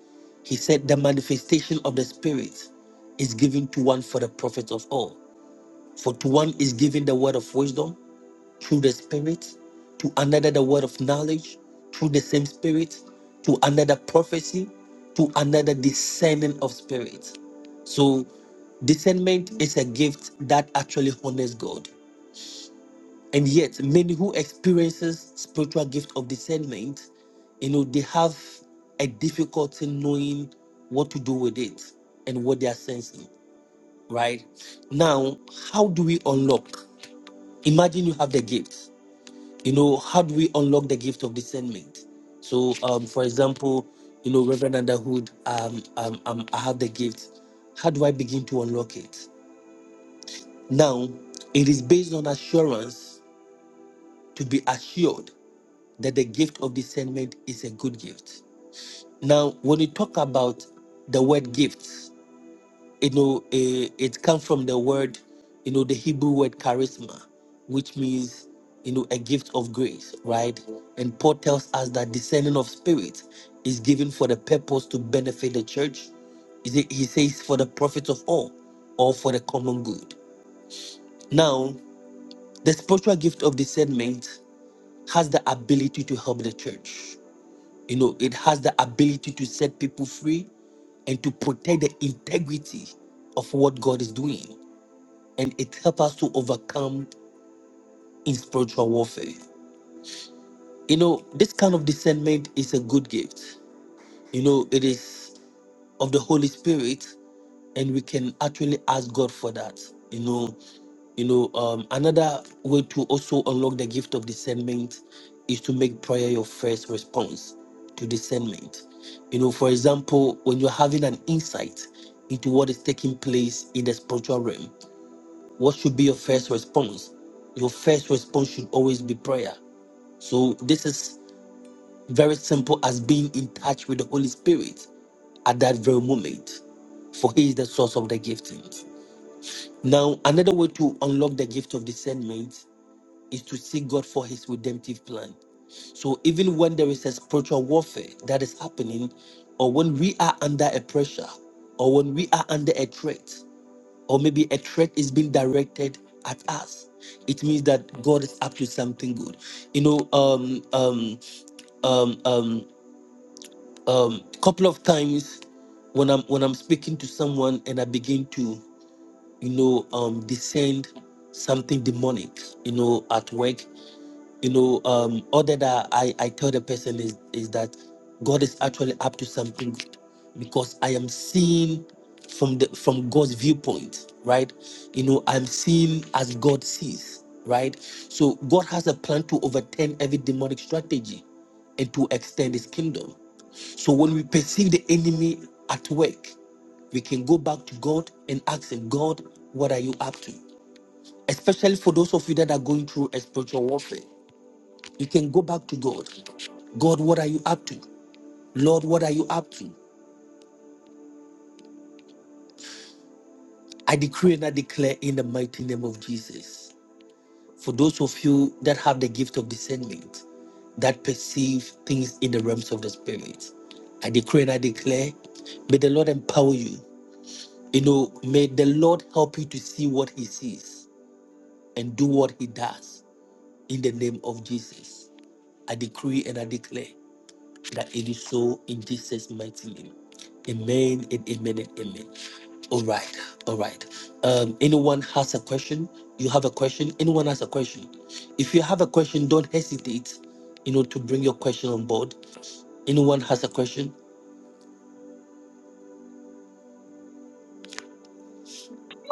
Speaker 3: he said the manifestation of the Spirit is given to one for the profit of all. For to one is given the word of wisdom, through the Spirit, to another the word of knowledge, through the same Spirit, to another prophecy, to another discerning of spirit. So, discernment is a gift that actually honors God. And yet, many who experiences spiritual gift of discernment, you know, they have a difficulty knowing what to do with it and what they are sensing. Right now, how do we unlock? Imagine you have the gift you know, how do we unlock the gift of discernment? So, um, for example, you know, Reverend Underwood, um, um, um, I have the gift. How do I begin to unlock it? Now, it is based on assurance to be assured that the gift of discernment is a good gift. Now, when you talk about the word gifts, you know, eh, it comes from the word, you know, the Hebrew word charisma, which means, you know, a gift of grace, right? And Paul tells us that descending of spirit is given for the purpose to benefit the church. He say- he says, for the profit of all or for the common good. Now, the spiritual gift of discernment has the ability to help the church. You know, it has the ability to set people free and to protect the integrity of what God is doing and it helps us to overcome in spiritual warfare. You know, this kind of discernment is a good gift. You know, it is of the Holy Spirit, and we can actually ask God for that. You know, you know, um, another way to also unlock the gift of discernment is to make prayer your first response to discernment. You know, for example, when you're having an insight into what is taking place in the spiritual realm, What should be your first response? Your first response should always be prayer. So this is very simple as being in touch with the Holy Spirit at that very moment, for He is the source of the giftings. Now, another way to unlock the gift of discernment is to seek God for His redemptive plan. So, even when there is a spiritual warfare that is happening, or when we are under a pressure, or when we are under a threat, or maybe a threat is being directed at us it means that god is up to something good you know um um um um um couple of times when i'm when i'm speaking to someone and i begin to you know um descend something demonic you know at work you know, um, other that I, I tell the person is, is that God is actually up to something good, because I am seeing from the from God's viewpoint, right? You know, I'm seeing as God sees, right? So God has a plan to overturn every demonic strategy and to extend his kingdom. So when we perceive the enemy at work, we can go back to God and ask him, God, what are you up to? Especially for those of you that are going through a spiritual warfare. You can go back to God. God, what are you up to? Lord, what are you up to? I decree and I declare in the mighty name of Jesus. For those of you that have the gift of discernment, that perceive things in the realms of the spirit, I decree and I declare, may the Lord empower you. You know, may the Lord help you to see what He sees and do what He does in the name of Jesus. I decree and I declare. that it is so in Jesus' mighty name. Amen and amen and amen. All right, all right. Um, anyone has a question? You have a question? Anyone has a question? If you have a question, don't hesitate, you know, to bring your question on board. Anyone has a question?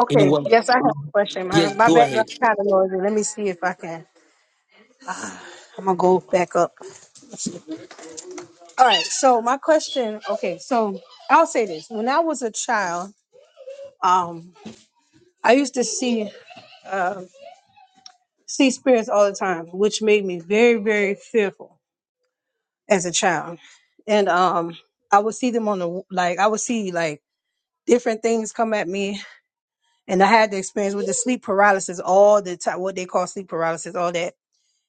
Speaker 7: Okay,
Speaker 3: Anyone?
Speaker 7: yes, I have a question. My,
Speaker 3: Yes,
Speaker 7: my
Speaker 3: go
Speaker 7: background
Speaker 3: ahead.
Speaker 7: kind of noisy. Let me see if I can. I'm gonna go back up. All right. So my question. Okay, so I'll say this. When I was a child, um, I used to see uh, see spirits all the time, which made me very very fearful as a child. And um, I would see them on the like. I would see like different things come at me, and I had the experience with the sleep paralysis all the time. What they call sleep paralysis, all that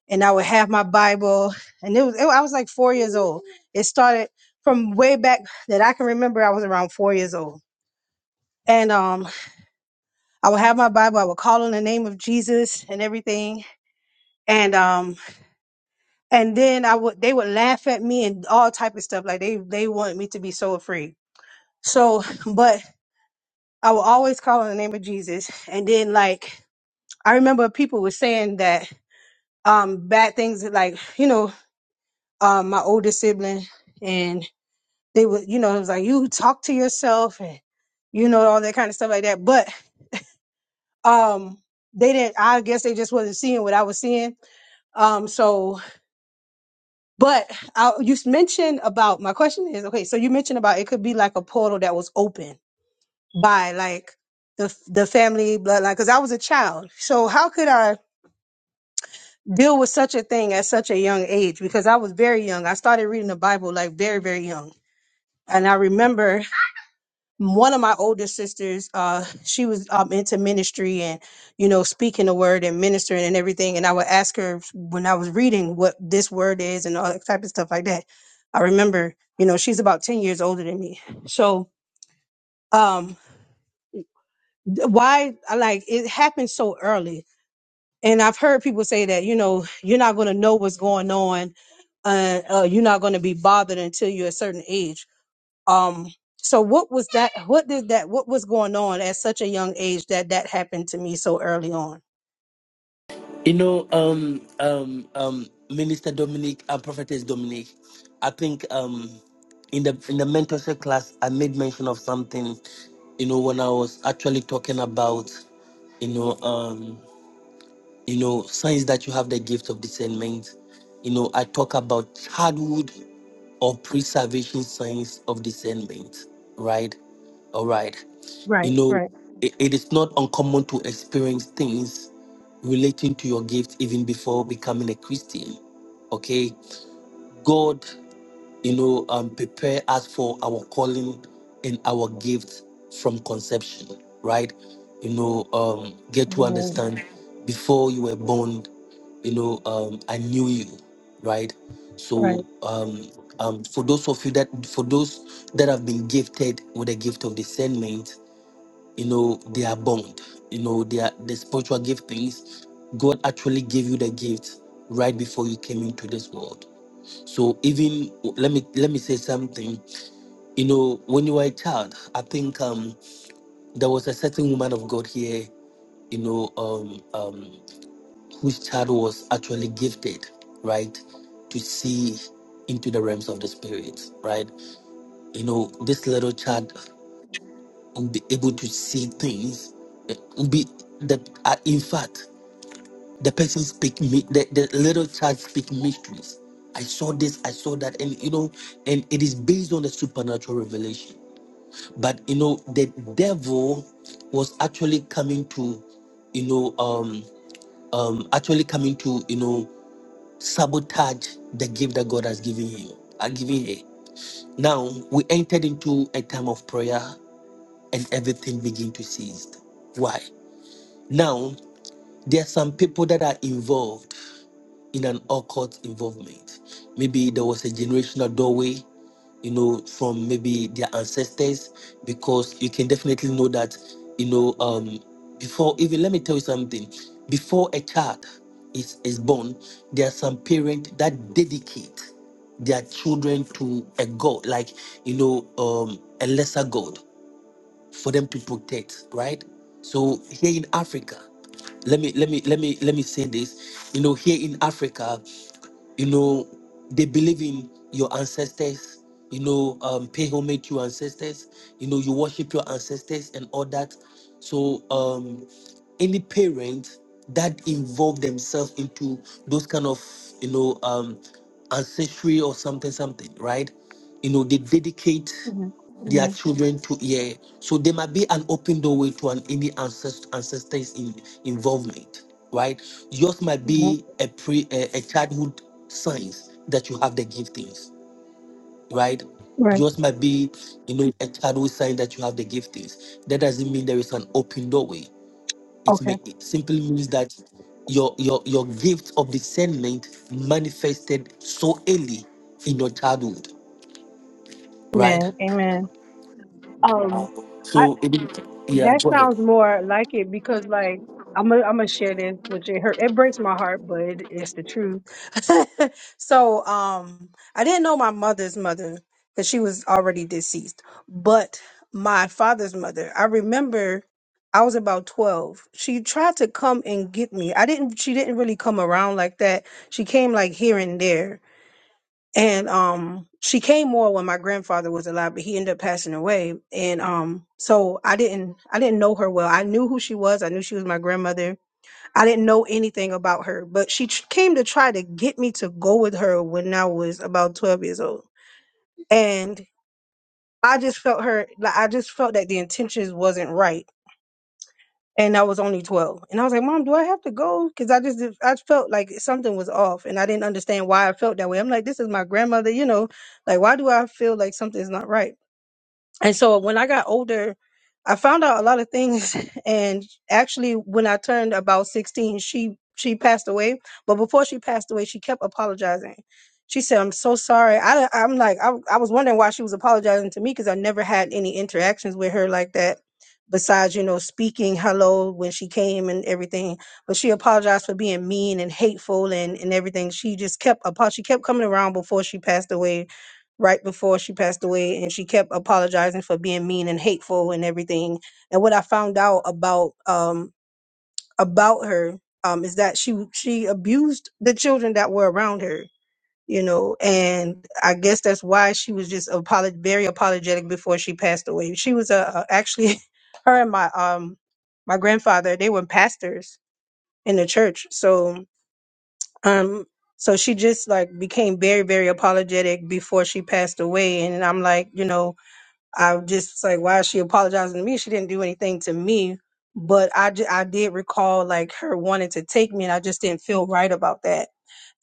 Speaker 7: and I would have my Bible. And it was, it, I was like four years old. It started from way back that I can remember. I was around four years old. And um, I would have my Bible. I would call on the name of Jesus and everything. And um, and then I would they would laugh at me and all type of stuff. Like they they wanted me to be so afraid. So, but I would always call on the name of Jesus. And then like I remember people were saying that um bad things like you know um my older sibling and. They would, you know, it was like you talk to yourself and you know all that kind of stuff like that. But um, they didn't. I guess they just wasn't seeing what I was seeing. Um, so, but I, you mentioned about my question is okay. So you mentioned about it could be like a portal that was open by like the the family bloodline because I was a child. So how could I deal with such a thing at such a young age? Because I was very young. I started reading the Bible like very very young, and I remember. one of my older sisters uh she was um into ministry and you know speaking the word and ministering and everything and i would ask her when i was reading what this word is and all that type of stuff like that i remember you know she's about 10 years older than me so um th- why I like it happened so early and i've heard people say that you know you're not going to know what's going on uh, uh you're not going to be bothered until you're a certain age Um, so what was that? What did that? What was going on at such a young age that that happened to me so early on?
Speaker 3: You know, um, um, um, Minister Dominic and Prophetess Dominic, I think um, in the in the mentorship class, I made mention of something. You know, when I was actually talking about, you know, um, you know, signs that you have the gift of discernment. You know, I talk about childhood or pre-salvation signs of discernment, right? All right.
Speaker 7: Right,
Speaker 3: You know,
Speaker 7: right,
Speaker 3: it, it is not uncommon to experience things relating to your gift even before becoming a Christian. Okay. God you know, um, prepare us for our calling and our gift from conception, right? You know, um, get to
Speaker 7: amen,
Speaker 3: understand before you were born, you know, um, I knew you, right? So,
Speaker 7: right,
Speaker 3: um, um, for those of you that, for those that have been gifted with the gift of discernment, you know, they are bound. You know, they are the spiritual giftings. God actually gave you the gift right before you came into this world so even let me let me say something. You know, when you were a child, I think um, there was a certain woman of God here. You know, um, um, whose child was actually gifted, right, to see into the realms of the spirit, right. You know, this little child will be able to see things. eh, Will be that. Uh, in fact, The person speak me the, the little child speak mysteries. I saw this, I saw that, and you know, and it is based on the supernatural revelation. But you know, the devil was actually coming to, you know, um, um, actually coming to, you know, sabotage the gift that God has given him, uh, giving her. Now we entered into a time of prayer, and everything began to cease. Why? Now there are some people that are involved. in an occult involvement. Maybe there was a generational doorway, you know, from maybe their ancestors, because you can definitely know that, you know, um, before even let me tell you something, before a child is, is born, there are some parents that dedicate their children to a god, like you know, um, a lesser god for them to protect, right? So here in Africa, let me let me let me let me say this you know here in africa you know they believe in your ancestors you know um pay homage to your ancestors you know you worship your ancestors and all that so um any parent that involve themselves into those kind of you know um ancestry or something something right you know they dedicate
Speaker 7: mhm,
Speaker 3: their
Speaker 7: mhm,
Speaker 3: children to yeah. So there might be an open doorway to an any ancest- ancestors in, involvement, right? Yours might
Speaker 7: mhm,
Speaker 3: be a pre a, a childhood signs that you have the giftings, right?
Speaker 7: right.
Speaker 3: Yours might be you know a childhood sign that you have the giftings. That doesn't mean there is an open doorway. It may
Speaker 7: Okay,
Speaker 3: it simply means that your your your gift of discernment manifested so early in your childhood, right?
Speaker 7: amen, amen. Um,
Speaker 3: So it, yeah,
Speaker 7: That
Speaker 3: go ahead.
Speaker 7: sounds more like it because, like, I'm gonna I'm gonna share this, which it hurt. It breaks my heart, but it, it's the truth. so, um, I didn't know my mother's mother because she was already deceased, but my father's mother. I remember I was about twelve. She tried to come and get me. I didn't. She didn't really come around like that. She came like here and there. And um, she came more when my grandfather was alive, but he ended up passing away. And um, so I didn't, I didn't know her well. I knew who she was. I knew she was my grandmother. I didn't know anything about her, but she tr- came to try to get me to go with her when I was about twelve years old. And I just felt her, like I just felt that the intentions wasn't right and I was only 12. And I was like, Mom, do I have to go? Because I just did- I felt like something was off and I didn't understand why I felt that way. I'm like, this is my grandmother, you know, like, why do I feel like something's not right? And so when I got older, I found out a lot of things. And actually, when I turned about 16, she she passed away. But before she passed away, she kept apologizing. She said, "I'm so sorry." I, I'm like, I, I was wondering why she was apologizing to me because I never had any interactions with her like that. Besides, you know, speaking hello when she came and everything, but she apologized for being mean and hateful and, and everything. She just kept apo- she kept coming around before she passed away right before she passed away and she kept apologizing for being mean and hateful and everything and what i found out about um about her um is that she she abused the children that were around her you know and i guess that's why she was just apolog- very apologetic before she passed away she was a, a actually her and my um my grandfather they were pastors in the church so um so she just like became very very apologetic before she passed away and i'm like you know I just was like, why is she apologizing to me? She didn't do anything to me. But I, ju- I did recall like her wanting to take me, and I just didn't feel right about that.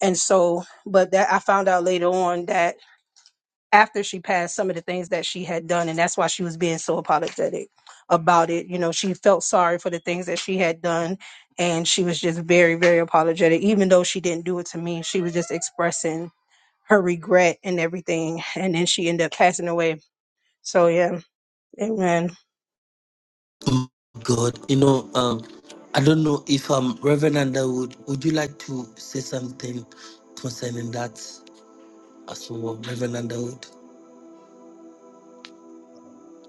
Speaker 7: And so, but that I found out later on that after she passed, some of the things that she had done, and that's why she was being so apologetic about it. You know, she felt sorry for the things that she had done, and she was just very, very apologetic, even though she didn't do it to me. She was just expressing her regret and everything. And then she ended up passing away. So, yeah, amen.
Speaker 3: Oh, God, you know, um, I don't know if um, Reverend Underwood, would you like to say something concerning that as well, Reverend Underwood?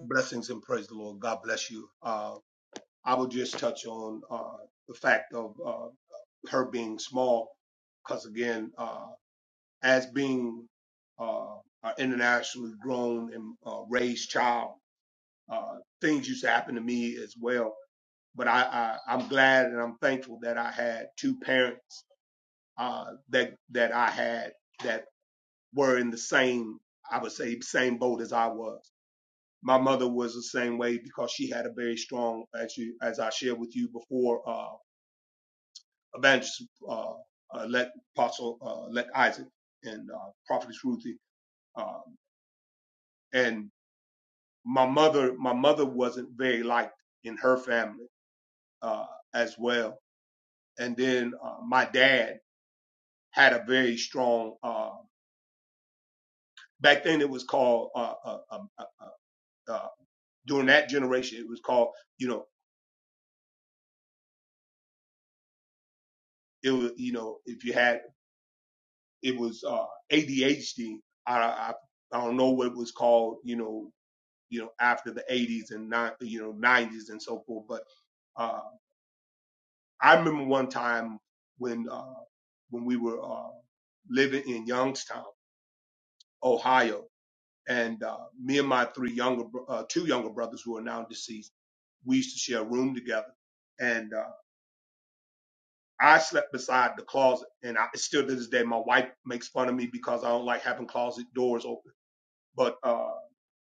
Speaker 13: Blessings and praise the Lord. God bless you. Uh, I will just touch on uh, the fact of uh, her being small, because again. uh, as being uh, an internationally grown and uh, raised child. Uh, things used to happen to me as well, but I, I I'm glad and I'm thankful that I had two parents uh, that that I had that were in the same I would say same boat as I was. My mother was the same way because she had a very strong, as you as I shared with you before, uh, evangelist uh, uh, let Apostle uh, let Isaac and uh, prophetess Ruthie, um, and my mother my mother wasn't very liked in her family uh, as well and then uh, my dad had a very strong uh, back then it was called uh, uh, um, uh, uh, uh, during that generation it was called you know it was you know if you had it was uh, ADHD I, I, I don't know what it was called you know you know after the 80s and not you know 90s and so forth but uh, I remember one time when uh, when we were uh, living in Youngstown, Ohio, and uh, me and my three younger bro- uh, two younger brothers who are now deceased, we used to share a room together. And uh, I slept beside the closet, and I still to this day my wife makes fun of me because I don't like having closet doors open. But uh,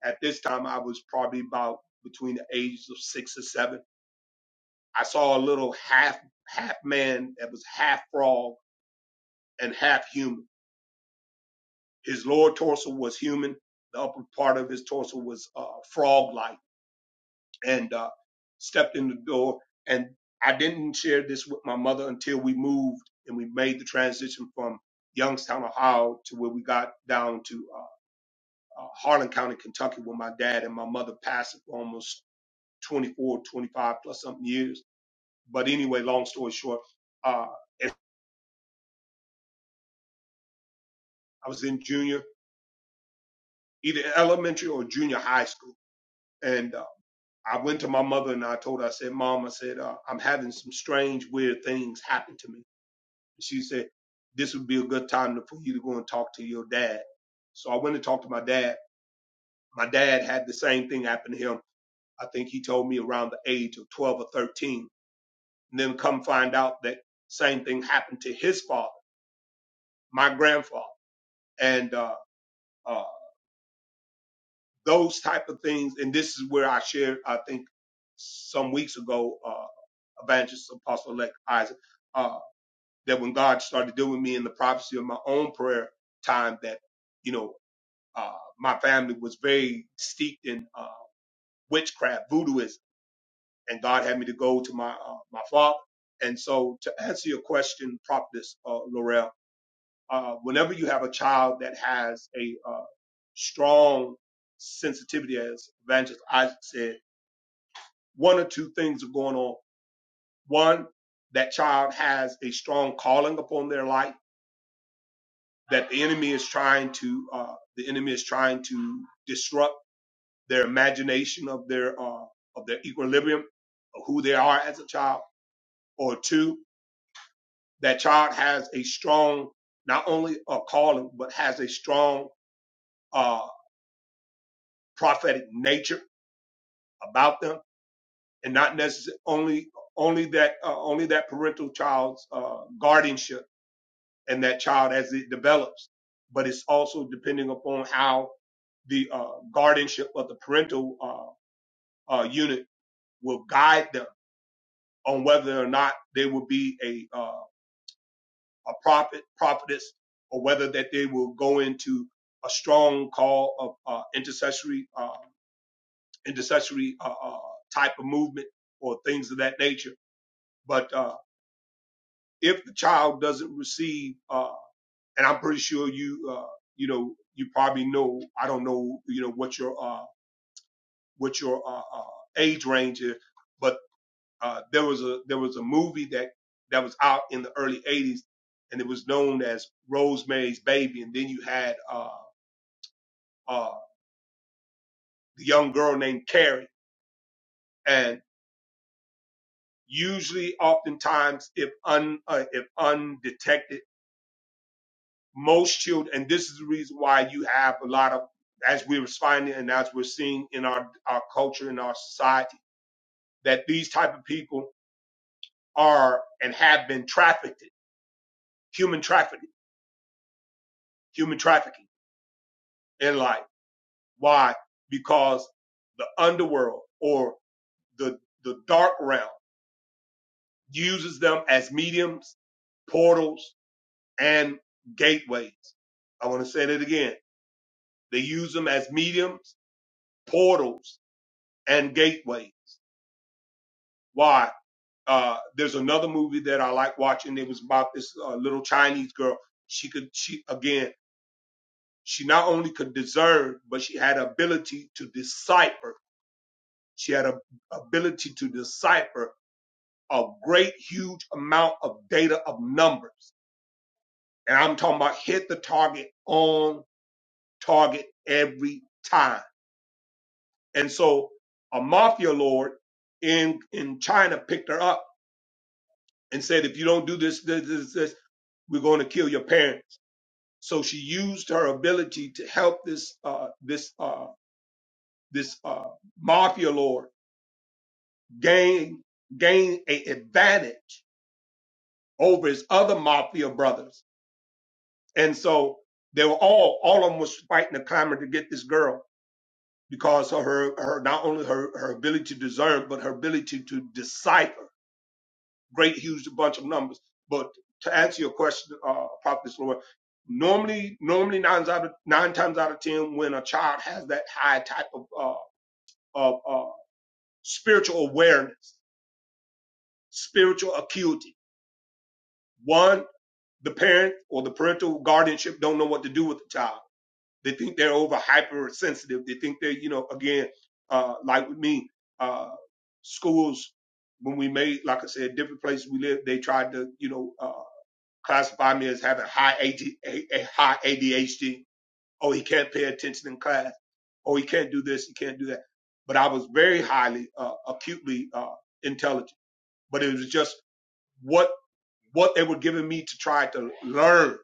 Speaker 13: at this time, I was probably about between the ages of six or seven. I saw a little half half man that was half frog and half human His lower torso was human. The upper part of his torso was uh, frog-like. And uh, stepped in the door. And I didn't share this with my mother until we moved and we made the transition from Youngstown, Ohio, to where we got down to uh, uh, Harlan County, Kentucky, where my dad and my mother passed for almost 24, 25 plus something years. But anyway, long story short, uh, I was in junior, either elementary or junior high school. And uh, I went to my mother and I told her, I said, Mom, I said, uh, I'm having some strange, weird things happen to me. she said, This would be a good time to, for you to go and talk to your dad. So I went and talked to my dad. My dad had the same thing happen to him. I think he told me around the age of 12 or 13. And then come find out that same thing happened to his father, my grandfather. And uh, uh, those type of things. And this is where I shared, I think, some weeks ago, uh, Evangelist Apostle Elect Isaac. Uh, that when God started dealing with me in the prophecy of my own prayer time, that you know uh, my family was very steeped in uh, witchcraft, voodooism, and God had me to go to my uh, my father. And so, to answer your question, Prophetess uh, Laurel, uh, whenever you have a child that has a uh, strong sensitivity, as Evangelist Isaac said, one or two things are going on. One, that child has a strong calling upon their life that the enemy is trying to uh, the enemy is trying to disrupt their imagination of their uh, of their equilibrium of who they are as a child or two that child has a strong not only a calling but has a strong uh, prophetic nature about them and not necessarily only only that uh, only that parental child's uh, guardianship and that child as it develops but it's also depending upon how the uh, guardianship of the parental uh, uh, unit will guide them on whether or not they will be a uh, a prophet prophetess or whether that they will go into a strong call of uh, intercessory uh, intercessory uh, uh, type of movement or things of that nature. But uh, if the child doesn't receive, uh, and I'm pretty sure you uh, you know you probably know I don't know you know what your uh, what your uh, uh, age range is but Uh, there was a there was a movie that that was out in the early '80s, and it was known as Rosemary's Baby. And then you had uh, uh, the young girl named Carrie, and usually, oftentimes, if un uh, if undetected, most children, and this is the reason why you have a lot of as we we're finding and as we're seeing in our our culture in our society that these type of people are and have been trafficked, human trafficking, human trafficking in life Why? Because the underworld or the the dark realm uses them as mediums, portals, and gateways. I want to say that again. They use them as mediums, portals, and gateways. Why? Uh, there's another movie that I like watching. It was about this uh, little Chinese girl. She could, she again, she not only could discern, but she had ability to decipher. She had a ability to decipher a great, huge amount of data of numbers. And I'm talking about hit the target on target every time. And so a mafia lord in, in China picked her up and said, if you don't do this, this, this, this, we're going to kill your parents. So she used her ability to help this, uh, this, uh, this, uh, mafia lord gain, gain a advantage over his other mafia brothers And so they were all, all of them was fighting a clamor to get this girl because of her, her, not only her, her ability to discern, but her ability to decipher great, huge bunch of numbers. But to answer your question, uh, Prophet Lord, normally, normally nine out of, nine times out of 10, when a child has that high type of, uh, of, uh, spiritual awareness, spiritual acuity, one, the parent or the parental guardianship don't know what to do with the child They think they're over hypersensitive. They think they're, you know, again, uh, like with me, uh, schools, when we made, like I said, different places we lived, they tried to, you know, uh, classify me as having high, ADHD. Oh, he can't pay attention in class. Oh, he can't do this. He can't do that. But I was very highly, uh, acutely, uh, intelligent, but it was just what, what they were giving me to try to learn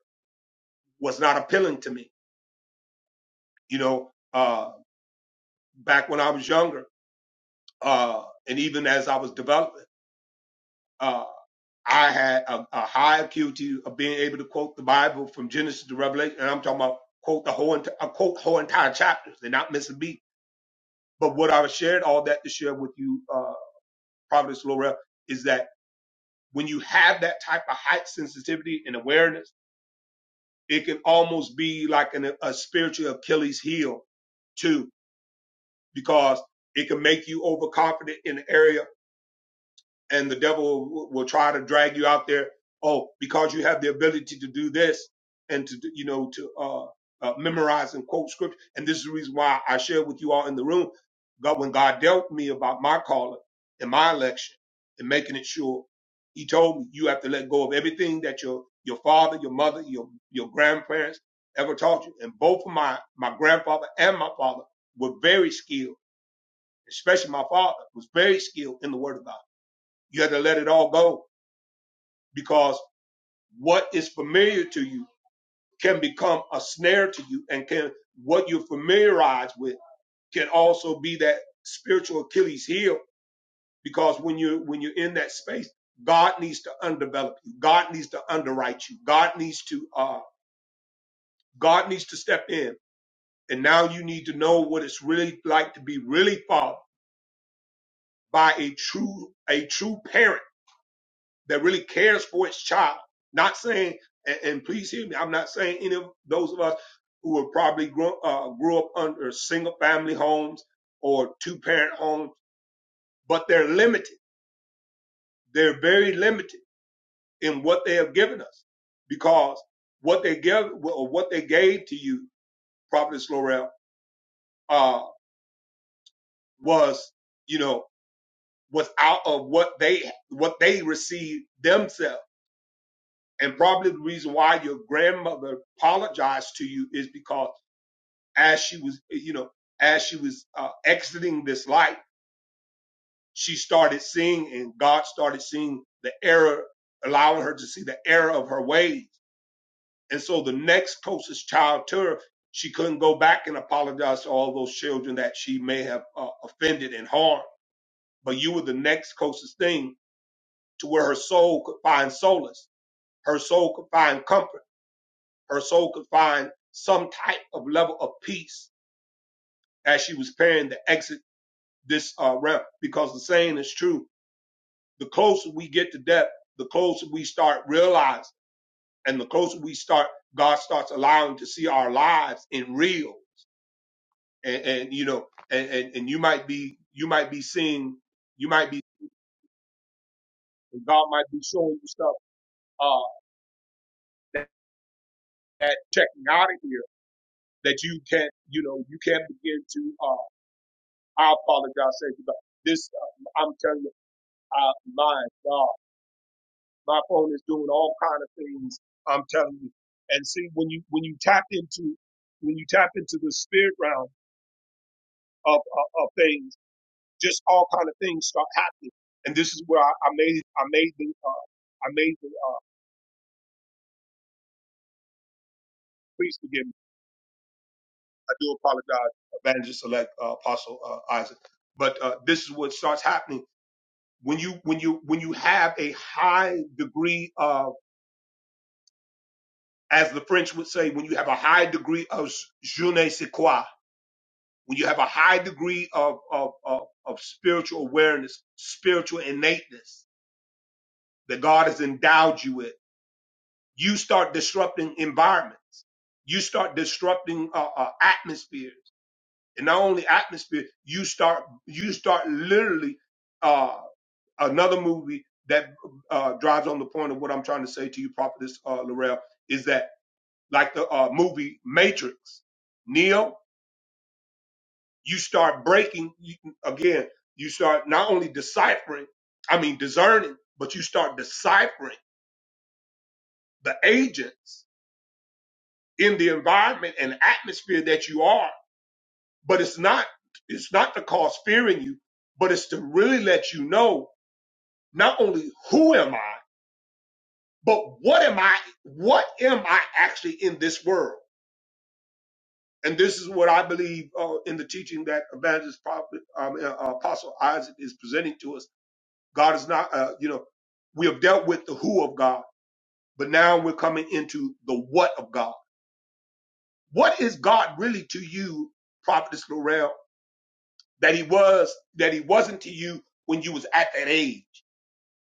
Speaker 13: was not appealing to me, you know, uh, back when I was younger. uh, and even as I was developing, uh, I had a, a high acuity of being able to quote the Bible from Genesis to Revelation, and I'm talking about quote the whole enti- I quote whole entire chapters and not miss a beat. But what I shared all that to share with you, uh, Providence Laurel, is that when you have that type of height sensitivity and awareness, it can almost be like an, a spiritual Achilles heel too, because it can make you overconfident in the area and the devil w- will try to drag you out there. Oh, because you have the ability to do this and to, do- you know, to, uh, uh, memorize and quote scripture. And this is the reason why I shared with you all in the room. God, when God dealt me about my calling and my election and making it sure, he told me you have to let go of everything that your, your father, your mother, your, your grandparents ever taught you. And both of my, my grandfather and my father were very skilled, especially my father was very skilled in the word of God you have to let it all go because what is familiar to you can become a snare to you and can what you're familiarized with can also be that spiritual Achilles heel because when you when you're in that space, God needs to undevelop you. God needs to underwrite you. God needs to uh God needs to step in. And now you need to know what it's really like to be really fathered by a true a true parent that really cares for its child. Not saying, and, and please hear me, I'm not saying any of those of us who were probably grew, uh, grew up under single family homes or two parent homes, but they're limited. They're very limited in what they have given us because what they give or what they gave to you, Prophetess Laurel, uh, was, you know, was out of what they, what they received themselves And probably the reason why your grandmother apologized to you is because as she was, you know, as she was uh, exiting this life, she started seeing and God started seeing the error, allowing her to see the error of her ways. And so the next closest child to her, she couldn't go back and apologize to all those children that she may have uh, offended and harmed. But you were the next closest thing to where her soul could find solace. Her soul could find comfort her soul could find some type of level of peace as she was preparing to exit this uh, realm. Because the saying is true: the closer we get to death, the closer we start realizing, and the closer we start, God starts allowing to see our lives in real. And, and you know, and, and and you might be you might be seeing, you might be God might be showing you stuff uh, that, that checking out of here that you can't, you know, you can't begin to. Uh, I apologize, say this. Uh, I'm telling you. Uh, my God, my phone is doing all kind of things. I'm telling you. And see, when you when you tap into when you tap into the spirit realm of of, of things, just all kind of things start happening. And this is where I, I made I made the uh, I made the uh, please forgive me. I do apologize, Evangelist Select uh, Apostle uh, Isaac. But uh, this is what starts happening when you when you when you have a high degree of as the French would say, when you have a high degree of je ne sais quoi, when you have a high degree of, of, of, of spiritual awareness, spiritual innateness that God has endowed you with, you start disrupting environment. You start disrupting uh, uh, atmospheres, and not only atmosphere, you start you start literally uh, another movie that uh, drives on the point of what I'm trying to say to you, Prophetess uh, Laurel, is that like the uh, movie Matrix, Neo. you start breaking you, again you start not only deciphering i mean discerning but you start deciphering the agents in the environment and atmosphere that you are but it's not it's not to cause fear in you but it's to really let you know not only who am i but what am i what am i actually in this world and this is what i believe uh, in the teaching that evangelist prophet, um, uh, apostle isaac is presenting to us God is not, uh, you know, we have dealt with the who of God, but now we're coming into the what of God. What is God really to you, Prophetess Lorel, that he was, that he wasn't to you when you was at that age?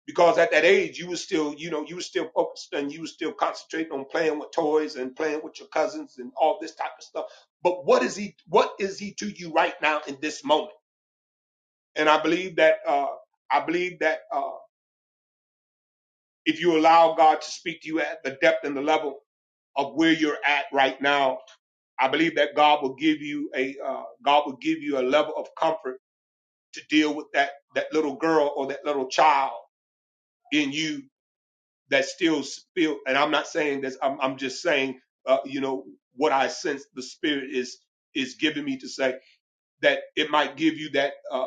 Speaker 13: Because at that age, you was still, you know, you was still focused and you was still concentrating on playing with toys and playing with your cousins and all this type of stuff. But what is he, what is he to you right now in this moment? And I believe that, uh, I believe that, uh, if you allow God to speak to you at the depth and the level of where you're at right now. I believe that God will give you a uh, God will give you a level of comfort to deal with that that little girl or that little child in you that still feel. And I'm not saying this. I'm, I'm just saying, uh, you know, what I sense the Spirit is is giving me to say that it might give you that uh,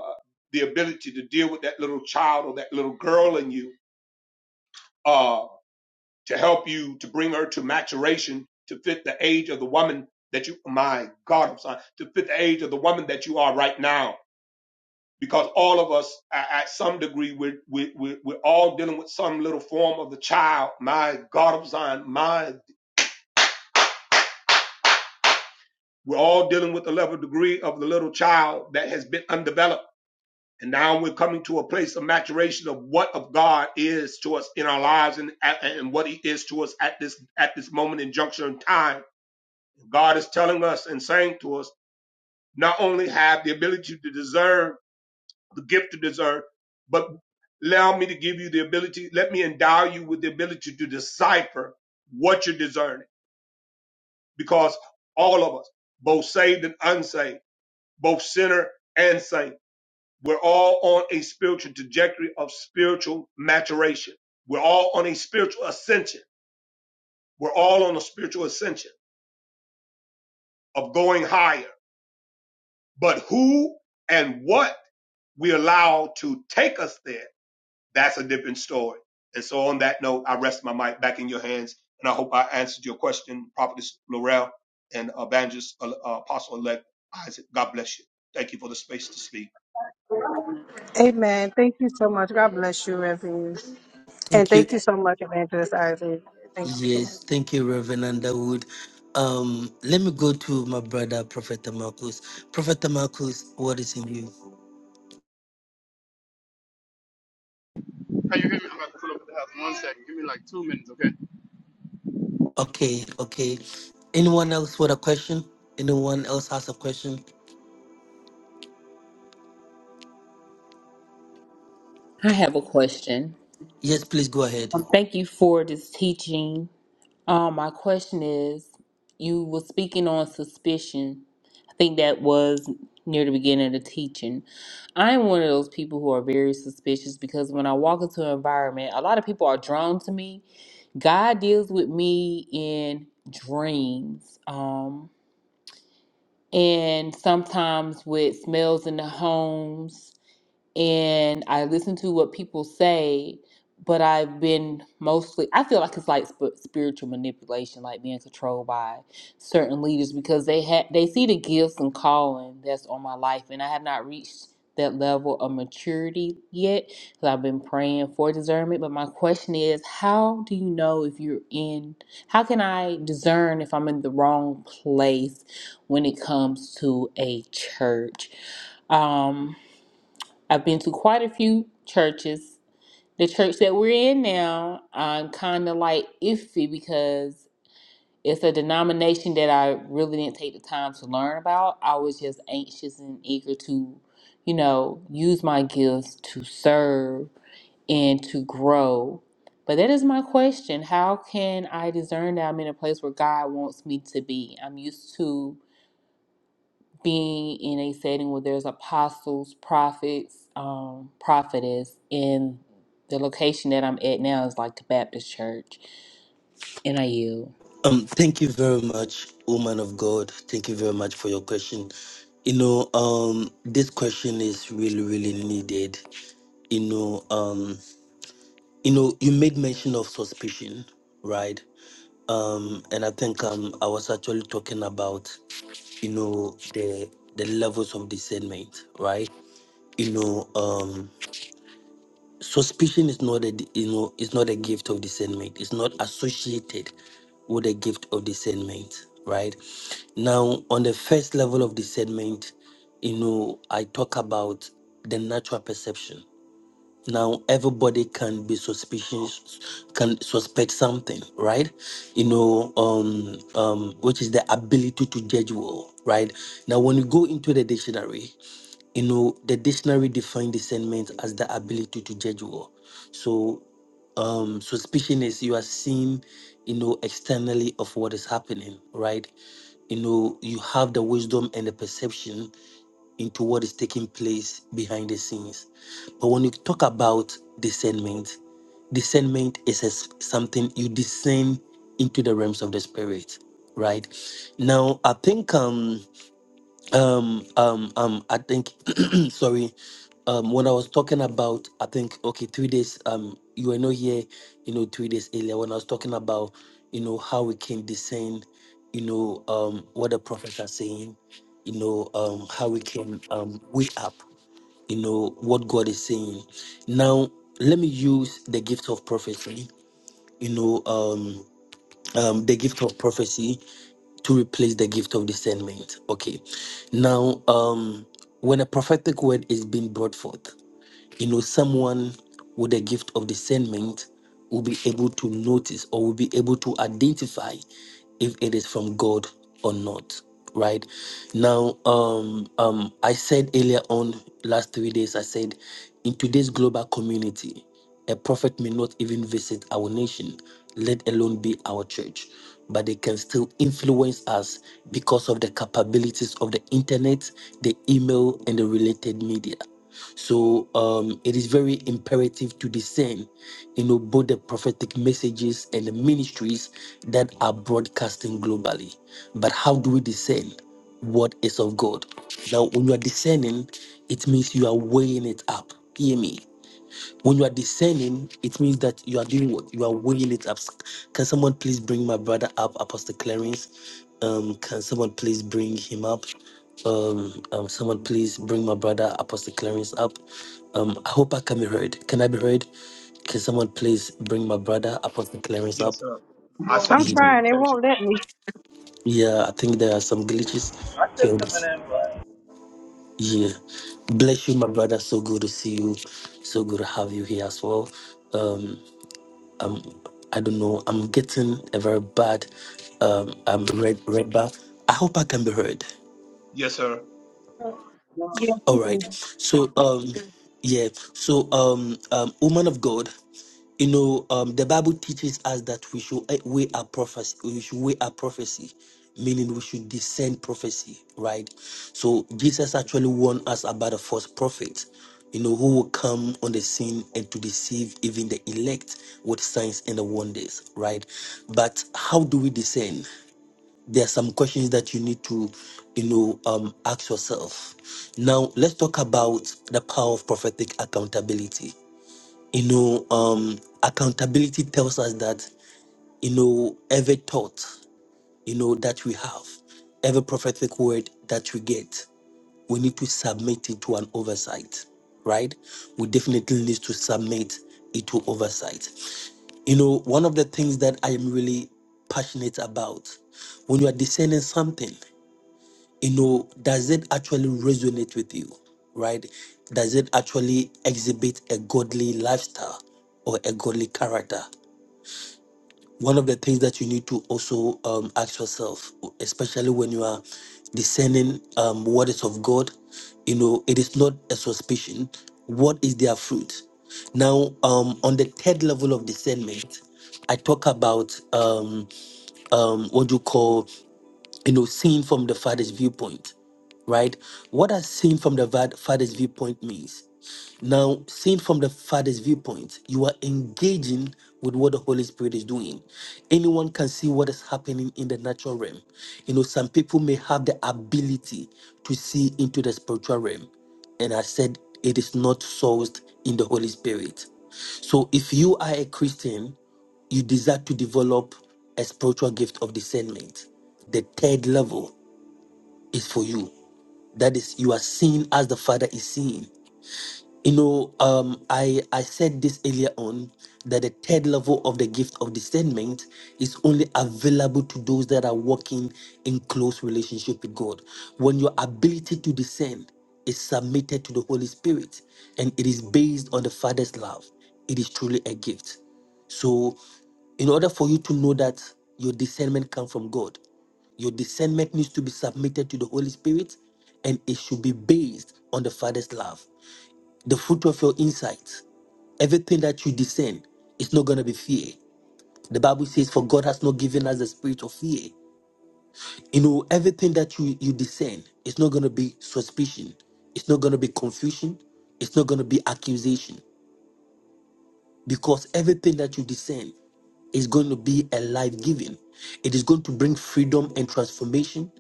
Speaker 13: the ability to deal with that little child or that little girl in you uh, to help you to bring her to maturation to fit the age of the woman that you my god I'm sorry, to fit the age of the woman that you are right now because all of us at some degree we're, we we're, we're all dealing with some little form of the child my god of zion my we're all dealing with the level degree of the little child that has been undeveloped and now we're coming to a place of maturation of what of god is to us in our lives and, and what he is to us at this at this moment in juncture in time God is telling us and saying to us, not only have the ability to discern, the gift to discern, but allow me to give you the ability, let me endow you with the ability to decipher what you're discerning. Because all of us, both saved and unsaved, both sinner and saint, we're all on a spiritual trajectory of spiritual maturation. We're all on a spiritual ascension. We're all on a spiritual ascension of going higher. But who and what we allow to take us there, that's a different story. And so on that note, I rest my mic back in your hands. And I hope I answered your question, Prophetess Laurel and Evangelist uh, uh, Apostle Elect Isaac. God bless you. Thank you for the space to speak.
Speaker 7: Amen. Thank you so much. God bless you, Reverend. And
Speaker 3: Thank you.
Speaker 7: thank you so much, Evangelist Isaac. Thank you so
Speaker 3: Yes,
Speaker 7: much.
Speaker 3: thank you, Reverend Underwood. Um, let me go to my brother, Prophet Marcus. Prophet Marcus, what is in you?
Speaker 14: Can you hear me? I'm about to pull up at the house. One second. Give me like two minutes, okay?
Speaker 3: Okay, okay. Anyone else with a question? Anyone else has a question?
Speaker 4: I have a question.
Speaker 3: Yes, please go ahead.
Speaker 4: Um, Thank you for this teaching. Um, my question is you were speaking on suspicion. think that was near the beginning of the teaching. I'm one of those people who are very suspicious because when I walk into an environment, a lot of people are drawn to me. God deals with me in dreams, um, and sometimes with smells in the homes and I listen to what people say, but I've been mostly, I feel like it's like sp- spiritual manipulation, like being controlled by certain leaders because they had they see the gifts and calling that's on my life, and I have not reached that level of maturity yet because I've been praying for discernment. But my question is, how do you know if you're in? How can I discern if I'm in the wrong place when it comes to a church? Um, I've been to quite a few churches. The church that we're in now, I'm kind of like iffy because it's a denomination that I really didn't take the time to learn about. I was just anxious and eager to, you know, use my gifts to serve and to grow. But that is my question. How can I discern that I'm in a place where God wants me to be? I'm used to being in a setting where there's apostles, prophets, um, prophetess, and the location that I'm at now is like the Baptist church, and I yield.
Speaker 3: Um, thank you very much, woman of God. Thank you very much for your question. You know, um, this question is really, really needed. You know, um, you know, you made mention of suspicion, right? Um, and I think um, I was actually talking about, you know, the the levels of discernment, right? You know, um, Suspicion is not a you know is not a gift of discernment. It's not associated with a gift of discernment, right? Now, on the first level of discernment, you know, I talk about the natural perception now everybody can be suspicious can suspect something right you know um um which is the ability to judge well right now when you go into the dictionary you know the dictionary defines discernment as the ability to judge well so um suspicion is you are seeing you know externally of what is happening right you know you have the wisdom and the perception into what is taking place behind the scenes. But when you talk about discernment, discernment is as something you discern into the realms of the spirit, right? Now, I think um um, um, um, I think, sorry, um, when I was talking about, I think, okay, three days, um, you were not here, you know, three days earlier when I was talking about, you know, how we can discern, you know, um, what the prophets are saying, you know, um, how we can, um, wake up, you know, what God is saying. Now, let me use the gift of prophecy, you know, um, um, the gift of prophecy to replace the gift of discernment. Okay. Now, um, when a prophetic word is being brought forth, you know, someone with a gift of discernment will be able to notice or will be able to identify if it is from God or not. Right now, um, um, I said earlier on last three days, I said in today's global community. A prophet may not even visit our nation, let alone be our church, but they can still influence us because of the capabilities of the internet, the email, and the related media. So um, it is very imperative to discern, you know, both the prophetic messages and the ministries that are broadcasting globally. But how do we discern what is of God? Now, when you are discerning, it means you are weighing it up. Hear me. When you are discerning, it means that you are doing what? You are weighing it up. Can someone please bring my brother up, Apostle Clarence? Um, can someone please bring him up? Um, um, someone please bring my brother, Apostle Clarence, up. Um, I hope I can be heard. Can I be heard? Can someone please bring my brother, Apostle Clarence, up?
Speaker 13: Yes, sir. I sent
Speaker 7: I'm
Speaker 13: him
Speaker 3: Yeah,
Speaker 13: an
Speaker 7: trying. It
Speaker 13: invitation.
Speaker 7: won't let me.
Speaker 3: yeah I think there are some glitches
Speaker 15: I said
Speaker 3: here.
Speaker 15: some of them, but
Speaker 3: Yeah. Bless you, my brother. So good to see you. So good to have you here as well Um, I don't know. I'm getting a very bad um, um red red bar. I hope I can be heard.
Speaker 13: Yes, sir.
Speaker 3: All right.
Speaker 7: Yeah.
Speaker 3: So um yeah. So um um woman of God, you know, um the Bible teaches us that we should eh, weigh our prophecy, we should weigh our prophecy, meaning we should discern prophecy, right? So Jesus actually warned us about a false prophet, you know, who will come on the scene and to deceive even the elect with signs and the wonders, right? But how do we discern? there are some questions that you need to you know um, ask yourself now let's talk about the power of prophetic accountability you know um, accountability tells us that you know every thought you know that we have every prophetic word that we get we need to submit it to an oversight right we definitely need to submit it to oversight you know one of the things that i am really passionate about when you are discerning something you know, does it actually resonate with you, right? Does it actually exhibit a godly lifestyle or a godly character? One of the things that you need to also um, ask yourself, especially when you are discerning um, what is of God, you know, it is not a suspicion. What is their fruit? Now, um, on the third level of discernment, I talk about um, um, what you call you know, seeing from the father's viewpoint, right? What does seeing from the va- father's viewpoint means? Now, seen from the father's viewpoint, you are engaging with what the Holy Spirit is doing. Anyone can see what is happening in the natural realm. You know, some people may have the ability to see into the spiritual realm. And I said it is not sourced in the Holy Spirit. So if you are a Christian you desire to develop a spiritual gift of discernment. The third level is for you. That is, you are seeing as the Father is seeing. You know, um, I, I said this earlier on that the third level of the gift of discernment is only available to those that are walking in close relationship with God. When your ability to discern is submitted to the Holy Spirit and it is based on the Father's love, it is truly a gift. So, in order for you to know that your discernment comes from God, your discernment needs to be submitted to the Holy Spirit and it should be based on the Father's love the fruit of your insights, everything that you discern is not going to be fear. The Bible says, For God has not given us the spirit of fear. You know, everything that you, you discern it's not going to be suspicion, it's not going to be confusion, it's not going to be accusation because everything that you discern is going to be a life giving. It is going to bring freedom and transformation,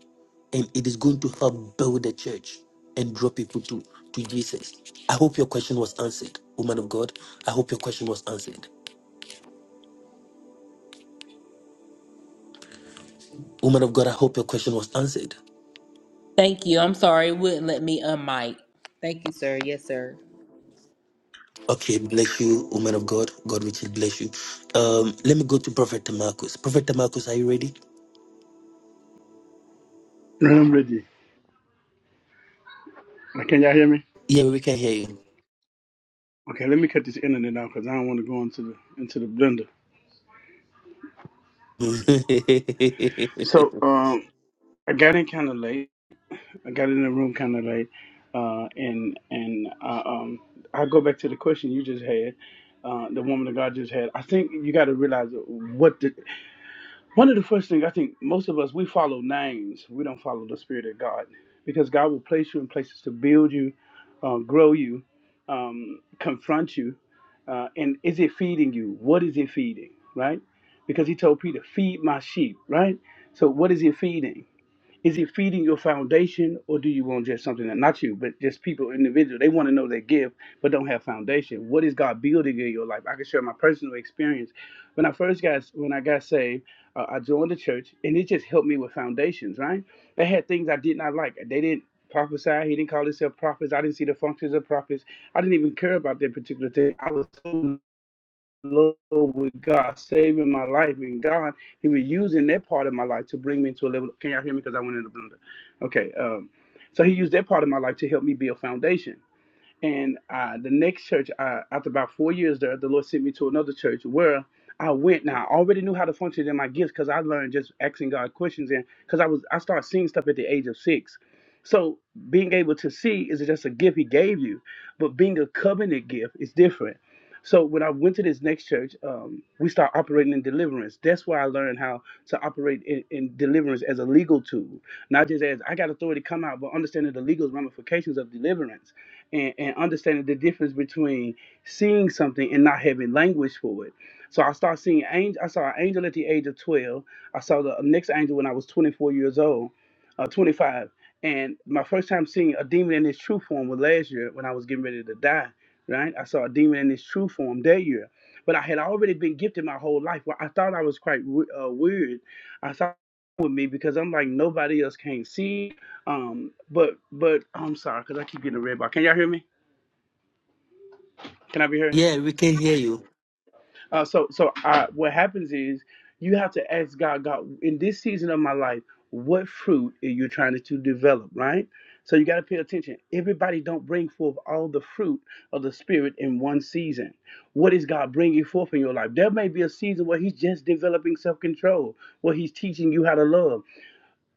Speaker 3: and it is going to help build the church and draw people to, to Jesus. I hope your question was answered, woman of God. I hope your question was answered. Woman of God, I hope your question was answered.
Speaker 4: Thank you. I'm sorry, it wouldn't let me unmic. Thank you, sir. Yes, sir.
Speaker 3: Okay, bless you, woman of God. God richly bless you. Um, let me go to Prophet Marcus. Prophet Marcus, are you ready?
Speaker 14: I'm ready. Uh, Can y'all hear me?
Speaker 3: Yeah, we can hear you.
Speaker 14: Okay, let me cut this internet down because I don't want to go into the into the blender. So um, I got in kind of late. I got in the room kind of late, uh, and and uh, um, I go back to the question you just had. Uh, the woman that God just had. I think you got to realize what the One of the first things I think most of us we follow names. We don't follow the spirit of God because God will place you in places to build you, uh, grow you, um, confront you. Uh, and is it feeding you? What is it feeding? Right? Because He told Peter, "Feed my sheep." Right? So what is it feeding? Is it feeding your foundation, or do you want just something that not you, but just people, individual? They want to know their gift, but don't have foundation. What is God building in your life? I can share my personal experience. When I first got when I got saved, uh, I joined the church, and it just helped me with foundations. Right? They had things I did not like. They didn't prophesy. He didn't call himself prophets. I didn't see the functions of prophets. I didn't even care about that particular thing. I was so love with God, saving my life, and God, He was using that part of my life to bring me to a level. Can y'all hear me? Because I went in the blender. Okay. Um, so He used that part of my life to help me build foundation. And uh, the next church, uh, after about four years there, the Lord sent me to another church where I went. Now I already knew how to function in my gifts because I learned just asking God questions and because I was I started seeing stuff at the age of six. So being able to see is just a gift He gave you, but being a covenant gift is different. So when I went to this next church, um, we start operating in deliverance. That's where I learned how to operate in, in deliverance as a legal tool, not just as I got authority to come out, but understanding the legal ramifications of deliverance and, and understanding the difference between seeing something and not having language for it. So I started seeing angel. I saw an angel at the age of twelve. I saw the next angel when I was twenty four years old, uh, twenty five. And my first time seeing a demon in its true form was last year when I was getting ready to die. Right, I saw a demon in its true form that year, but I had already been gifted my whole life. Well, I thought I was quite we- uh, weird. I thought with me because I'm like nobody else can't see um, but but I'm sorry because I keep getting a red bar. Can y'all hear me? Can I be heard?
Speaker 3: yeah, we can hear you.
Speaker 14: Uh, so so uh what happens is you have to ask God. God, in this season of my life, what fruit are you trying to develop? Right. So you got to pay attention. Everybody don't bring forth all the fruit of the spirit in one season. What is God bringing forth in your life? There may be a season where He's just developing self-control, where He's teaching you how to love.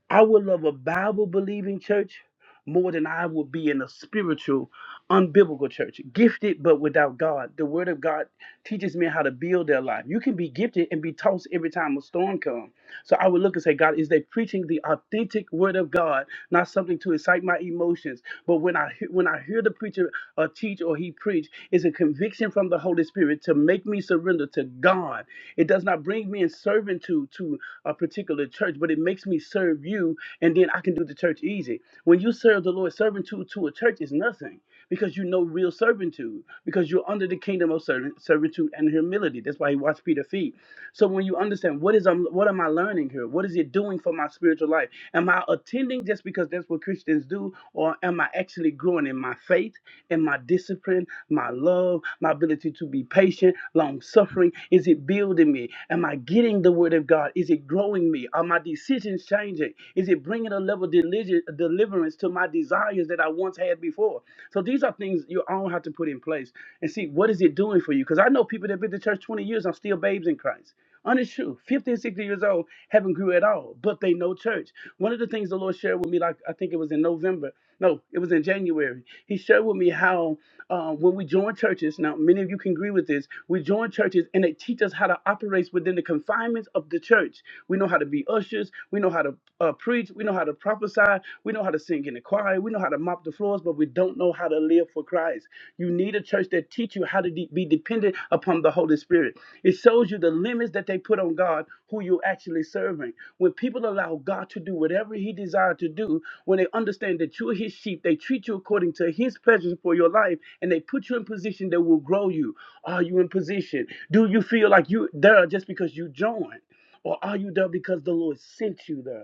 Speaker 14: I would love a Bible believing church more than I would be in a spiritual, unbiblical church. Gifted but without God. The Word of God teaches men how to build their life. You can be gifted and be tossed every time a storm comes. So I would look and say, God, is they preaching the authentic Word of God, not something to excite my emotions? But when I he- when I hear the preacher uh, teach or he preach, is a conviction from the Holy Spirit to make me surrender to God. It does not bring me in servitude to a particular church, but it makes me serve you, and then I can do the church easy. When you serve the Lord, serving to, to a church is nothing because you know real servitude, because you're under the kingdom of servant, servitude and humility. That's why he washed Peter's feet. So when you understand what is I'm, what am I learning here? What is it doing for my spiritual life? Am I attending just because that's what Christians do, or am I actually growing in my faith, in my discipline, my love, my ability to be patient, long suffering? Is it building me? Am I getting the word of God? Is it growing me? Are my decisions changing? Is it bringing a level of deli- deliverance to my desires? desires that I once had before. So these are things you all have to put in place and see what is it doing for you. Because I know people that have been to church 20 years are still babes in Christ. Honest truth, 50 and 60 years old haven't grew at all, but they know church. One of the things the Lord shared with me, like I think it was in November, no, it was in January. He shared with me how uh, when we join churches, now many of you can agree with this, we join churches and they teach us how to operate within the confinements of the church. We know how to be ushers, we know how to uh, preach, we know how to prophesy, choir. We know how to sing in the choir. We know how to mop the floors, but we don't know how to live for Christ. You need a church that teach you how to de- be dependent upon the Holy Spirit. It shows you the limits that they put on God, who you're actually serving. When people allow God to do whatever He desires to do, when they understand that you're His sheep, they treat you according to His pleasures for your life, and they put you in position that will grow you. Are you in position? Do you feel like you there just because you joined? Or are you there because the Lord sent you there?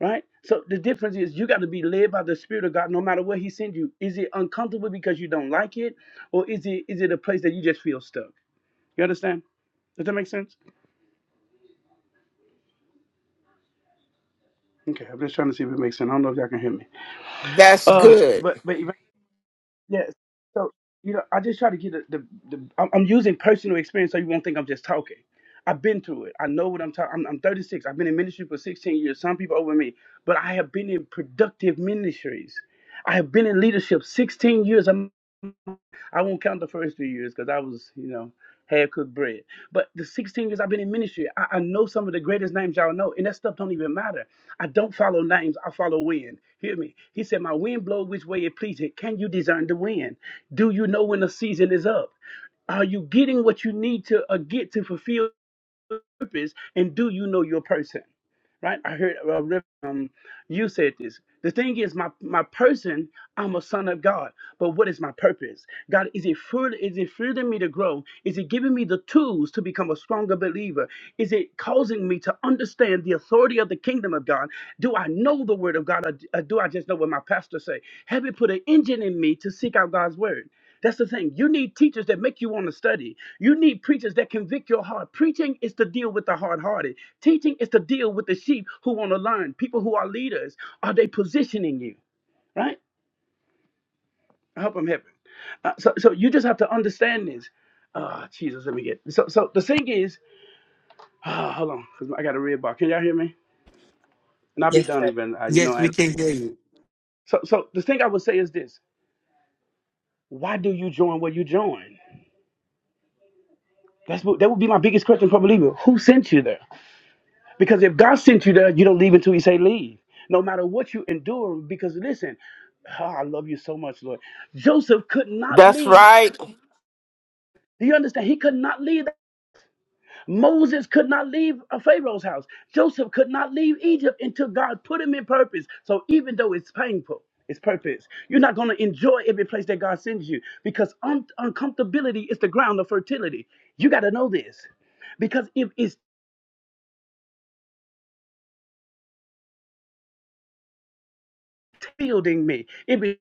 Speaker 14: Right? So the difference is you got to be led by the Spirit of God no matter where He sends you. Is it uncomfortable because you don't like it? Or is it is it a place that you just feel stuck? You understand? Does that make sense? Okay, I'm just trying to see if it makes sense. I don't know if y'all can hear me.
Speaker 16: That's
Speaker 14: Uh
Speaker 16: good.
Speaker 14: but but if- yes. So you know, I just try to get the, the, the I'm, I'm using personal experience so you won't think I'm just talking. I've been through it. I know what I'm talking. I'm, I'm 36. I've been in ministry for 16 years. Some people over me, but I have been in productive ministries. I have been in leadership 16 years. I won't count the first three years because I was, you know, half cooked bread. But the 16 years I've been in ministry, I, I know some of the greatest names y'all know, and that stuff don't even matter. I don't follow names, I follow wind. Hear me. He said, My wind blow which way it pleases. Can you discern the wind? Do you know when the season is up? Are you getting what you need to uh, get to fulfill purpose? And do you know your person? Right? I heard uh, you said this. The thing is, my my person, I'm a son of God. But what is my purpose? God, is it fruit? Is it freeing me to grow? Is it giving me the tools to become a stronger believer? Is it causing me to understand the authority of the kingdom of God? Do I know the word of God, or or do I just know what my pastor say? Have it put an engine in me to seek out God's word? That's the thing. You need teachers that make you want to study. You need preachers that convict your heart. Preaching is to deal with the hard hearted, teaching is to deal with the sheep who want to learn, people who are leaders. Are they positioning you? Right? I hope I'm helping. Uh, so, so you just have to understand this. Ah, oh, Jesus, let me get. So, so the thing is, ah, hold on, 'cause I got a red bar. Can y'all hear me? And I'll be
Speaker 4: Yes,
Speaker 14: done
Speaker 4: sir.
Speaker 14: even. Uh, you know,
Speaker 3: Yes,
Speaker 14: I
Speaker 3: we
Speaker 14: ain't.
Speaker 3: can hear you.
Speaker 14: So, so the thing I would say is this: Why do you join where you join? That's what, that would be my biggest question, probably. Who sent you there? Because if God sent you there, you don't leave until He say leave. No matter what you endure, because listen, ah, I love you so much, Lord. Joseph could not
Speaker 16: That's
Speaker 14: leave.
Speaker 16: right.
Speaker 14: Do you understand? He could not leave. Moses could not leave uh, Pharaoh's house. Joseph could not leave Egypt until God put him in purpose. So even though it's painful, it's purpose. You're not going to enjoy every place that God sends you because un- uncomfortability is the ground of fertility. You got to know this because if it is tilting me. if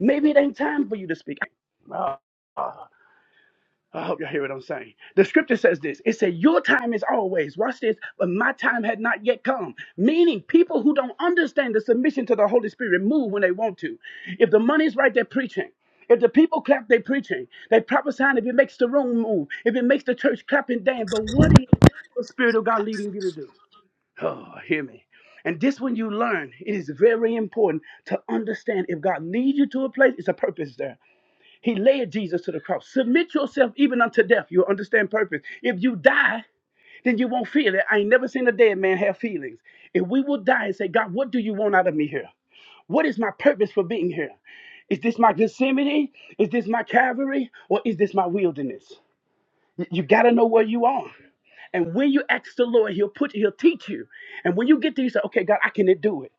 Speaker 14: Maybe it ain't time for you to speak. Uh, uh, I hope y'all hear what I'm saying. The scripture says this it said, Your time is always, watch this, but my time had not yet come. Meaning, people who don't understand the submission to the Holy Spirit move when they want to. If the money's right, they're preaching. If the people clap, they are preaching. They prophesying if it makes the room move, if it makes the church clap and dance. But what is the Spirit of God leading you to do? Oh, hear me. And this one you learn, it is very important to understand if God leads you to a place, it's a purpose there. He led Jesus to the cross. Submit yourself even unto death. You'll understand purpose. If you die, then you won't feel it. I ain't never seen a dead man have feelings. If we will die and say, God, what do you want out of me here? What is my purpose for being here? Is this my Gethsemane? Is this my Calvary? Or is this my wilderness? You got to know where you are. And when you ask the Lord, He'll put He'll teach you. And when you get there, you say, Okay, God, I can do it.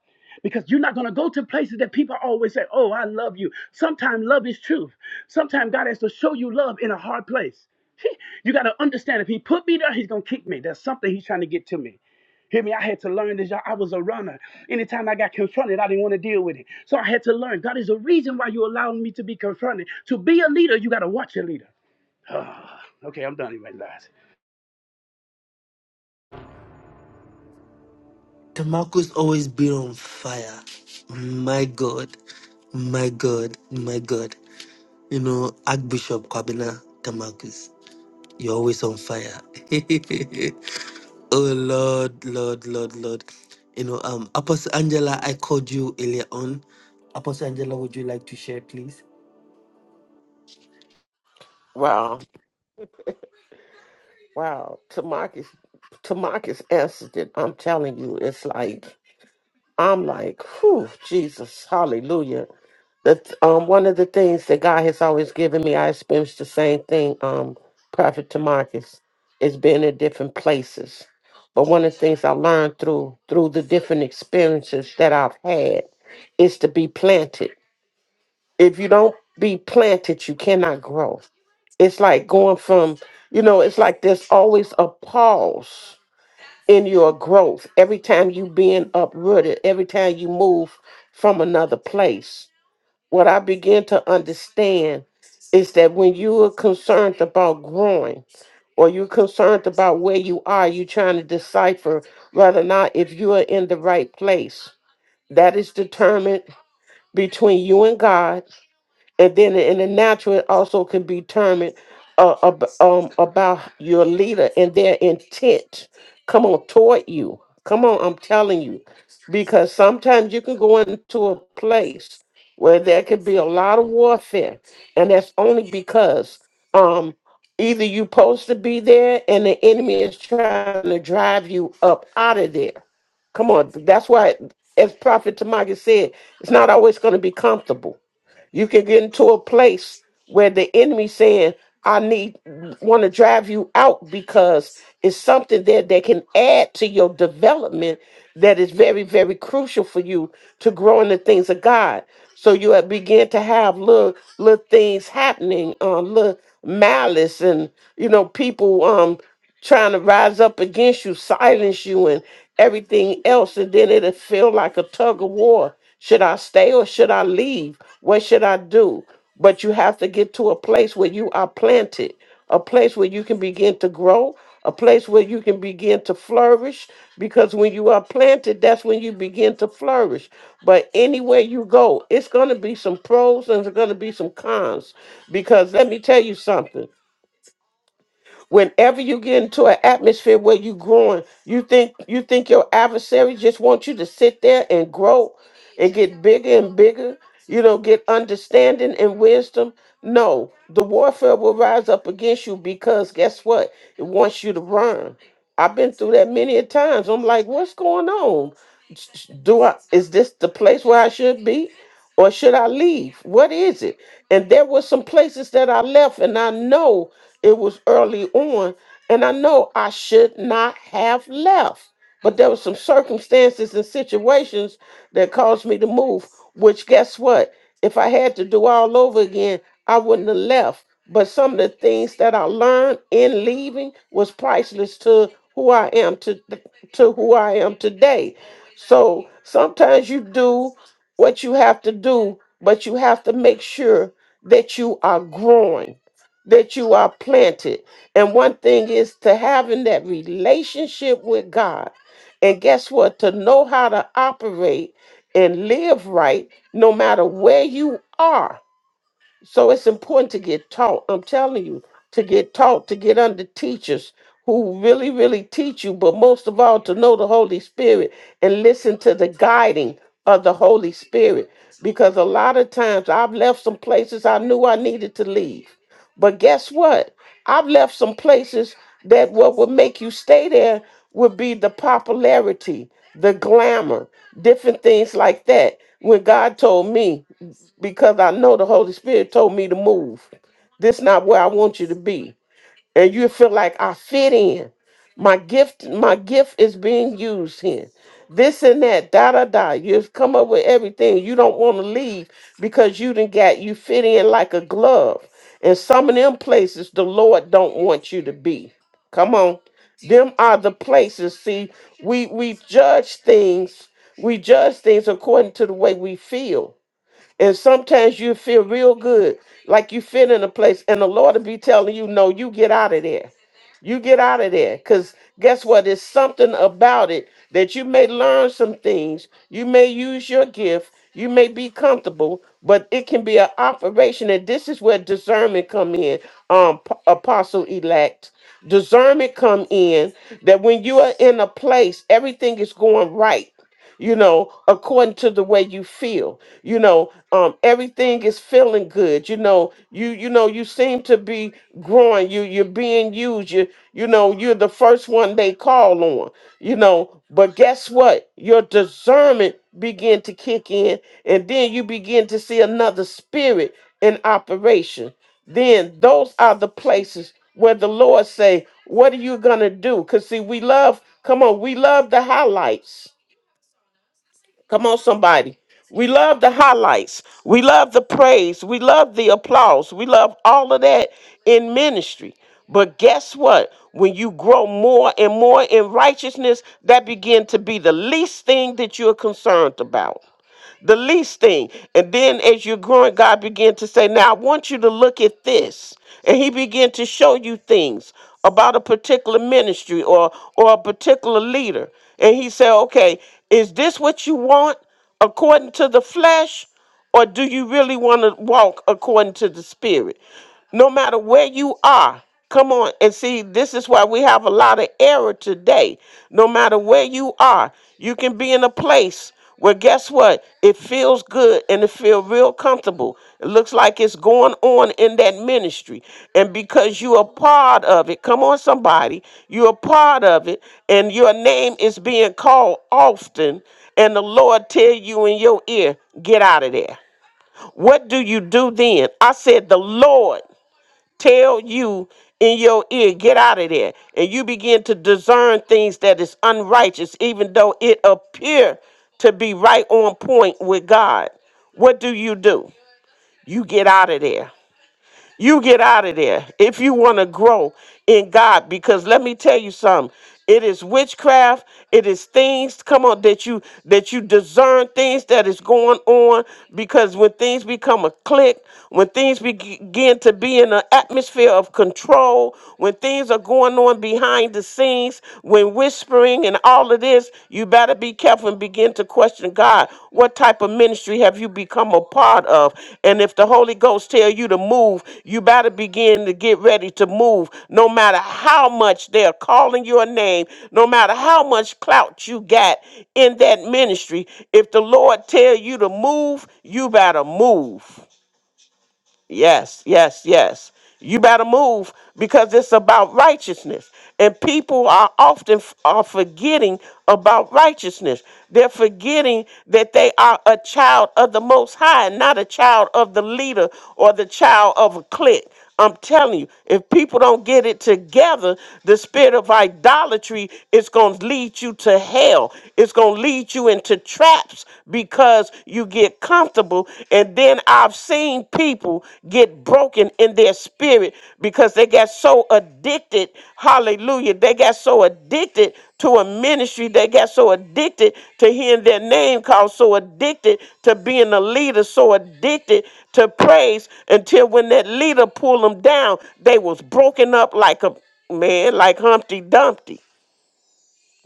Speaker 14: Because you're not gonna go to places that people always say, Oh, I love you. Sometimes love is truth. Sometimes God has to show you love in a hard place. You gotta understand if He put me there, He's gonna kick me. There's something He's trying to get to me. Hear me, I had to learn this. y'all. I was a runner. Anytime I got confronted, I didn't want to deal with it. So I had to learn. God is a reason why you allowed me to be confronted. To be a leader, you gotta watch your leader. okay, I'm done evangelizing.
Speaker 3: Tamarco's always been on fire. My God, my God, my God. You know, Archbishop Kwabena Tamarcus, you're always on fire. oh Lord, Lord, Lord, Lord. You know, um, Apostle Angela, I called you earlier on. Apostle Angela, would you like to share, please?
Speaker 16: Wow. Wow. Tamakis Tamakis answered it. I'm telling you, it's like I'm like, whew, Jesus, hallelujah. That um one of the things that God has always given me, I experienced the same thing, um, Prophet Tamakis, is being in different places. But one of the things I learned through through the different experiences that I've had is to be planted if you don't be planted, you cannot grow. It's like going from, you know, it's like there's always a pause in your growth every time you being uprooted, every time you move from another place. What I begin to understand is that when you are concerned about growing or you're concerned about where you are, you're trying to decipher whether or not if you are in the right place. That is determined between you and God and then in the natural it also can be determined uh, ab- um, about your leader and their intent come on toward you come on i'm telling you because sometimes you can go into a place where there could be a lot of warfare and that's only because um either you're supposed to be there and the enemy is trying to drive you up out of there come on that's why as prophet tamaki said it's not always going to be comfortable you can get into a place where the enemy saying, I need want to drive you out because it's something there that can add to your development that is very, very crucial for you to grow in the things of God. So you have- begin to have little little things happening, um, little malice and you know, people um trying to rise up against you, silence you, and everything else, and then it'll feel like a tug of war. Should I stay or should I leave? What should I do? But you have to get to a place where you are planted, a place where you can begin to grow, a place where you can begin to flourish. Because when you are planted, that's when you begin to flourish. But anywhere you go, it's going to be some pros and there's going to be some cons. Because let me tell you something. Whenever you get into an atmosphere where you growing, you think you think your adversary just wants you to sit there and grow and get bigger and bigger, you know, get understanding and wisdom. No, the warfare will rise up against you because guess what? It wants you to run. I've been through that many a times. I'm like, what's going on? Do I is this the place where I should be? or should I leave? What is it? And there were some places that I left, and I know it was early on, and I know I should not have left. But there were some circumstances and situations that caused me to move, which guess what? If I had to do all over again, I wouldn't have left. But some of the things that I learned in leaving was priceless to who I am to to who I am today. So sometimes you do what you have to do, but you have to make sure that you are growing, that you are planted. And one thing is to having that relationship with God. And guess what? To know how to operate and live right no matter where you are so it's important to get taught. I'm telling you, to get taught, to get under teachers who really, really teach you, but most of all, to know the Holy Spirit and listen to the guiding of the Holy Spirit. Because a lot of times I've left some places I knew I needed to leave. But guess what? I've left some places that what would make you stay there would be the popularity, the glamour, different things like that. When God told me, because I know the Holy Spirit told me to move. This not where I want you to be and you feel like I fit in. My gift, my gift is being used here. This and that, da da da. You've come up with everything. You don't want to leave because you didn't got you fit in like a glove. And some of them places the Lord don't want you to be. Come on. Them are the places. See, we we judge things, we judge things according to the way we feel. And sometimes you feel real good, like you fit in a place, and the Lord will be telling you, No, you get out of there. You get out of there. Because guess what? There's something about it that you may learn some things. You may use your gift. You may be comfortable, but it can be an operation. And this is where discernment come in, um, p- apostle elect. Discernment come in that when you are in a place, everything is going right you know, according to the way you feel. You know, um, everything is feeling good. You know, you you know, you seem to be growing. You you're being used. You you know, you're the first one they call on. You know, but guess what? Your discernment begin to kick in, and then you begin to see another spirit in operation. Then those are the places where the Lord say, "What are you gonna do?" Because see, we love. Come on, we love the highlights Come on, somebody. We love the highlights. We love the praise. We love the applause. We love all of that in ministry. But guess what? When you grow more and more in righteousness, that begin to be the least thing that you're concerned about the least thing. And then as you're growing, God began to say, Now I want you to look at this. And he began to show you things about a particular ministry or or a particular leader. And he said, Okay, is this what you want according to the flesh? Or do you really want to walk according to the Spirit? No matter where you are, come on and see, this is why we have a lot of error today. No matter where you are, you can be in a place where guess what? It feels good and it feels real comfortable. It looks like it's going on in that ministry. And because you are part of it, come on, somebody, you're a part of it, and your name is being called often and the Lord tell you in your ear, get out of there. What do you do then? I said, the Lord tell you in your ear, get out of there. And you begin to discern things that is unrighteous, even though it appear to be right on point with God. What do you do? You get out of there. You get out of there if you want to grow in God. Because let me tell you something. It is witchcraft. It is things. Come on, that you that you discern things that is going on. Because when things become a clique, when things begin to be in an atmosphere of control, when things are going on behind the scenes, when whispering and all of this, you better be careful and begin to question God. What type of ministry have you become a part of? And if the Holy Ghost tell you to move, you better begin to get ready to move. No matter how much they're calling your name, no matter how much clout you got in that ministry, if the Lord tell you to move, you better move. Yes, yes, yes. You better move because it's about righteousness. And people are often f- are forgetting about righteousness. They're forgetting that they are a child of the Most High, not a child of the leader or the child of a clique. I'm telling you, if people don't get it together, the spirit of idolatry is going to lead you to hell. It's going to lead you into traps because you get comfortable. And then I've seen people get broken in their spirit because they got so addicted. Hallelujah. They got so addicted to a ministry that got so addicted to hearing their name called, so addicted to being a leader, so addicted to praise until when that leader pulled them down, they was broken up like a man, like Humpty Dumpty.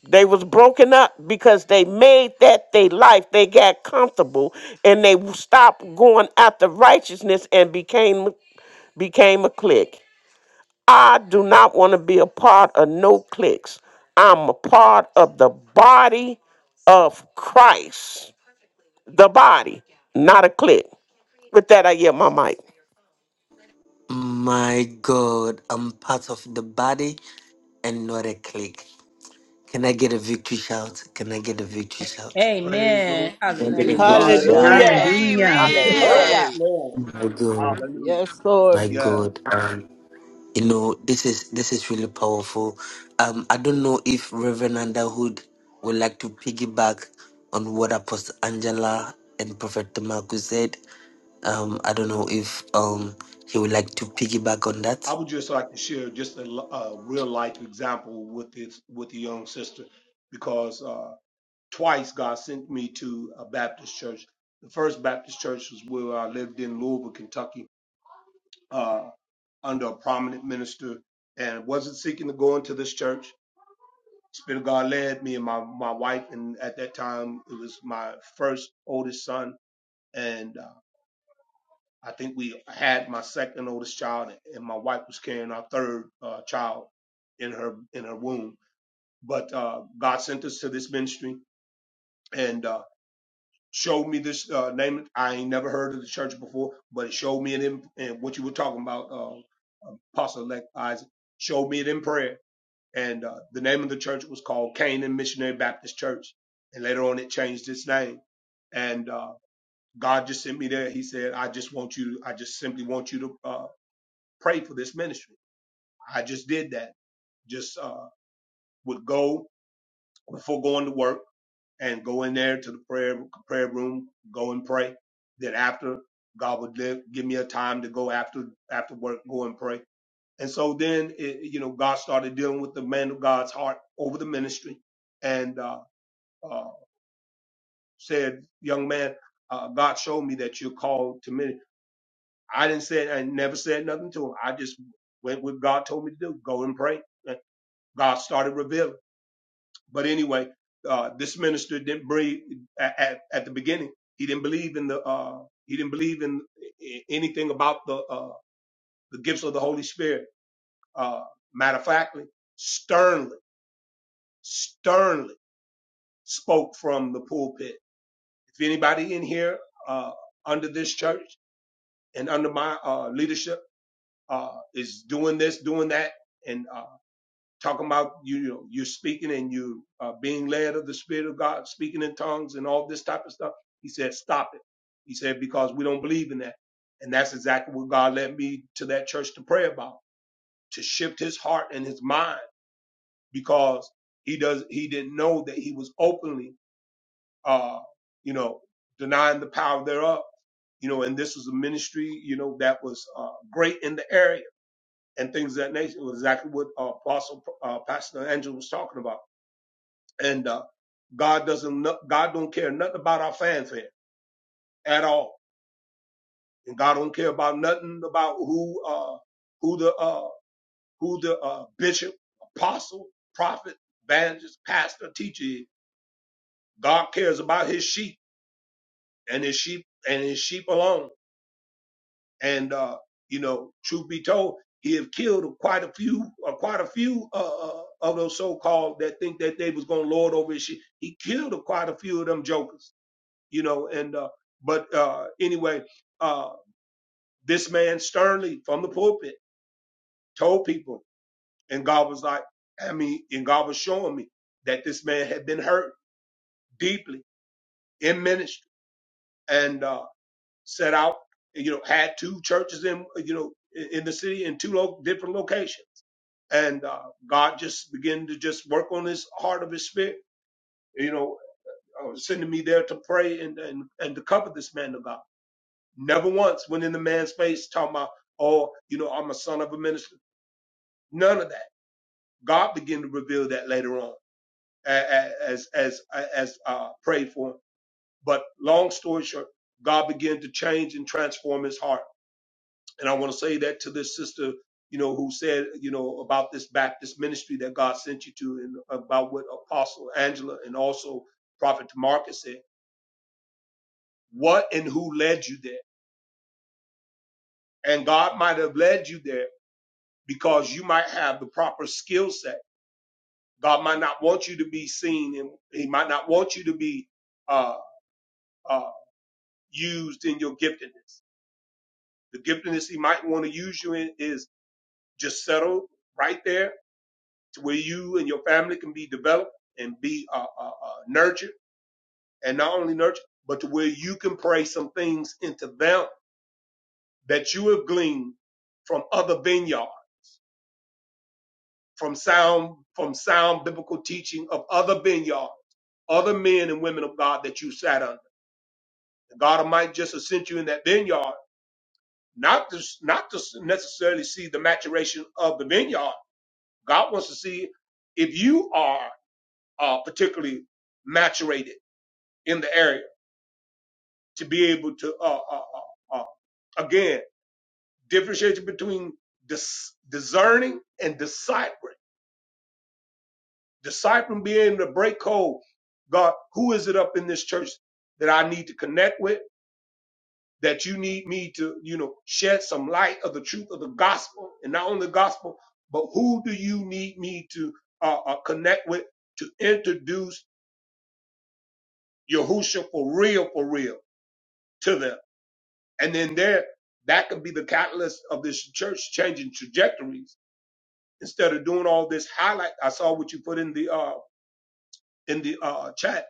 Speaker 16: They was broken up because they made that their life. They got comfortable and they stopped going after righteousness and became became a clique. I do not want to be a part of no cliques. I'm a part of the body of Christ. The body, not a clique. With that, I get my mic.
Speaker 3: My God, I'm part of the body and not a clique. Can I get a victory shout? Can I get a victory shout?
Speaker 13: Praise the Lord.
Speaker 4: Amen.
Speaker 5: Hallelujah.
Speaker 3: Don't get a rich
Speaker 5: Hallelujah,
Speaker 4: Hallelujah.
Speaker 3: yourself.
Speaker 5: God.
Speaker 13: Hallelujah.
Speaker 17: Amen.
Speaker 12: Hallelujah.
Speaker 5: Mm.
Speaker 18: Hallelujah.
Speaker 13: Yes,
Speaker 12: Hallelujah.
Speaker 19: Amen.
Speaker 5: Hallelujah.
Speaker 13: Lord.
Speaker 3: My God,
Speaker 13: Hallelujah.
Speaker 12: Yes, Lord.
Speaker 3: my
Speaker 13: Yeah.
Speaker 3: God. Um, you know, this is this is really powerful. Um, I don't know if Reverend Underwood would like to piggyback on what Apostle Angela and Prophet Marcus said. Um, I don't know if um he would like to piggyback on
Speaker 13: I
Speaker 3: that.
Speaker 13: would just like to share just a, l- a real life example with this, with the young sister because, uh, twice God sent me to a Baptist church. The first Baptist church was where I lived in Louisville, Kentucky, uh, under a prominent minister, and wasn't seeking to go into this church. Spirit of God led me and my my wife, and at that time it was my first oldest son, and uh, I think we had my second oldest child, and my wife was carrying our third uh, child in her in her womb. But uh, God sent us to this ministry, and uh, showed me this uh, name. I ain't never heard of the church before, but it showed me it in and what you were talking about, uh, Apostle Elect Isaac showed me it in prayer. And uh, the name of the church was called Canaan Missionary Baptist Church, and later on it changed its name. And uh, God just sent me there. He said, "I just want you. I just simply want you to uh, pray for this ministry." I just did that. Just uh, would go before going to work and go in there to the prayer prayer room, go and pray. Then after God would live, give me a time to go after after work, go and pray. And so then, it, you know, God started dealing with the man of God's heart over the ministry, and uh, uh, said, "Young man, uh, God showed me that you're called to ministry." I didn't say, I never said nothing to him. I just went with God told me to do. Go and pray. And God started revealing. But anyway, uh, this minister didn't believe at, at, at the beginning. He didn't believe in the uh, he didn't believe in i- anything about the uh, the gifts of the Holy Spirit. Uh, matter of factly, sternly, sternly spoke from the pulpit. If anybody in here uh, under this church and under my uh, leadership uh, is doing this, doing that, and. uh, talking about you, you know, you're speaking and you uh, being led of the Spirit of God, speaking in tongues and all this type of stuff. He said, stop it. He said, because we don't believe in that. And that's exactly what God led me to that church to pray about, to shift his heart and his mind because he does, he didn't know that he was openly, uh, you know, denying the power thereof, you know, and this was a ministry, you know, that was, uh, great in the area and things of that nature. It was exactly what uh, Apostle, uh, Pastor Angel was talking about and uh, God doesn't no- God don't care nothing about our fanfare at all, and God don't care about nothing about who uh, who the uh, who the uh, bishop, apostle, prophet, evangelist, pastor, teacher is. God cares about His sheep and His sheep and His sheep alone. And uh, you know, truth be told, He have killed quite a few, uh, quite a few uh, uh, of those so-called that think that they was gonna lord over His sheep. He killed quite a few of them jokers you know. And uh, but uh, anyway, uh, this man sternly from the pulpit told people, and God was like, I mean, and God was showing me that this man had been hurt deeply in ministry and uh, set out, you know, had two churches in, you know, in in the city in two lo- different locations. And uh, God just began to just work on his heart of his spirit, you know, uh, sending me there to pray and, and, and to cover this man of God. Never once went in the man's face talking about, oh, you know, I'm a son of a minister. None of that. God began to reveal that later on a- a- as as as uh, prayed for him. But long story short, God began to change and transform his heart. And I want to say that to this sister, you know, who said, you know, about this Baptist ministry that God sent you to, and about what Apostle Angela and also Prophet Marcus said. What and who led you there? And God might have led you there because you might have the proper skill set. God might not want you to be seen, and He might not want you to be uh, uh, used in your giftedness. The giftedness He might want to use you in is just settle right there to where you and your family can be developed and be uh, uh, uh, nurtured, and not only nurtured, but to where you can pray some things into them that you have gleaned from other vineyards, from sound, from sound biblical teaching of other vineyards other men and women of God that you sat under. And God might just have sent you in that vineyard, not to not to necessarily see the maturation of the vineyard. God wants to see if you are uh, particularly maturated in the area to be able to uh, uh, uh, uh, again differentiate between dis- discerning and discipling. Discipling being the break code. God, who is it up in this church that I need to connect with? that you need me to, you know, shed some light of the truth of the gospel and not only the gospel, but who do you need me to uh, uh, connect with to introduce Yahusha for real, for real to them? And then there, that could be the catalyst of this church changing trajectories instead of doing all this highlight. I saw what you put in the, uh, in the, uh, chat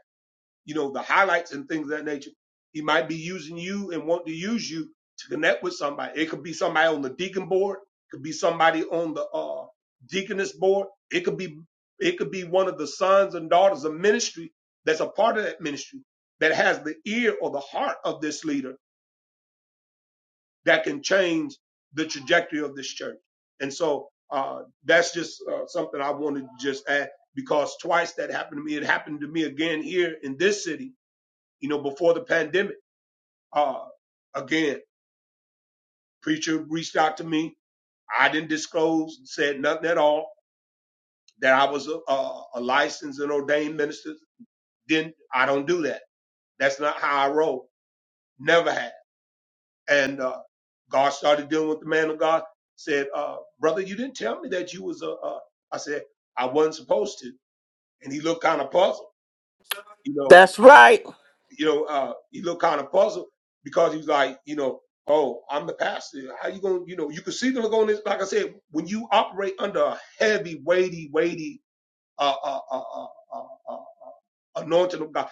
Speaker 13: you know, the highlights and things of that nature. He might be using you and want to use you to connect with somebody. It could be somebody on the deacon board. It could be somebody on the uh, deaconess board. It could be it could be one of the sons and daughters of ministry that's a part of that ministry that has the ear or the heart of this leader that can change the trajectory of this church. And so uh, that's just uh, something I wanted to just add because twice that happened to me. It happened to me again here in this city you know, before the pandemic. Uh, again, preacher reached out to me. I didn't disclose, said nothing at all that I was a, a, a licensed and ordained minister. Then I don't do that. That's not how I roll. Never have. And uh, God started dealing with the man of God. Said, uh, brother, you didn't tell me that you was a. a I said I wasn't supposed to. And he looked kind of puzzled. You know,
Speaker 16: That's right.
Speaker 13: you know, uh, he looked kind of puzzled because he was like, you know, oh, I'm the pastor. How you going to, you know, you can see the look on this. Like I said, when you operate under a heavy, weighty, weighty, uh, uh, uh, uh, uh, uh, anointing of God,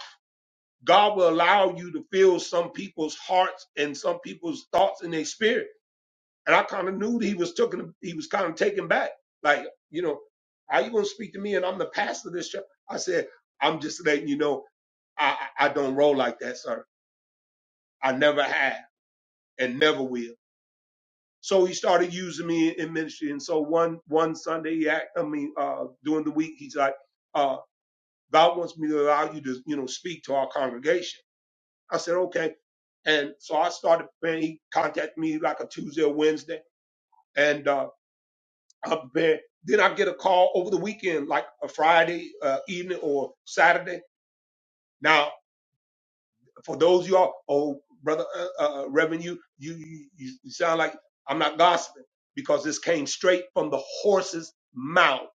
Speaker 13: God will allow you to feel some people's hearts and some people's thoughts in their spirit. And I kind of knew that he was taking, he was kind of taken back. Like, you know, how you going to speak to me and I'm the pastor of this church? I said, I'm just letting you know, I, I I don't roll like that, sir. I never have. and never will. So he started using me in in ministry. And so one one Sunday, he act, I mean, uh, during the week, he's like, uh, "God wants me to allow you to, you know, speak to our congregation." I said, "Okay." And so I started preparing. He contacted me like a Tuesday or Wednesday, and uh, I prepared. Then I get a call over the weekend, like a Friday uh, evening or Saturday. Now. for those of you all, oh brother uh, uh, uh, Reverend, you you you you you sound like I'm not gossiping because this came straight from the horse's mouth.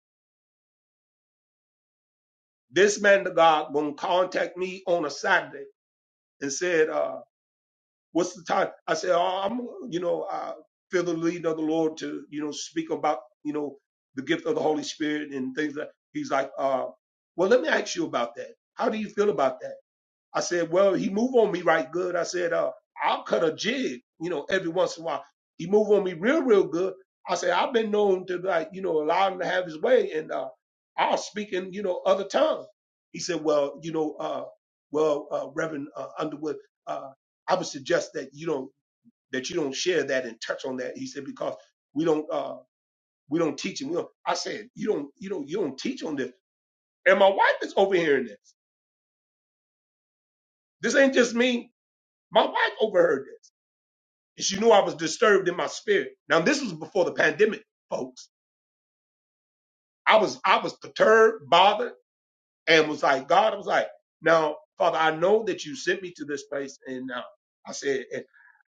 Speaker 13: This man of God gonna contact me on a Saturday and said, uh, "What's the time?" I said, "Oh, I'm you know I feel the lead of the Lord to you know speak about you know the gift of the Holy Spirit and things." Like He's like, uh, "Well, let me ask you about that. How do you feel about that?" I said, well, he move on me right good. I said, uh, I'll cut a jig, you know, every once in a while. He move on me real, real good. I said, I've been known to like, you know, allow him to have his way and, uh, I'll speak in, you know, other tongues. He said, well, you know, uh, well, uh, Reverend uh, Underwood, uh, I would suggest that you don't, that you don't share that and touch on that. He said, because we don't, uh, we don't teach him. We don't, I said, you don't, you don't, you don't teach on this. And my wife is overhearing this. This ain't just me. My wife overheard this. And she knew I was disturbed in my spirit. Now this was before the pandemic, folks. I was I was perturbed, bothered, and was like, God, I was like, now, Father, I know that you sent me to this place. And uh, I said, and,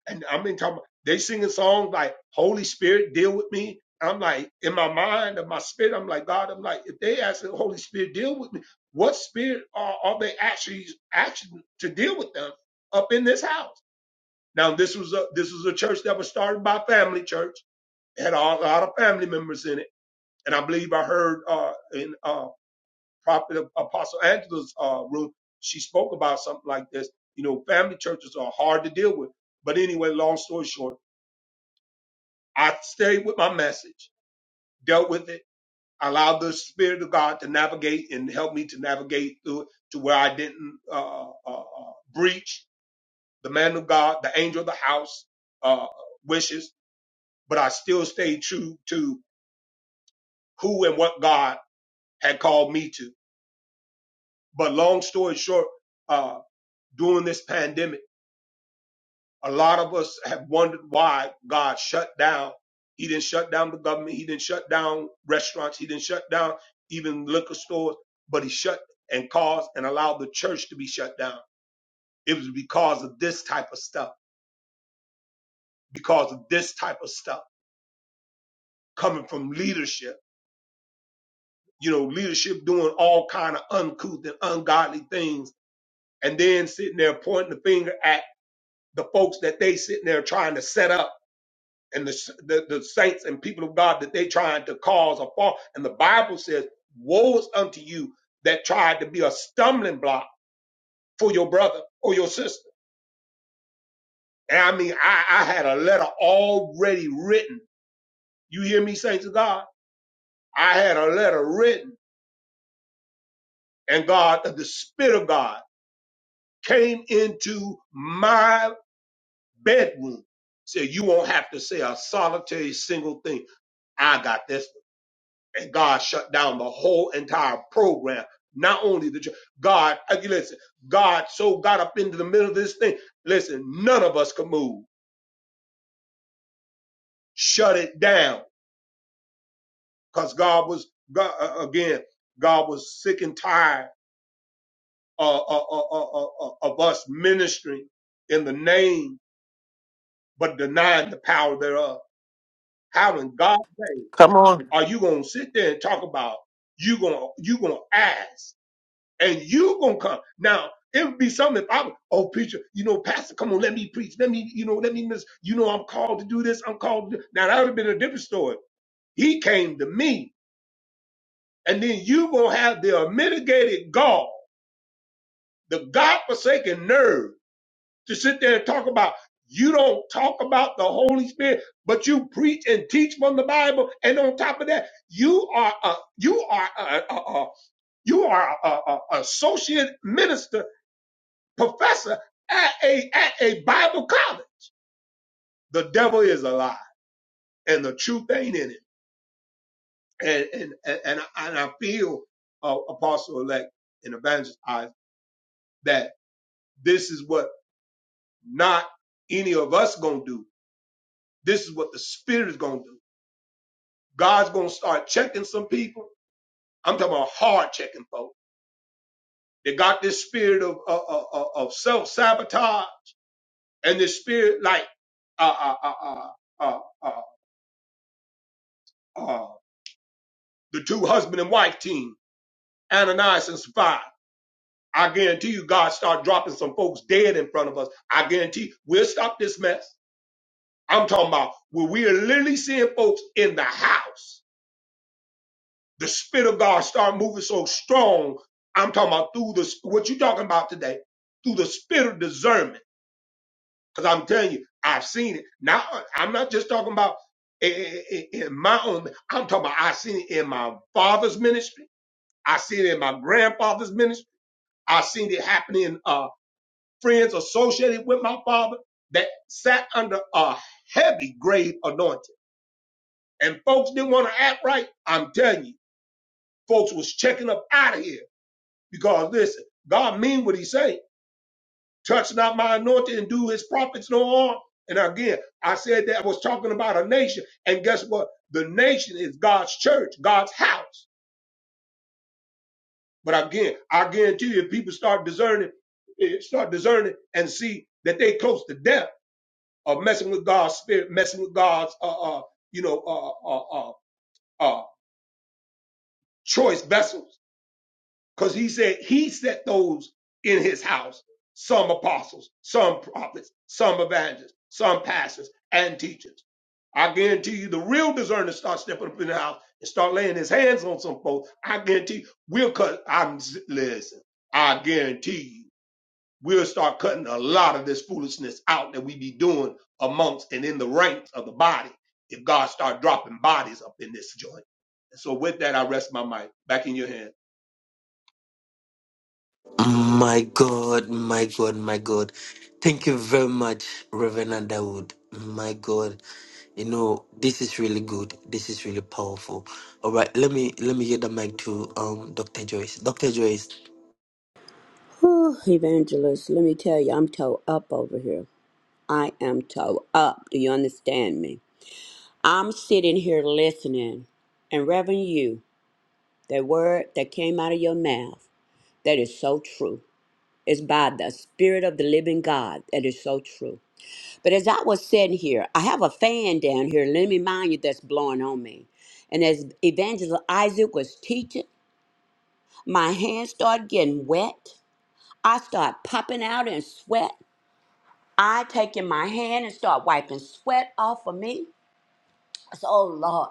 Speaker 13: and I'm in talking. They singing songs like Holy Spirit, deal with me. I'm like in my mind, of my spirit, I'm like God. I'm like if they ask the Holy Spirit, deal with me. What spirit are, are they actually action to deal with them up in this house? Now this was a this was a church that was started by a family church had a lot of family members in it. And I believe I heard uh, in uh, Prophet Apostle Angela's uh, room, she spoke about something like this. You know, family churches are hard to deal with. But anyway, long story short, I stayed with my message, dealt with it, allowed the Spirit of God to navigate and help me to navigate through it to where I didn't uh, uh, uh, breach the man of God, the angel of the house uh, wishes, but I still stayed true to who and what God had called me to. But long story short, uh, during this pandemic, a lot of us have wondered why God shut down. He didn't shut down the government. He didn't shut down restaurants. He didn't shut down even liquor stores, but he shut and caused and allowed the church to be shut down. It was because of this type of stuff, because of this type of stuff coming from leadership, you know, leadership doing all kind of uncouth and ungodly things and then sitting there pointing the finger at the folks that they sitting there trying to set up and the, the, the saints and people of God that they trying to cause a fall. And the Bible says, "Woe is unto you that tried to be a stumbling block for your brother or your sister. And I mean, I, I had a letter already written. You hear me, saints of God? I had a letter written and God, the Spirit of God came into my bedroom. Said, you won't have to say a solitary single thing. I got this. and God shut down the whole entire program. Not only the church, God, uh, listen, God so got up into the middle of this thing. Listen, none of us could move. Shut it down, cause God was God, uh, again. God was sick and tired uh, uh, uh, uh, uh, uh, of us ministering in the name, but denying the power thereof. How in God's name
Speaker 16: Come on.
Speaker 13: are you gonna sit there and talk about you gonna you gonna ask? and you gonna come. Now it would be something if I was, oh preacher, you know, pastor, come on, let me preach, let me, you know, let me miss, you know, I'm called to do this, I'm called. To do. Now that would have been a different story. He came to me, and then you gonna have the unmitigated gall, the God-forsaken nerve to sit there and talk about. You don't talk about the Holy Spirit, but you preach and teach from the Bible, and on top of that, you are a you are a, a, a you are a, a a- associate minister professor at a at a Bible college. The devil is a lie, and the truth ain't in it. And and and, and I and I feel uh, Apostle Elect and Evangelist eyes that this is what not any of us gonna do. This is what the Spirit is gonna do. God's gonna start checking some people. I'm talking about hard checking folks. They got this spirit of of, of, of self sabotage and this spirit like uh uh uh uh uh uh, uh the two husband and wife team Ananias and Sapphira. I guarantee you, God start dropping some folks dead in front of us. I guarantee we'll stop this mess. I'm talking about where we are literally seeing folks in the house. The Spirit of God start moving so strong. I'm talking about through the what you talking about today, through the spirit of discernment. Because I'm telling you, I've seen it. Now I'm not just talking about i- i- i- in my own. I'm talking about I've seen it in my father's ministry. I seen it in my grandfather's ministry. I seen it happening. uh, friends associated with my father that sat under a heavy grade anointing. And folks didn't want to act right. I'm telling you, folks was checking up out of here because listen, God mean what he say. Touch not my anointing and do his prophets no harm. And again, I said that I was talking about a nation. And guess what? The nation is God's church, God's house. But again, I guarantee you, if people start discerning, eh, start discerning and see that they close to death uh, messing with God's spirit, messing with God's, uh, uh, you know, uh, uh, uh, uh, choice vessels. Because he said he set those in his house, some apostles, some prophets, some evangelists, some pastors and teachers. I guarantee you the real discerner start stepping up in the house and start laying his hands on some folks. I guarantee we'll cut. I'm, listen, I guarantee you. we'll start cutting a lot of this foolishness out that we be doing amongst and in the ranks of the body if God start dropping bodies up in this joint. And so with that, I rest my mic back in your hand.
Speaker 3: My God, my God, my God. Thank you very much, Reverend Underwood. My God. You know, this is really good. This is really powerful. All right, let me let me get the mic to um Dr. Joyce. Dr. Joyce.
Speaker 5: Whew, evangelist, let me tell you, I'm toe up over here. I am toe up. Do you understand me? I'm sitting here listening, and Reverend, you, that word that came out of your mouth, that is so true. It's by the Spirit of the living God that is so true. But as I was sitting here, I have a fan down here, let me mind you, that's blowing on me. And as Evangelist Isaac was teaching, my hands started getting wet. I start popping out in sweat. I take in my hand and start wiping sweat off of me. I said, Oh Lord.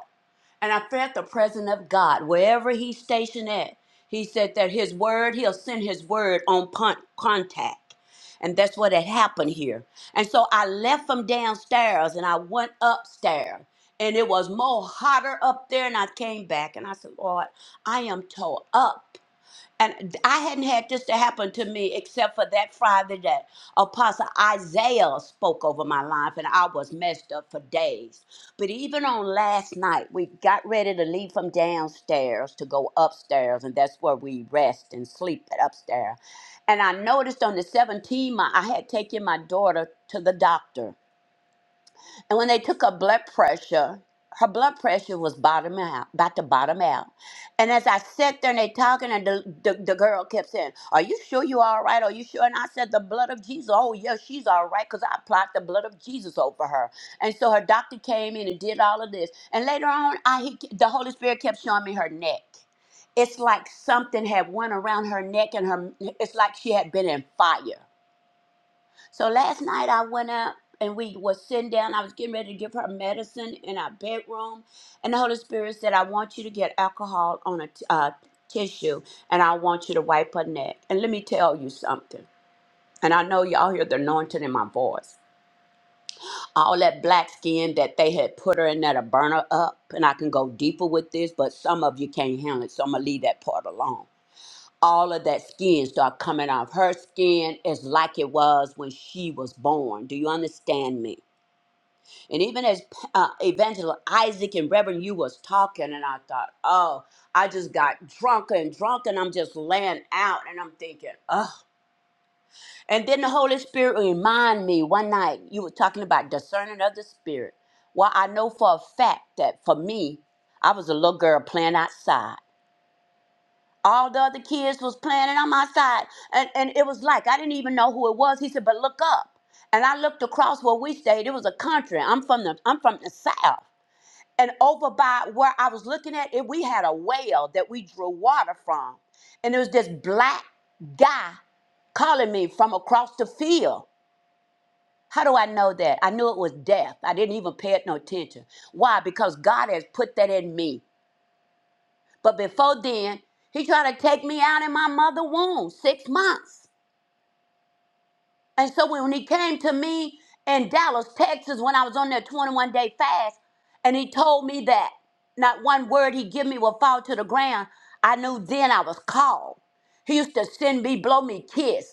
Speaker 5: And I felt the presence of God wherever he's stationed at. He said that his word, he'll send his word on pun- contact. And that's what had happened here. And so I left from downstairs and I went upstairs. And it was more hotter up there. And I came back and I said, Lord, I am tore up. And I hadn't had this to happen to me except for that Friday that Apostle Isaiah spoke over my life, and I was messed up for days. But even on last night, we got ready to leave from downstairs to go upstairs, and that's where we rest and sleep at upstairs. And I noticed on the 17th, my- I had taken my daughter to the doctor and when they took her blood pressure, her blood pressure was bottom out, about to bottom out. And as I sat there and they talking, and the, the, the girl kept saying, Are you sure you all right? Are you sure? And I said, The blood of Jesus. Oh, yeah, she's all right because I applied the blood of Jesus over her. And so her doctor came in and did all of this. And later on, I he, the Holy Spirit kept showing me her neck. It's like something had went around her neck and her it's like she had been in fire. So last night I went up and we was sitting down. I was getting ready to give her medicine in our bedroom, and the Holy Spirit said, "I want you to get alcohol on a t- uh, tissue, and I want you to wipe her neck." And let me tell you something. And I know y'all hear the anointing in my voice. All that black skin that they had put her in there to burn her up. And I can go deeper with this, but some of you can't handle it. So I'm going to leave that part alone all of that skin start coming off. Her skin is like it was when she was born. Do you understand me? And even as uh, Evangel Isaac and Reverend you was talking, and I thought, oh, I just got drunk and drunk, and I'm just laying out, and I'm thinking, oh. And then the Holy Spirit remind me one night you were talking about discerning of the Spirit. Well, I know for a fact that for me, I was a little girl playing outside. All the other kids was playing it on my side. And, and it was like, I didn't even know who it was. He said, but look up. And I looked across where we stayed. It was a country. I'm from the I'm from the south. And over by where I was looking at it, we had a well that we drew water from. And there was this black guy calling me from across the field. How do I know that? I knew it was death. I didn't even pay it no attention. Why? Because God has put that in me. But before then, he tried to take me out in my mother womb, six months. And so when he came to me in Dallas, Texas, when I was on that 21 day fast, and he told me that not one word he give me will fall to the ground, I knew then I was called. He used to send me, blow me kiss.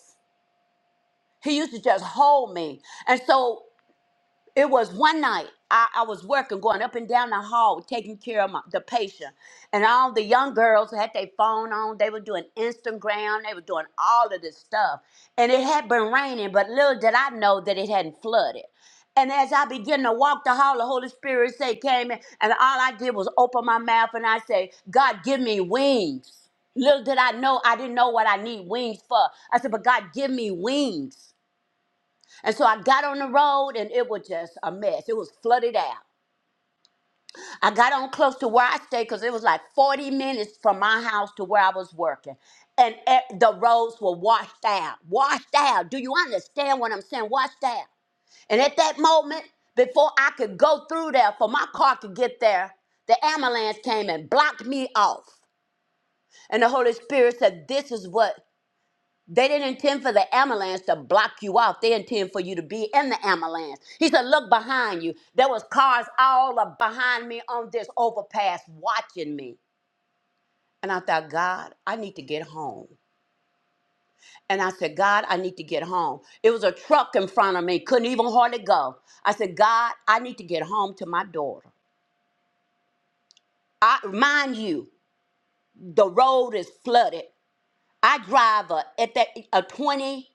Speaker 5: He used to just hold me. And so It was one night. I, I was working, going up and down the hall, taking care of my, the patient. And all the young girls had their phone on. They were doing Instagram. They were doing all of this stuff. And it had been raining, but little did I know that it hadn't flooded. And as I began to walk the hall, the Holy Spirit say came in, and all I did was open my mouth and I say, God, give me wings. Little did I know, I didn't know what I need wings for. I said, but God, give me wings. And so I got on the road and it was just a mess. It was flooded out. I got on close to where I stayed because it was like 40 minutes from my house to where I was working. And e- the roads were washed out. Washed out. Do you understand what I'm saying? Washed out. And at that moment, before I could go through there, for my car could get there, the ambulance came and blocked me off. And the Holy Spirit said, This is what They didn't intend for the ambulance to block you off. They intend for you to be in the ambulance. He said, look behind you. There was cars all up behind me on this overpass watching me. And I thought, God, I need to get home. And I said, God, I need to get home. It was a truck in front of me, couldn't even hardly go. I said, God, I need to get home to my daughter. I mind you, the road is flooded. I drive a at that a 20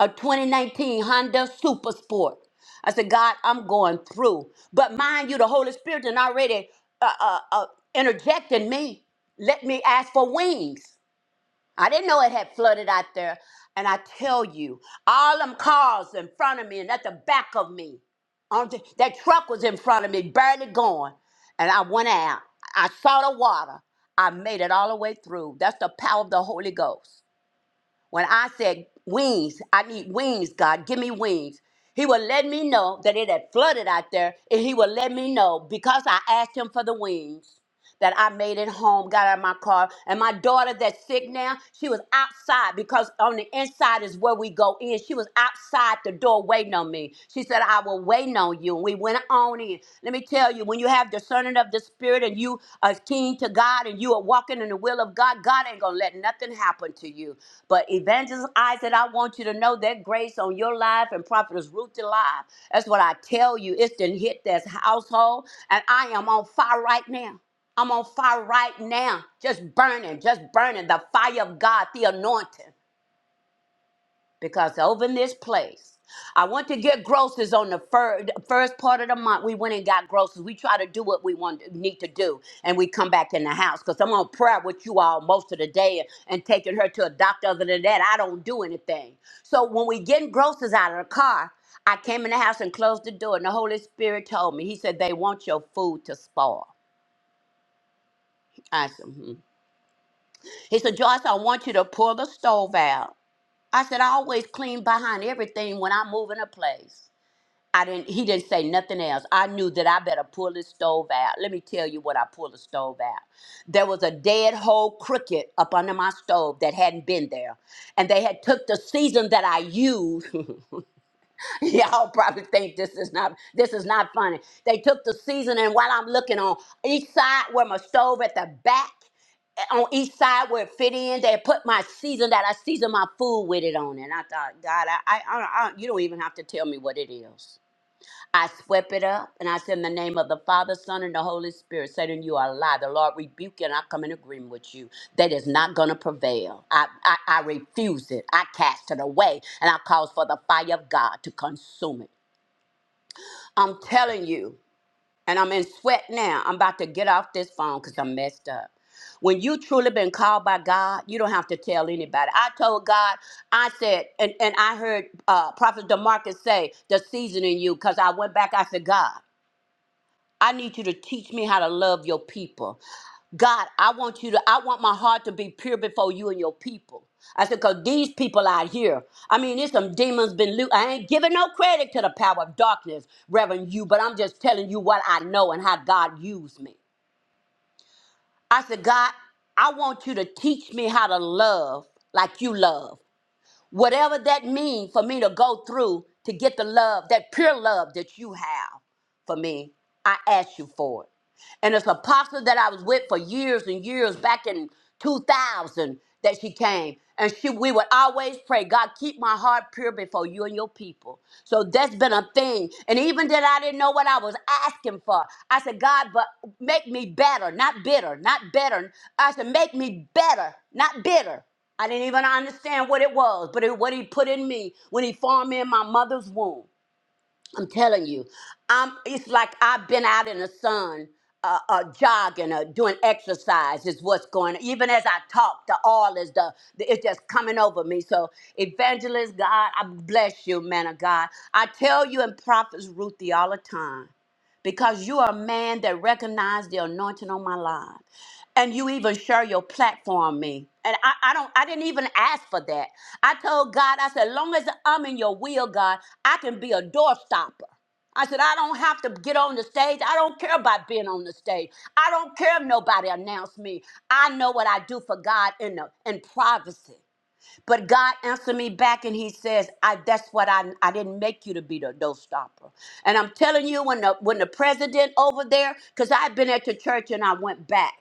Speaker 5: a 2019 Honda Super Sport. I said, God, I'm going through. But mind you, the Holy Spirit and already uh, uh, uh, interjecting me. Let me ask for wings. I didn't know it had flooded out there. And I tell you, all them cars in front of me and at the back of me, on the, that truck was in front of me, barely going. And I went out. I saw the water. I made it all the way through. That's the power of the Holy Ghost. When I said wings, I need wings, God, give me wings. He would let me know that it had flooded out there, and he would let me know because I asked him for the wings that I made it home, got out of my car. And my daughter that's sick now, she was outside because on the inside is where we go in. She was outside the door waiting on me. She said, I will wait on you. And we went on in. Let me tell you, when you have discerning of the spirit and you are keen to God and you are walking in the will of God, God ain't gonna let nothing happen to you. But evangelist Isaac, I want you to know that grace on your life and prophetess Ruth's life. That's what I tell you. It's done hit this household, and I am on fire right now. I'm on fire right now, just burning, just burning the fire of God, the anointing, because over in this place, I went to get groceries on the fir- first part of the month. We went and got groceries. We try to do what we want need to do, and we come back in the house because I'm on prayer with you all most of the day and taking her to a doctor. Other than that, I don't do anything. So when we getting groceries out of the car, I came in the house and closed the door, and the Holy Spirit told me, He said, "They want your food to spoil." I said, Hmm. He said, Joyce, I want you to pull the stove out. I said, I always clean behind everything when I move in a place. I didn't he didn't say nothing else. I knew that I better pull this stove out. Let me tell you what I pulled the stove out. There was a dead whole cricket up under my stove that hadn't been there. And they had took the season that I used. Y'all probably think this is not this is not funny. They took the seasoning while I'm looking on each side where my stove at the back eh, on each side where it fit in. They put my season that I season my food with it on, and I thought, God, I, I, I, I you don't even have to tell me what it is. I swept it up and I said, In the name of the Father, Son, and the Holy Spirit, Satan, you are a lie. The Lord rebuke you and I come in agreement with you. That is not going to prevail. I, I, I refuse it. I cast it away and I cause for the fire of God to consume it. I'm telling you, and I'm in sweat now. I'm about to get off this phone because I'm messed up. When you truly been called by God, you don't have to tell anybody. I told God, I said, and, and I heard uh, Prophet DeMarcus say, the season in you, because I went back, I said, God. I need you to teach me how to love your people. God, I want you to, I want my heart to be pure before you and your people. I said, because these people out here, I mean, there's some demons been loot. I ain't giving no credit to the power of darkness, Reverend you, but I'm just telling you what I know and how God used me. I said, God, I want you to teach me how to love like you love. Whatever that means for me to go through to get the love, that pure love that you have for me, I ask you for it. And it's an apostle that I was with for years and years back in 2000 that she came. And she, we would always pray, God, keep my heart pure before you and your people. So that's been a thing. And even that I didn't know what I was asking for, I said, God, but make me better, not bitter, not better. I said, make me better, not bitter. I didn't even understand what it was, but it what he put in me when he formed me in my mother's womb. I'm telling you, I'm. It's like I've been out in the sun, uh, uh, jogging or doing exercise. Is what's going. Even as I talk, the oil is the, the. It's just coming over me. So, evangelist God, I bless you, man of God. I tell you and prophets Ruthie all the time because you are a man that recognized the anointing on my life. And you even share your platform me. And I, I don't I didn't even ask for that. I told God, I said, long as I'm in your will, God, I can be a doorstopper. I said, I don't have to get on the stage. I don't care about being on the stage. I don't care if nobody announced me. I know what I do for God in the in privacy. But God answered me back and he says, I that's what I I didn't make you to be the no stopper. And I'm telling you, when the when the president over there, because I've been at the church and I went back.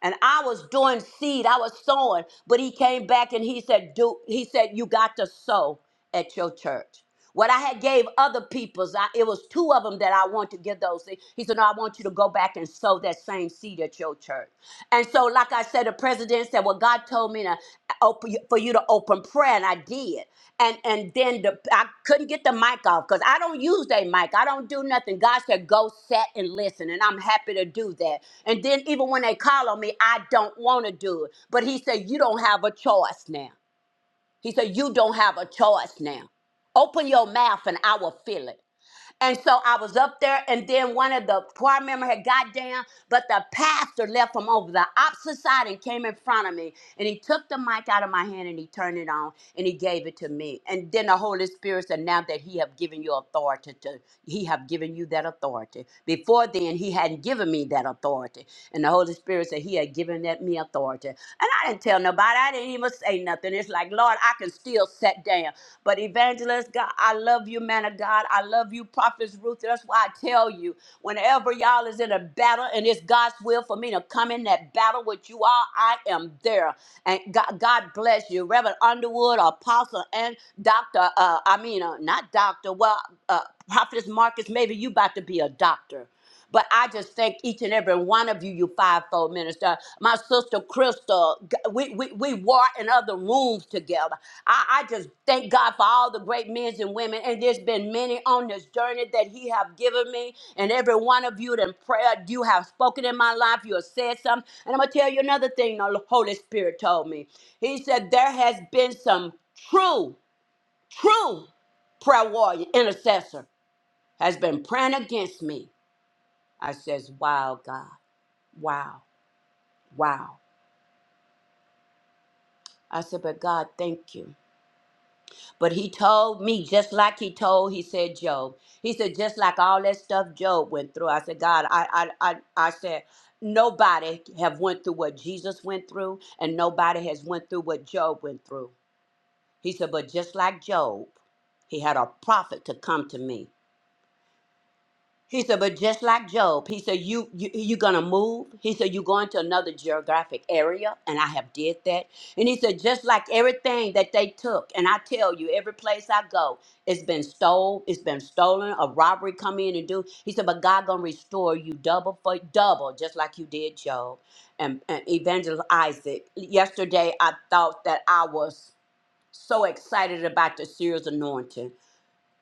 Speaker 5: And I was doing seed, I was sowing, but he came back and he said, Do he said, You got to sow at your church. What I had gave other people's, I, it was two of them that I want to give those. things. He said, "No, I want you to go back and sow that same seed at your church." And so, like I said, the president said, "Well, God told me to open for you to open prayer, and I did. And and then the, I couldn't get the mic off because I don't use that mic. I don't do nothing. God said, "Go sit and listen," and I'm happy to do that. And then even when they call on me, I don't want to do it. But He said, "You don't have a choice now." He said, "You don't have a choice now. Open your mouth, and I will fill it." And so I was up there, and then one of the choir member had got down, but the pastor left from over the opposite side and came in front of me. And he took the mic out of my hand and he turned it on and he gave it to me. And then the Holy Spirit said, Now that he have given you authority to he have given you that authority. Before then, he hadn't given me that authority. And the Holy Spirit said, He had given that me authority something. And I didn't tell nobody. I didn't even say nothing. It's like, Lord, I can still sit down. But evangelist, God, I love you, man of God. I love you, prophetess Ruth. That's why I tell you, whenever y'all is in a battle and it's God's will for me to come in that battle with you all, I am there. And God, God bless you, Reverend Underwood, Apostle, and Doctor. Uh, I mean, uh, not Doctor. Well, uh, Prophetess Marcus, maybe you about to be a doctor. But I just thank each and every one of you, you fivefold minister. My sister to Crystal. G- We, we, we war in other rooms together. I, I just thank God for all the great men and women. And there's been many on this journey that He have given me. And every one of you in prayer, you have spoken in my life. You have said something. And I'm going to tell you another thing the Holy Spirit told me. He said, There has been some true, true prayer warrior, intercessor, has been praying against me. I says, Wow, God. Wow, wow. I said, But God, thank you. But he told me, just like he told, he said, Job. He said, just like all that stuff Job went through. I said, God, I I I, I said, nobody have went through what Jesus went through, and nobody has went through what Job went through. He said, but just like Job, he had a prophet to come to me. He said, but just like Job, he said, you, you, you're going to move. He said, you're going to another geographic area. And I have did that. And he said, just like everything that they took. And I tell you, every place I go, it's been stole. It's been stolen. A robbery come in and do. He said, but God going to restore you double for double, just like you did Job and, and Evangelist Isaac. Yesterday, I thought that I was so excited about the serious anointing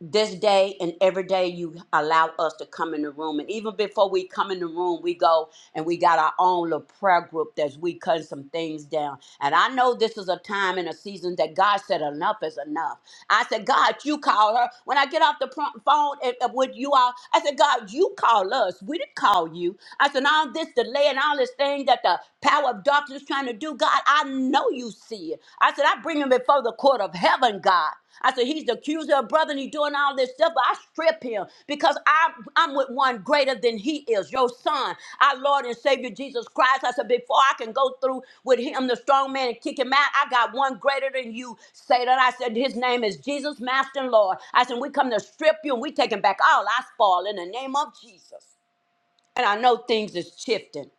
Speaker 5: this day and every day you allow us to come in the room and even before we come in the room we go and we got our own little prayer group that we cut some things down and i know this is a time and a season that god said enough is enough I said, God, you called her. When I get off the pro- phone and, and with you all, I said, God, you call us. We didn't call you. I said, and all this delay and all this thing that the power of darkness trying to do, God, I know you see it. I said, I bring him before the court of heaven, God. I said, he's the accuser of brother and he's doing all this stuff, but I Strip him because I, I'm with one greater than he is, your son, our Lord and Savior Jesus Christ. I said, Before I can go through with him, the strong man, and kick him out, I got one greater than you. Say that. I said, His name is Jesus, Master and Lord. I said, We come to strip you and we taking back all I spoil in the name of Jesus. And I know things is shifting.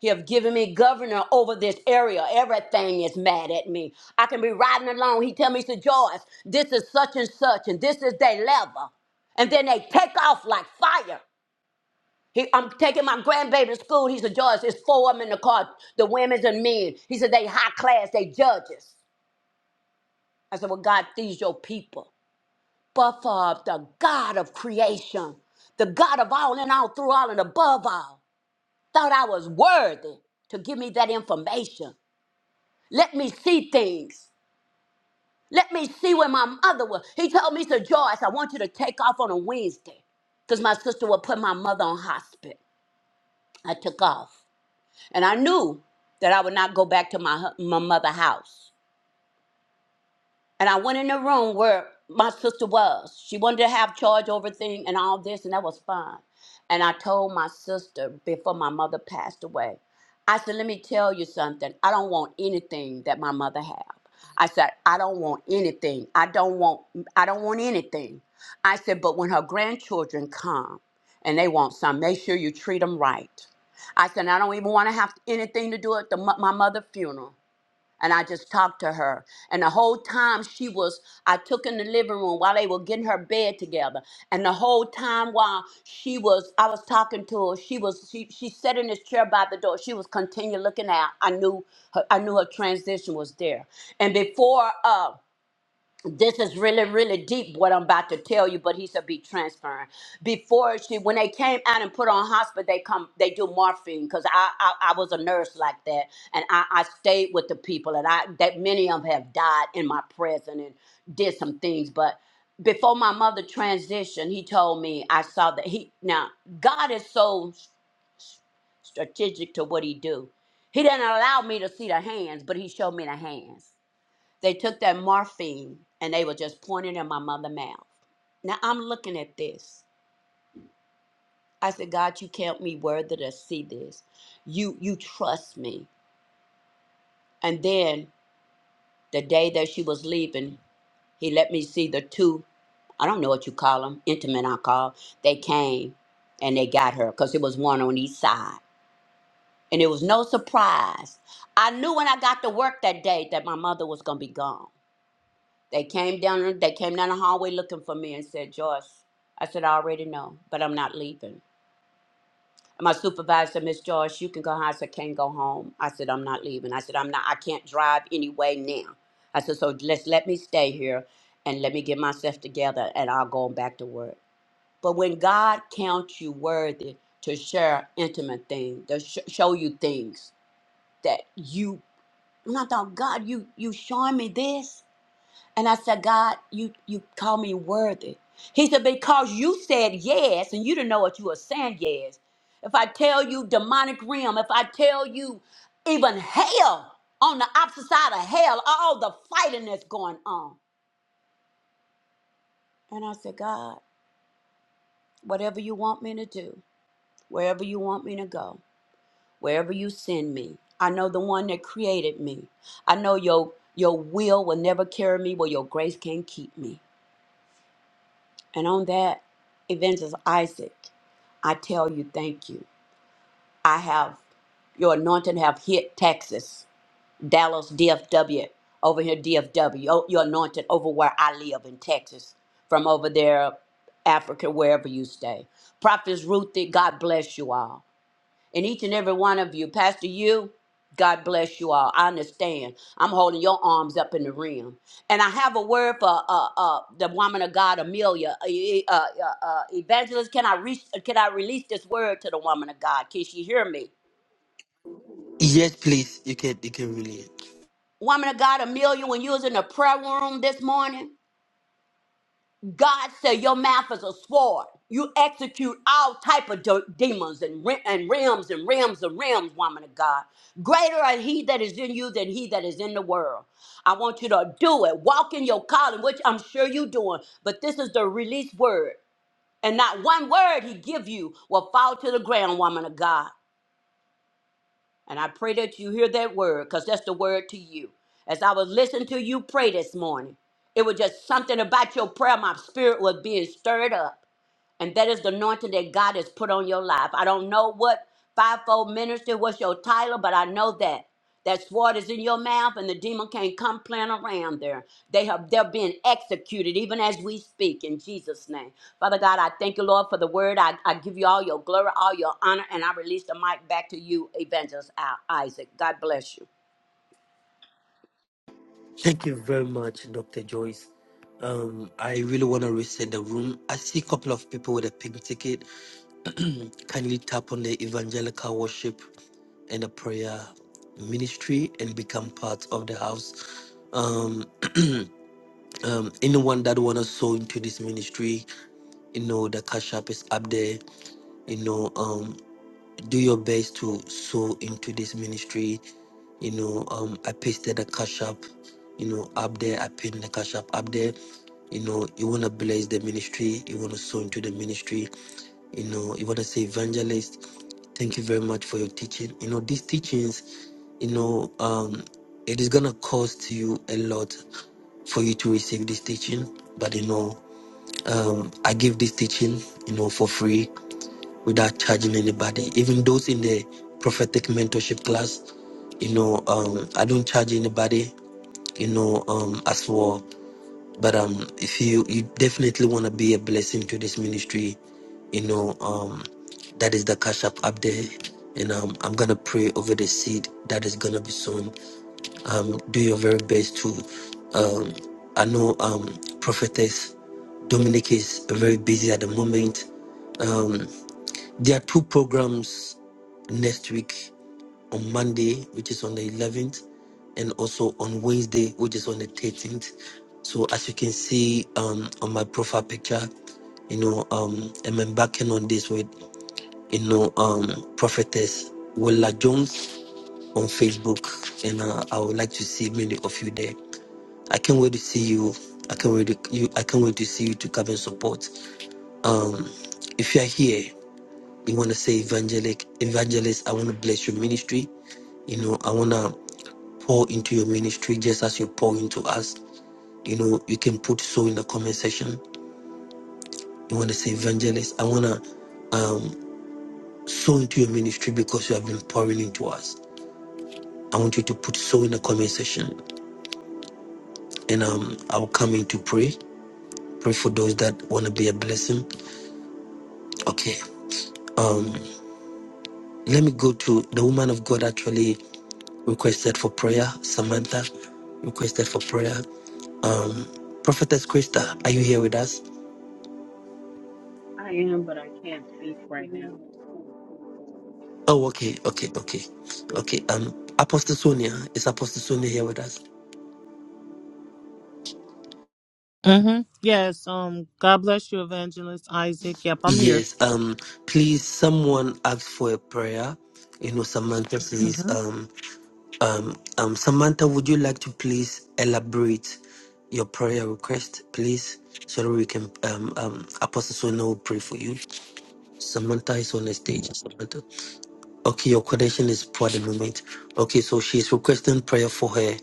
Speaker 5: You have given me governor over this area. Everything is mad at me. I can be riding along. He tell me, to Joyce, this is such and such, and this is their level. And then they take off like fire. He, I'm taking my grandbaby to school. He said, "Joyce, it's four of them in the car, the women's and men. He said, they high class, they judges. I said, well, God, these your people. But for the God of creation, the God of all and all, through all and above all, thought I was worthy to give me that information. Let me see things. Let me see where my mother was. He told me, he said, Joyce, I want you to take off on a Wednesday because my sister would put my mother on hospice. I took off. And I knew that I would not go back to my, hu- my mother's house. And I went in the room where my sister was. She wanted to have charge over thing and all this, and that was fine. And I told my sister before my mother passed away, I said, let me tell you something. I don't want anything that my mother had. I said, I don't want anything. I don't want I don't want anything. I said, but when her grandchildren come and they want some, make sure you treat them right. I said, I don't even want to have anything to do with the, mo- my mother's funeral and I just talked to her. And the whole time she was, I took in the living room while they were getting her bed together. And the whole time while she was, I was talking to her. She was, she she sat in this chair by the door. She was continually looking out. I knew, her, I knew her transition was there. And before, uh, this is really really deep what i'm about to tell you but he said be transparent before she when they came out and put on hospital they come they do morphine because I, I i was a nurse like that and i i stayed with the people and i that many of them have died in my presence and did some things but before my mother transitioned he told me i saw that he now god is so s- s- strategic to what he do he didn't allow me to see the hands but he showed me the hands they took that morphine and they were just pointing in my mother's mouth. Now I'm looking at this. I said, God, you count me worthy to see this. You you trust me. And then the day that she was leaving, he let me see the two, I don't know what you call them, intimate I call. They came and they got her because it was one on each side. And it was no surprise. I knew when I got to work that day that my mother was gonna be gone. They came down. They came down the hallway looking for me and said, "Joyce." I said, "I already know, but I'm not leaving." And my supervisor, said, Miss Joyce, you can go home. I said, "Can't go home." I said, "I'm not leaving." I said, "I'm not. I can't drive anyway now." I said, "So let's let me stay here, and let me get myself together, and I'll go back to work." But when God counts you worthy to share intimate things, to sh- show you things that you, and I thought, God, you you showing me this. And I said, God, you you call me worthy. He said, because you said yes, and you didn't know what you were saying yes. If I tell you demonic realm, if I tell you even hell on the opposite side of hell, all the fighting that's going on. And I said, God, whatever you want me to do, wherever you want me to go, wherever you send me, I know the one that created me. I know your your will will never carry me where your grace can't keep me. And on that, Evangelist Isaac, I tell you, thank you. I have your anointing have hit Texas, Dallas, DFW, over here, DFW. Oh, Your anointing over where I live in Texas, from over there, Africa, wherever you stay. Prophetess Ruthie, God bless you all and each and every one of you. Pastor, you, God bless you all. I understand. I'm holding your arms up in the rim. And I have a word for uh, uh, the woman of God, Amelia. Uh, e, e, uh, uh, uh, evangelist, can I, reach, can I release this word to the woman of God? Can she hear me?
Speaker 3: Yes, please. You can you can really
Speaker 5: Woman of God, Amelia, when you was in the prayer room this morning, God said your mouth is a sword. You execute all type of de- demons and, re- and realms and realms and realms, woman of God. Greater are he that is in you than he that is in the world. I want you to do it. Walk in your calling, which I'm sure you're doing. But this is the release word. And not one word he give you will fall to the ground, woman of God. And I pray that you hear that word because that's the word to you. As I was listening to you pray this morning, it was just something about your prayer. My spirit was being stirred up. And that is the anointing that God has put on your life. I don't know what fivefold ministry was your title, but I know that. That sword is in your mouth and the demon can't come playing around there. They have they're being executed even as we speak in Jesus' name. Father God, I thank you, Lord, for the word. I, I give you all your glory, all your honor, and I release the mic back to you, Evangelist Isaac. God bless you.
Speaker 3: Thank you very much, Dr. Joyce. Um, I really want to reset the room. I see a couple of people with a pink ticket. Kindly tap on the evangelical worship And the prayer ministry and become part of the house. Um, um, anyone that want to sow into this ministry, you know, the cash app is up there. You know, um, do your best to sow into this ministry. You know, um, I pasted the cash app, you know, up there. I pinned the cash app up there. You know, you want to bless the ministry. You want to sow into the ministry you know, you want to say evangelist. Thank you very much for your teaching. You know, these teachings, you know, um, it is gonna cost you a lot for you to receive this teaching. But you know, um, I give this teaching, you know, for free without charging anybody. Even those in the prophetic mentorship class, you know, um, I don't charge anybody. You know, um, as for but um, if you you definitely want to be a blessing to this ministry, you know um, that is the cash up up there, and um, I'm gonna pray over the seed that is gonna be sown. Um, do your very best to. Um, I know um, prophetess Dominic is very busy at the moment. Um, there are two programs next week on Monday, which is on the 11th, and also on Wednesday, which is on the 13th. So as you can see um, on my profile picture, you know, um, I'm embarking on this with, you know, um, prophetess Willa Jones on Facebook, and uh, I would like to see many of you there. I can't wait to see you. I can't wait to you. I can't wait to see you to come and support. Um, if you are here, you want to say evangelic evangelist. I want to bless your ministry. You know, I wanna. pour into your ministry just as you pour into us. You know, you can put so in the comment section. You want to say, Evangelist, I want to um, sow into your ministry because you have been pouring into us. I want you to put so in the comment section and um, I'll come in to pray. Pray for those that want to be a blessing. Okay. Um, let me go to the woman of God actually requested for prayer. Samantha requested for prayer. Um, Prophetess Krista, are you here with us?
Speaker 20: I am, but I can't speak right now.
Speaker 3: Oh, okay, okay, okay, okay. Um, Apostle Sonia is Apostle Sonia here with us?
Speaker 21: Mm-hmm. Yes. Um. God bless you, Evangelist Isaac. Yep, I'm here.
Speaker 3: Yes. Um, please, someone asked for a prayer. You know, Samantha please.
Speaker 21: Mm-hmm.
Speaker 3: Um, um, um, Samantha, would you like to please elaborate your prayer request, please, so that we can um um Apostle Sonia will pray for you. Samantha is on the stage. Samantha. Okay, your connection is poor at the moment. Okay, so she's requesting prayer for her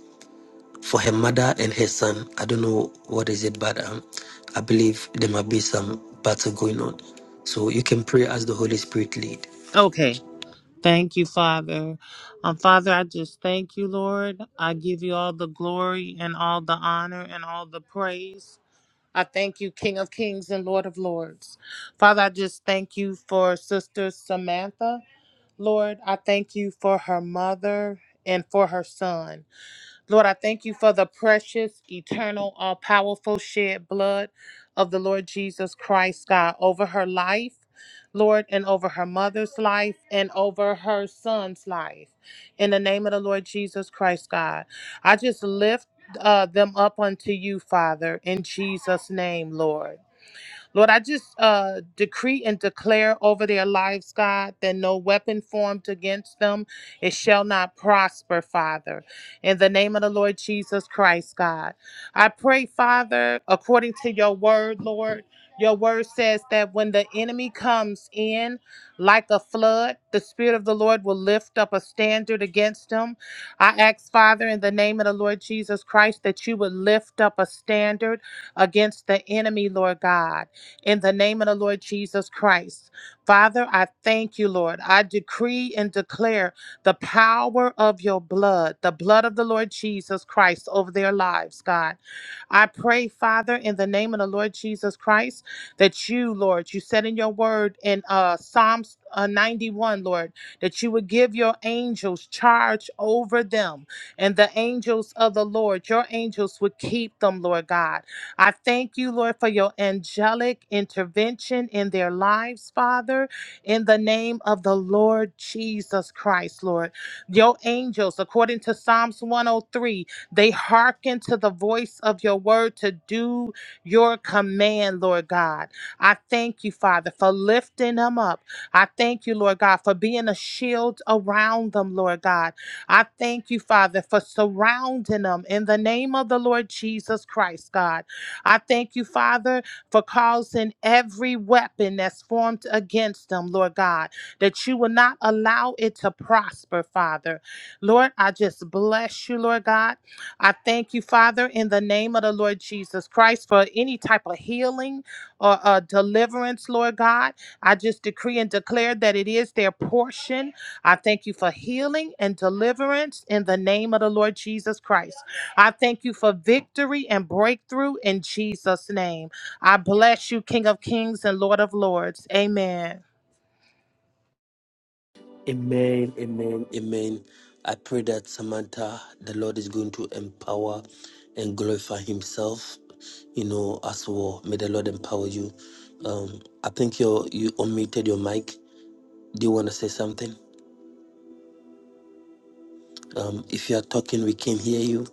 Speaker 3: for her mother and her son. I don't know what is it, but um, I believe there might be some battle going on. So you can pray as the Holy Spirit lead.
Speaker 21: Okay. Thank you, Father. Um, Father, I just thank you, Lord. I give you all the glory and all the honor and all the praise. I thank you, King of Kings and Lord of Lords. Father, I just thank you for Sister Samantha. Lord, I thank you for her mother and for her son. Lord, I thank you for the precious, eternal, all powerful shed blood of the Lord Jesus Christ, God, over her life, Lord, and over her mother's life and over her son's life. In the name of the Lord Jesus Christ, God, I just lift uh, them up unto you, Father, in Jesus' name, Lord. Lord, I just uh, decree and declare over their lives, God, that no weapon formed against them, it shall not prosper, Father. In the name of the Lord Jesus Christ, God. I pray, Father, according to your word, Lord. Your word says that when the enemy comes in like a flood, the Spirit of the Lord will lift up a standard against him. I ask, Father, in the name of the Lord Jesus Christ, that you would lift up a standard against the enemy, Lord God in the name of the Lord Jesus Christ. Father, I thank you, Lord. I decree and declare the power of your blood, the blood of the Lord Jesus Christ over their lives, God. I pray, Father, in the name of the Lord Jesus Christ, that you, Lord, you said in your word in uh, Psalms uh, 91, Lord, that you would give your angels charge over them, and the angels of the Lord, your angels would keep them, Lord God. I thank you, Lord, for your angelic intervention in their lives, Father, in the name of the Lord Jesus Christ, Lord. Your angels, according to Psalms 103, they hearken to the voice of your word to do your command, Lord God. I thank you, Father, for lifting them up. I thank you, Lord God, for being a shield around them, Lord God. I thank you, Father, for surrounding them in the name of the Lord Jesus Christ, God. I thank you, Father, for causing every weapon that's formed against them, Lord God, that you will not allow it to prosper, Father. Lord, I just bless you, Lord God. I thank you, Father, in the name of the Lord Jesus Christ for any type of healing or uh, deliverance, Lord God. I just decree and declare that it is their portion I thank you for healing and deliverance in the name of the Lord Jesus Christ. I thank you for victory and breakthrough in Jesus' name. I bless you, King of Kings and Lord of Lords. Amen.
Speaker 3: Amen, amen, amen. I pray that Samantha, the Lord is going to empower and glorify Himself, you know, as well. May the Lord empower you. Um, I think you you unmuted your mic. Do you want to say something? Um, if you are talking, we can hear you.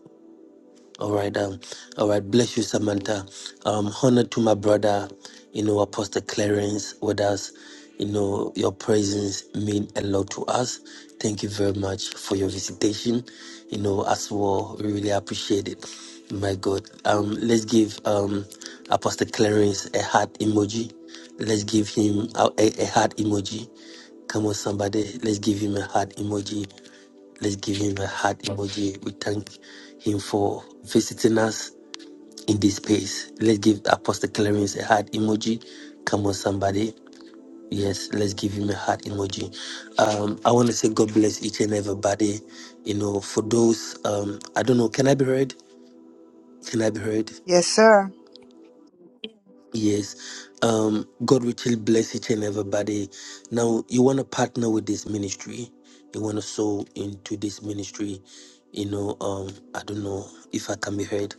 Speaker 3: All right, um, all right. Bless you, Samantha. Um, honor to my brother, you know, Apostle Clarence with us. You know, your presence mean a lot to us. Thank you very much for your visitation. You know, as well, we really appreciate it. My God. Um, let's give um Apostle Clarence a heart emoji. Let's give him a, a, a heart emoji. Come on, somebody. Let's give him a heart emoji. Let's give him a heart emoji. We thank him for visiting us in this space. Let's give Apostle Clarence a heart emoji. Come on, somebody. Yes, let's give him a heart emoji. Um, I want to say God bless each and everybody. You know, for those, um, I don't know, can I be heard? Can I be heard?
Speaker 22: Yes, sir.
Speaker 3: Yes. Um, God richly bless each and everybody. Now, you want to partner with this ministry. You want to sow into this ministry. You know, um, I don't know if I can be heard.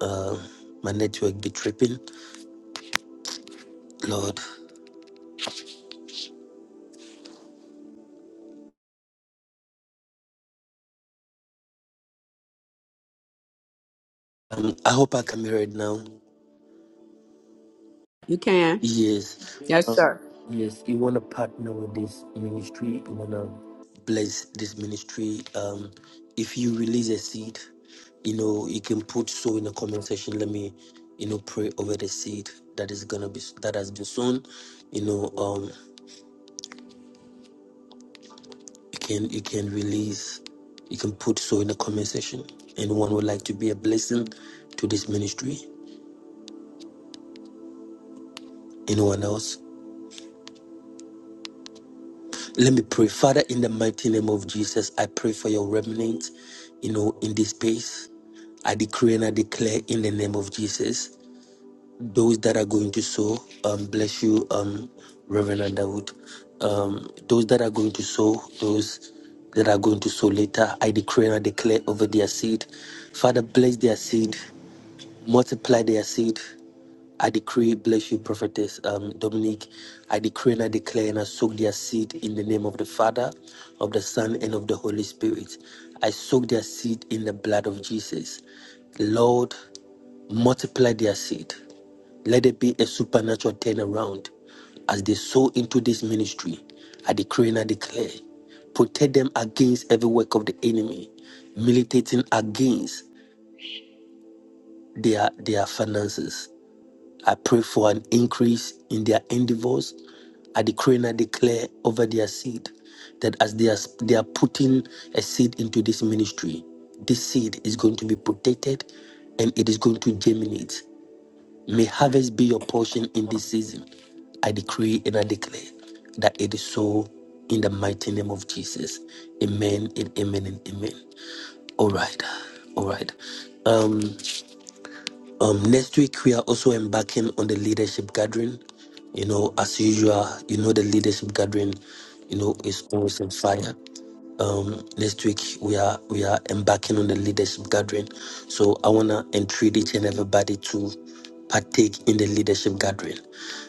Speaker 3: Uh, my network be tripping. Lord, um, I hope I can be heard now.
Speaker 5: You can.
Speaker 3: Yes.
Speaker 5: Yes,
Speaker 3: Uh,
Speaker 5: sir.
Speaker 3: Yes, you want to partner with this ministry. You want to bless this ministry. Um, if you release a seed, you know, you can put so in the comment section. Let me, you know, pray over the seed that is gonna be that has been sown. You know, um, you can you can release, you can put so in the comment section. Anyone would like to be a blessing to this ministry? Anyone else? Let me pray. Father, in the mighty name of Jesus, I pray for your remnant, you know, in this space. I decree and I declare in the name of Jesus, those that are going to sow, um, bless you, um, Reverend Underwood. Um, those that are going to sow, those that are going to sow later, I decree and I declare over their seed. Father, bless their seed, multiply their seed. I decree, bless you, prophetess um, Dominique. I decree and I declare and I soak their seed in the name of the Father, of the Son, and of the Holy Spirit. I soak their seed in the blood of Jesus. Lord, multiply their seed. Let it be a supernatural turnaround as they sow into this ministry. I decree and I declare. Protect them against every work of the enemy, militating against their, their finances I pray for an increase in their endeavors. I decree and I declare over their seed that as they are, they are putting a seed into this ministry, this seed is going to be protected and it is going to germinate. May harvest be your portion in this season. I decree and I declare that it is so in the mighty name of Jesus. Amen and amen and amen. All right. All right. Um, um, next week we are also embarking on the leadership gathering. You know, as usual, you know the leadership gathering, you know, is always on fire. Um, next week we are we are embarking on the leadership gathering. So I wanna entreat each and everybody to partake in the leadership gathering.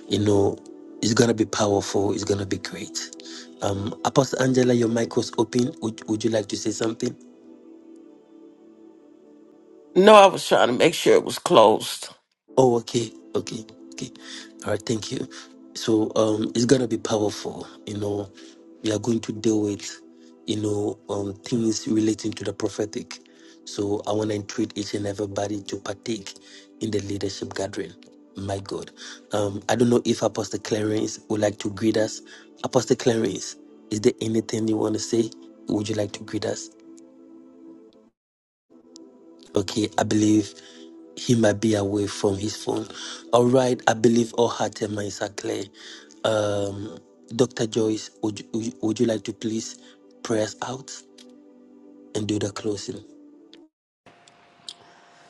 Speaker 3: You know, it's gonna be powerful, it's gonna be great. Um Apostle Angela, your mic was open. Would, would you like to say something?
Speaker 16: No, I was trying to make sure it was closed.
Speaker 3: Oh, okay, okay, okay. All right, thank you. So, um, it's gonna be powerful. You know, we are going to deal with, you know, um, things relating to the prophetic. So, I want to entreat each and everybody to partake in the leadership gathering. My God, um, I don't know if Apostle Clarence would like to greet us. Apostle Clarence, is there anything you want to say? Would you like to greet us? Okay, I believe he might be away from his phone. All right, I believe all hearts and minds are clear. Um, Dr. Joyce, would you, would you would you like to please pray us out and do the closing?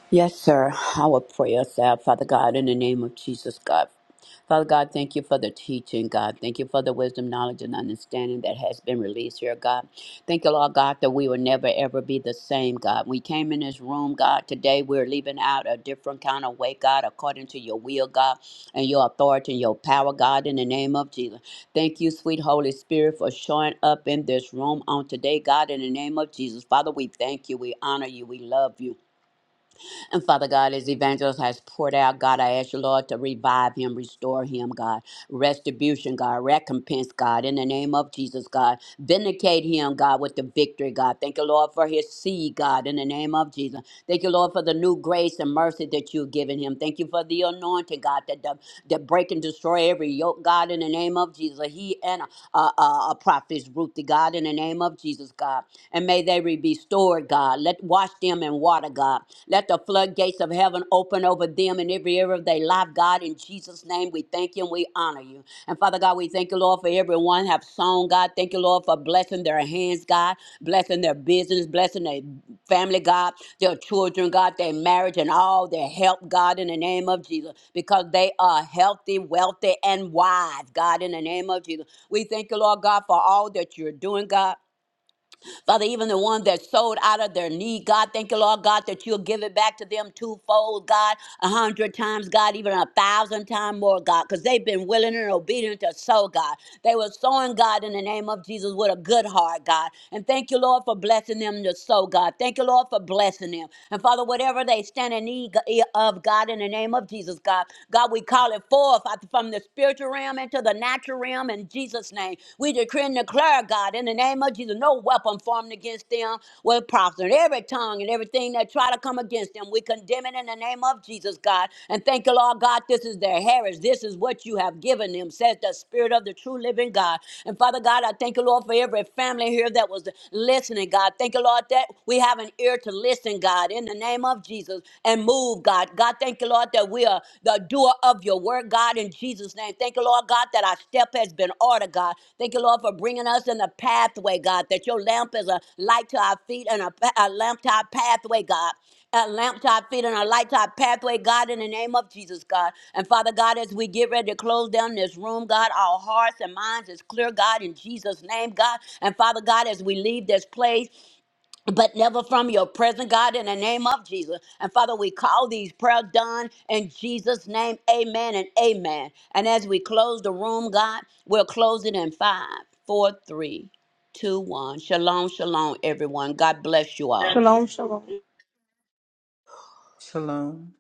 Speaker 5: Yes, sir. Our prayers, uh, Father God, in the name of Jesus, God. Father God, thank you for the teaching, God. Thank you for the wisdom, knowledge, and understanding that has been released here, God. Thank you, Lord God, that we will never ever be the same, God. We came in this room, God. Today we're leaving out a different kind of way, God, according to your will, God, and your authority and your power, God, in the name of Jesus. Thank you, sweet Holy Spirit, for showing up in this room on today, God, in the name of Jesus. Father, we thank you. We honor you. We love you. And Father God, as Evangelist has poured out, God, I ask you, Lord, to revive him, restore him, God. Restitution, God. Recompense, God. In the name of Jesus, God. Vindicate him, God, with the victory, God. Thank you, Lord, for his seed, God. In the name of Jesus. Thank you, Lord, for the new grace and mercy that you've given him. Thank you for the anointing, God, that, that, that break and destroy every yoke, God, in the name of Jesus. He and uh, uh, a prophet's Ruthie, God, in the name of Jesus, God. And may they be restored, God. Let wash them in water, God. Let the floodgates of heaven open over them in every area of their life, God. In Jesus' name, we thank you and we honor you. And Father God, we thank you, Lord, for everyone have sown, God. Thank you, Lord, for blessing their hands, God, blessing their business, blessing their family, God, their children, God, their marriage, and all their help, God, in the name of Jesus, because they are healthy, wealthy, and wise, God, in the name of Jesus. We thank you, Lord God, for all that you're doing, God. Father, even the ones that sold out of their need, God, thank you, Lord God, that you'll give it back to them twofold, God, a hundred times, God, even a thousand times more, God, because they've been willing and obedient to sow, God. They were sowing, God, in the name of Jesus with a good heart, God. And thank you, Lord, for blessing them to sow, God. Thank you, Lord, for blessing them. And Father, whatever they stand in need of, God, in the name of Jesus, God, God, we call it forth out from the spiritual realm into the the natural realm in Jesus' name. We decree and declare, God, in the name of Jesus, no weapon formed against them will prosper. And Every tongue and everything that try to come against them, we condemn it in the name of Jesus, God. And thank you, Lord God, this is their heritage. This is what you have given them, says the Spirit of the true living God. And Father God, I thank you, Lord, for every family here that was listening, God. Thank you, Lord, that we have an ear to listen, God, in the name of Jesus, and move, God. God. God, thank you, Lord, that we are the doer of your word, God, in Jesus' name. Thank you, Lord, God, that our step has been ordered, God. Thank you, Lord, for bringing us in the pathway, God, that your lamp is a light to our feet and a, pa- a lamp to our pathway, God a lamp to our feet and a light to our pathway, God, in the name of Jesus, God. And Father God, as we get ready to close down this room, God, our hearts and minds is clear, God, in Jesus' name, God. And Father God, as we leave this place, but never from your present God in the name of Jesus. And Father, we call these prayer done in Jesus' name. Amen and amen. And as we close the room, God, we'll close it in five, four, three, two, one. Shalom, shalom, everyone. God bless you all.
Speaker 7: Shalom, shalom.
Speaker 4: Shalom.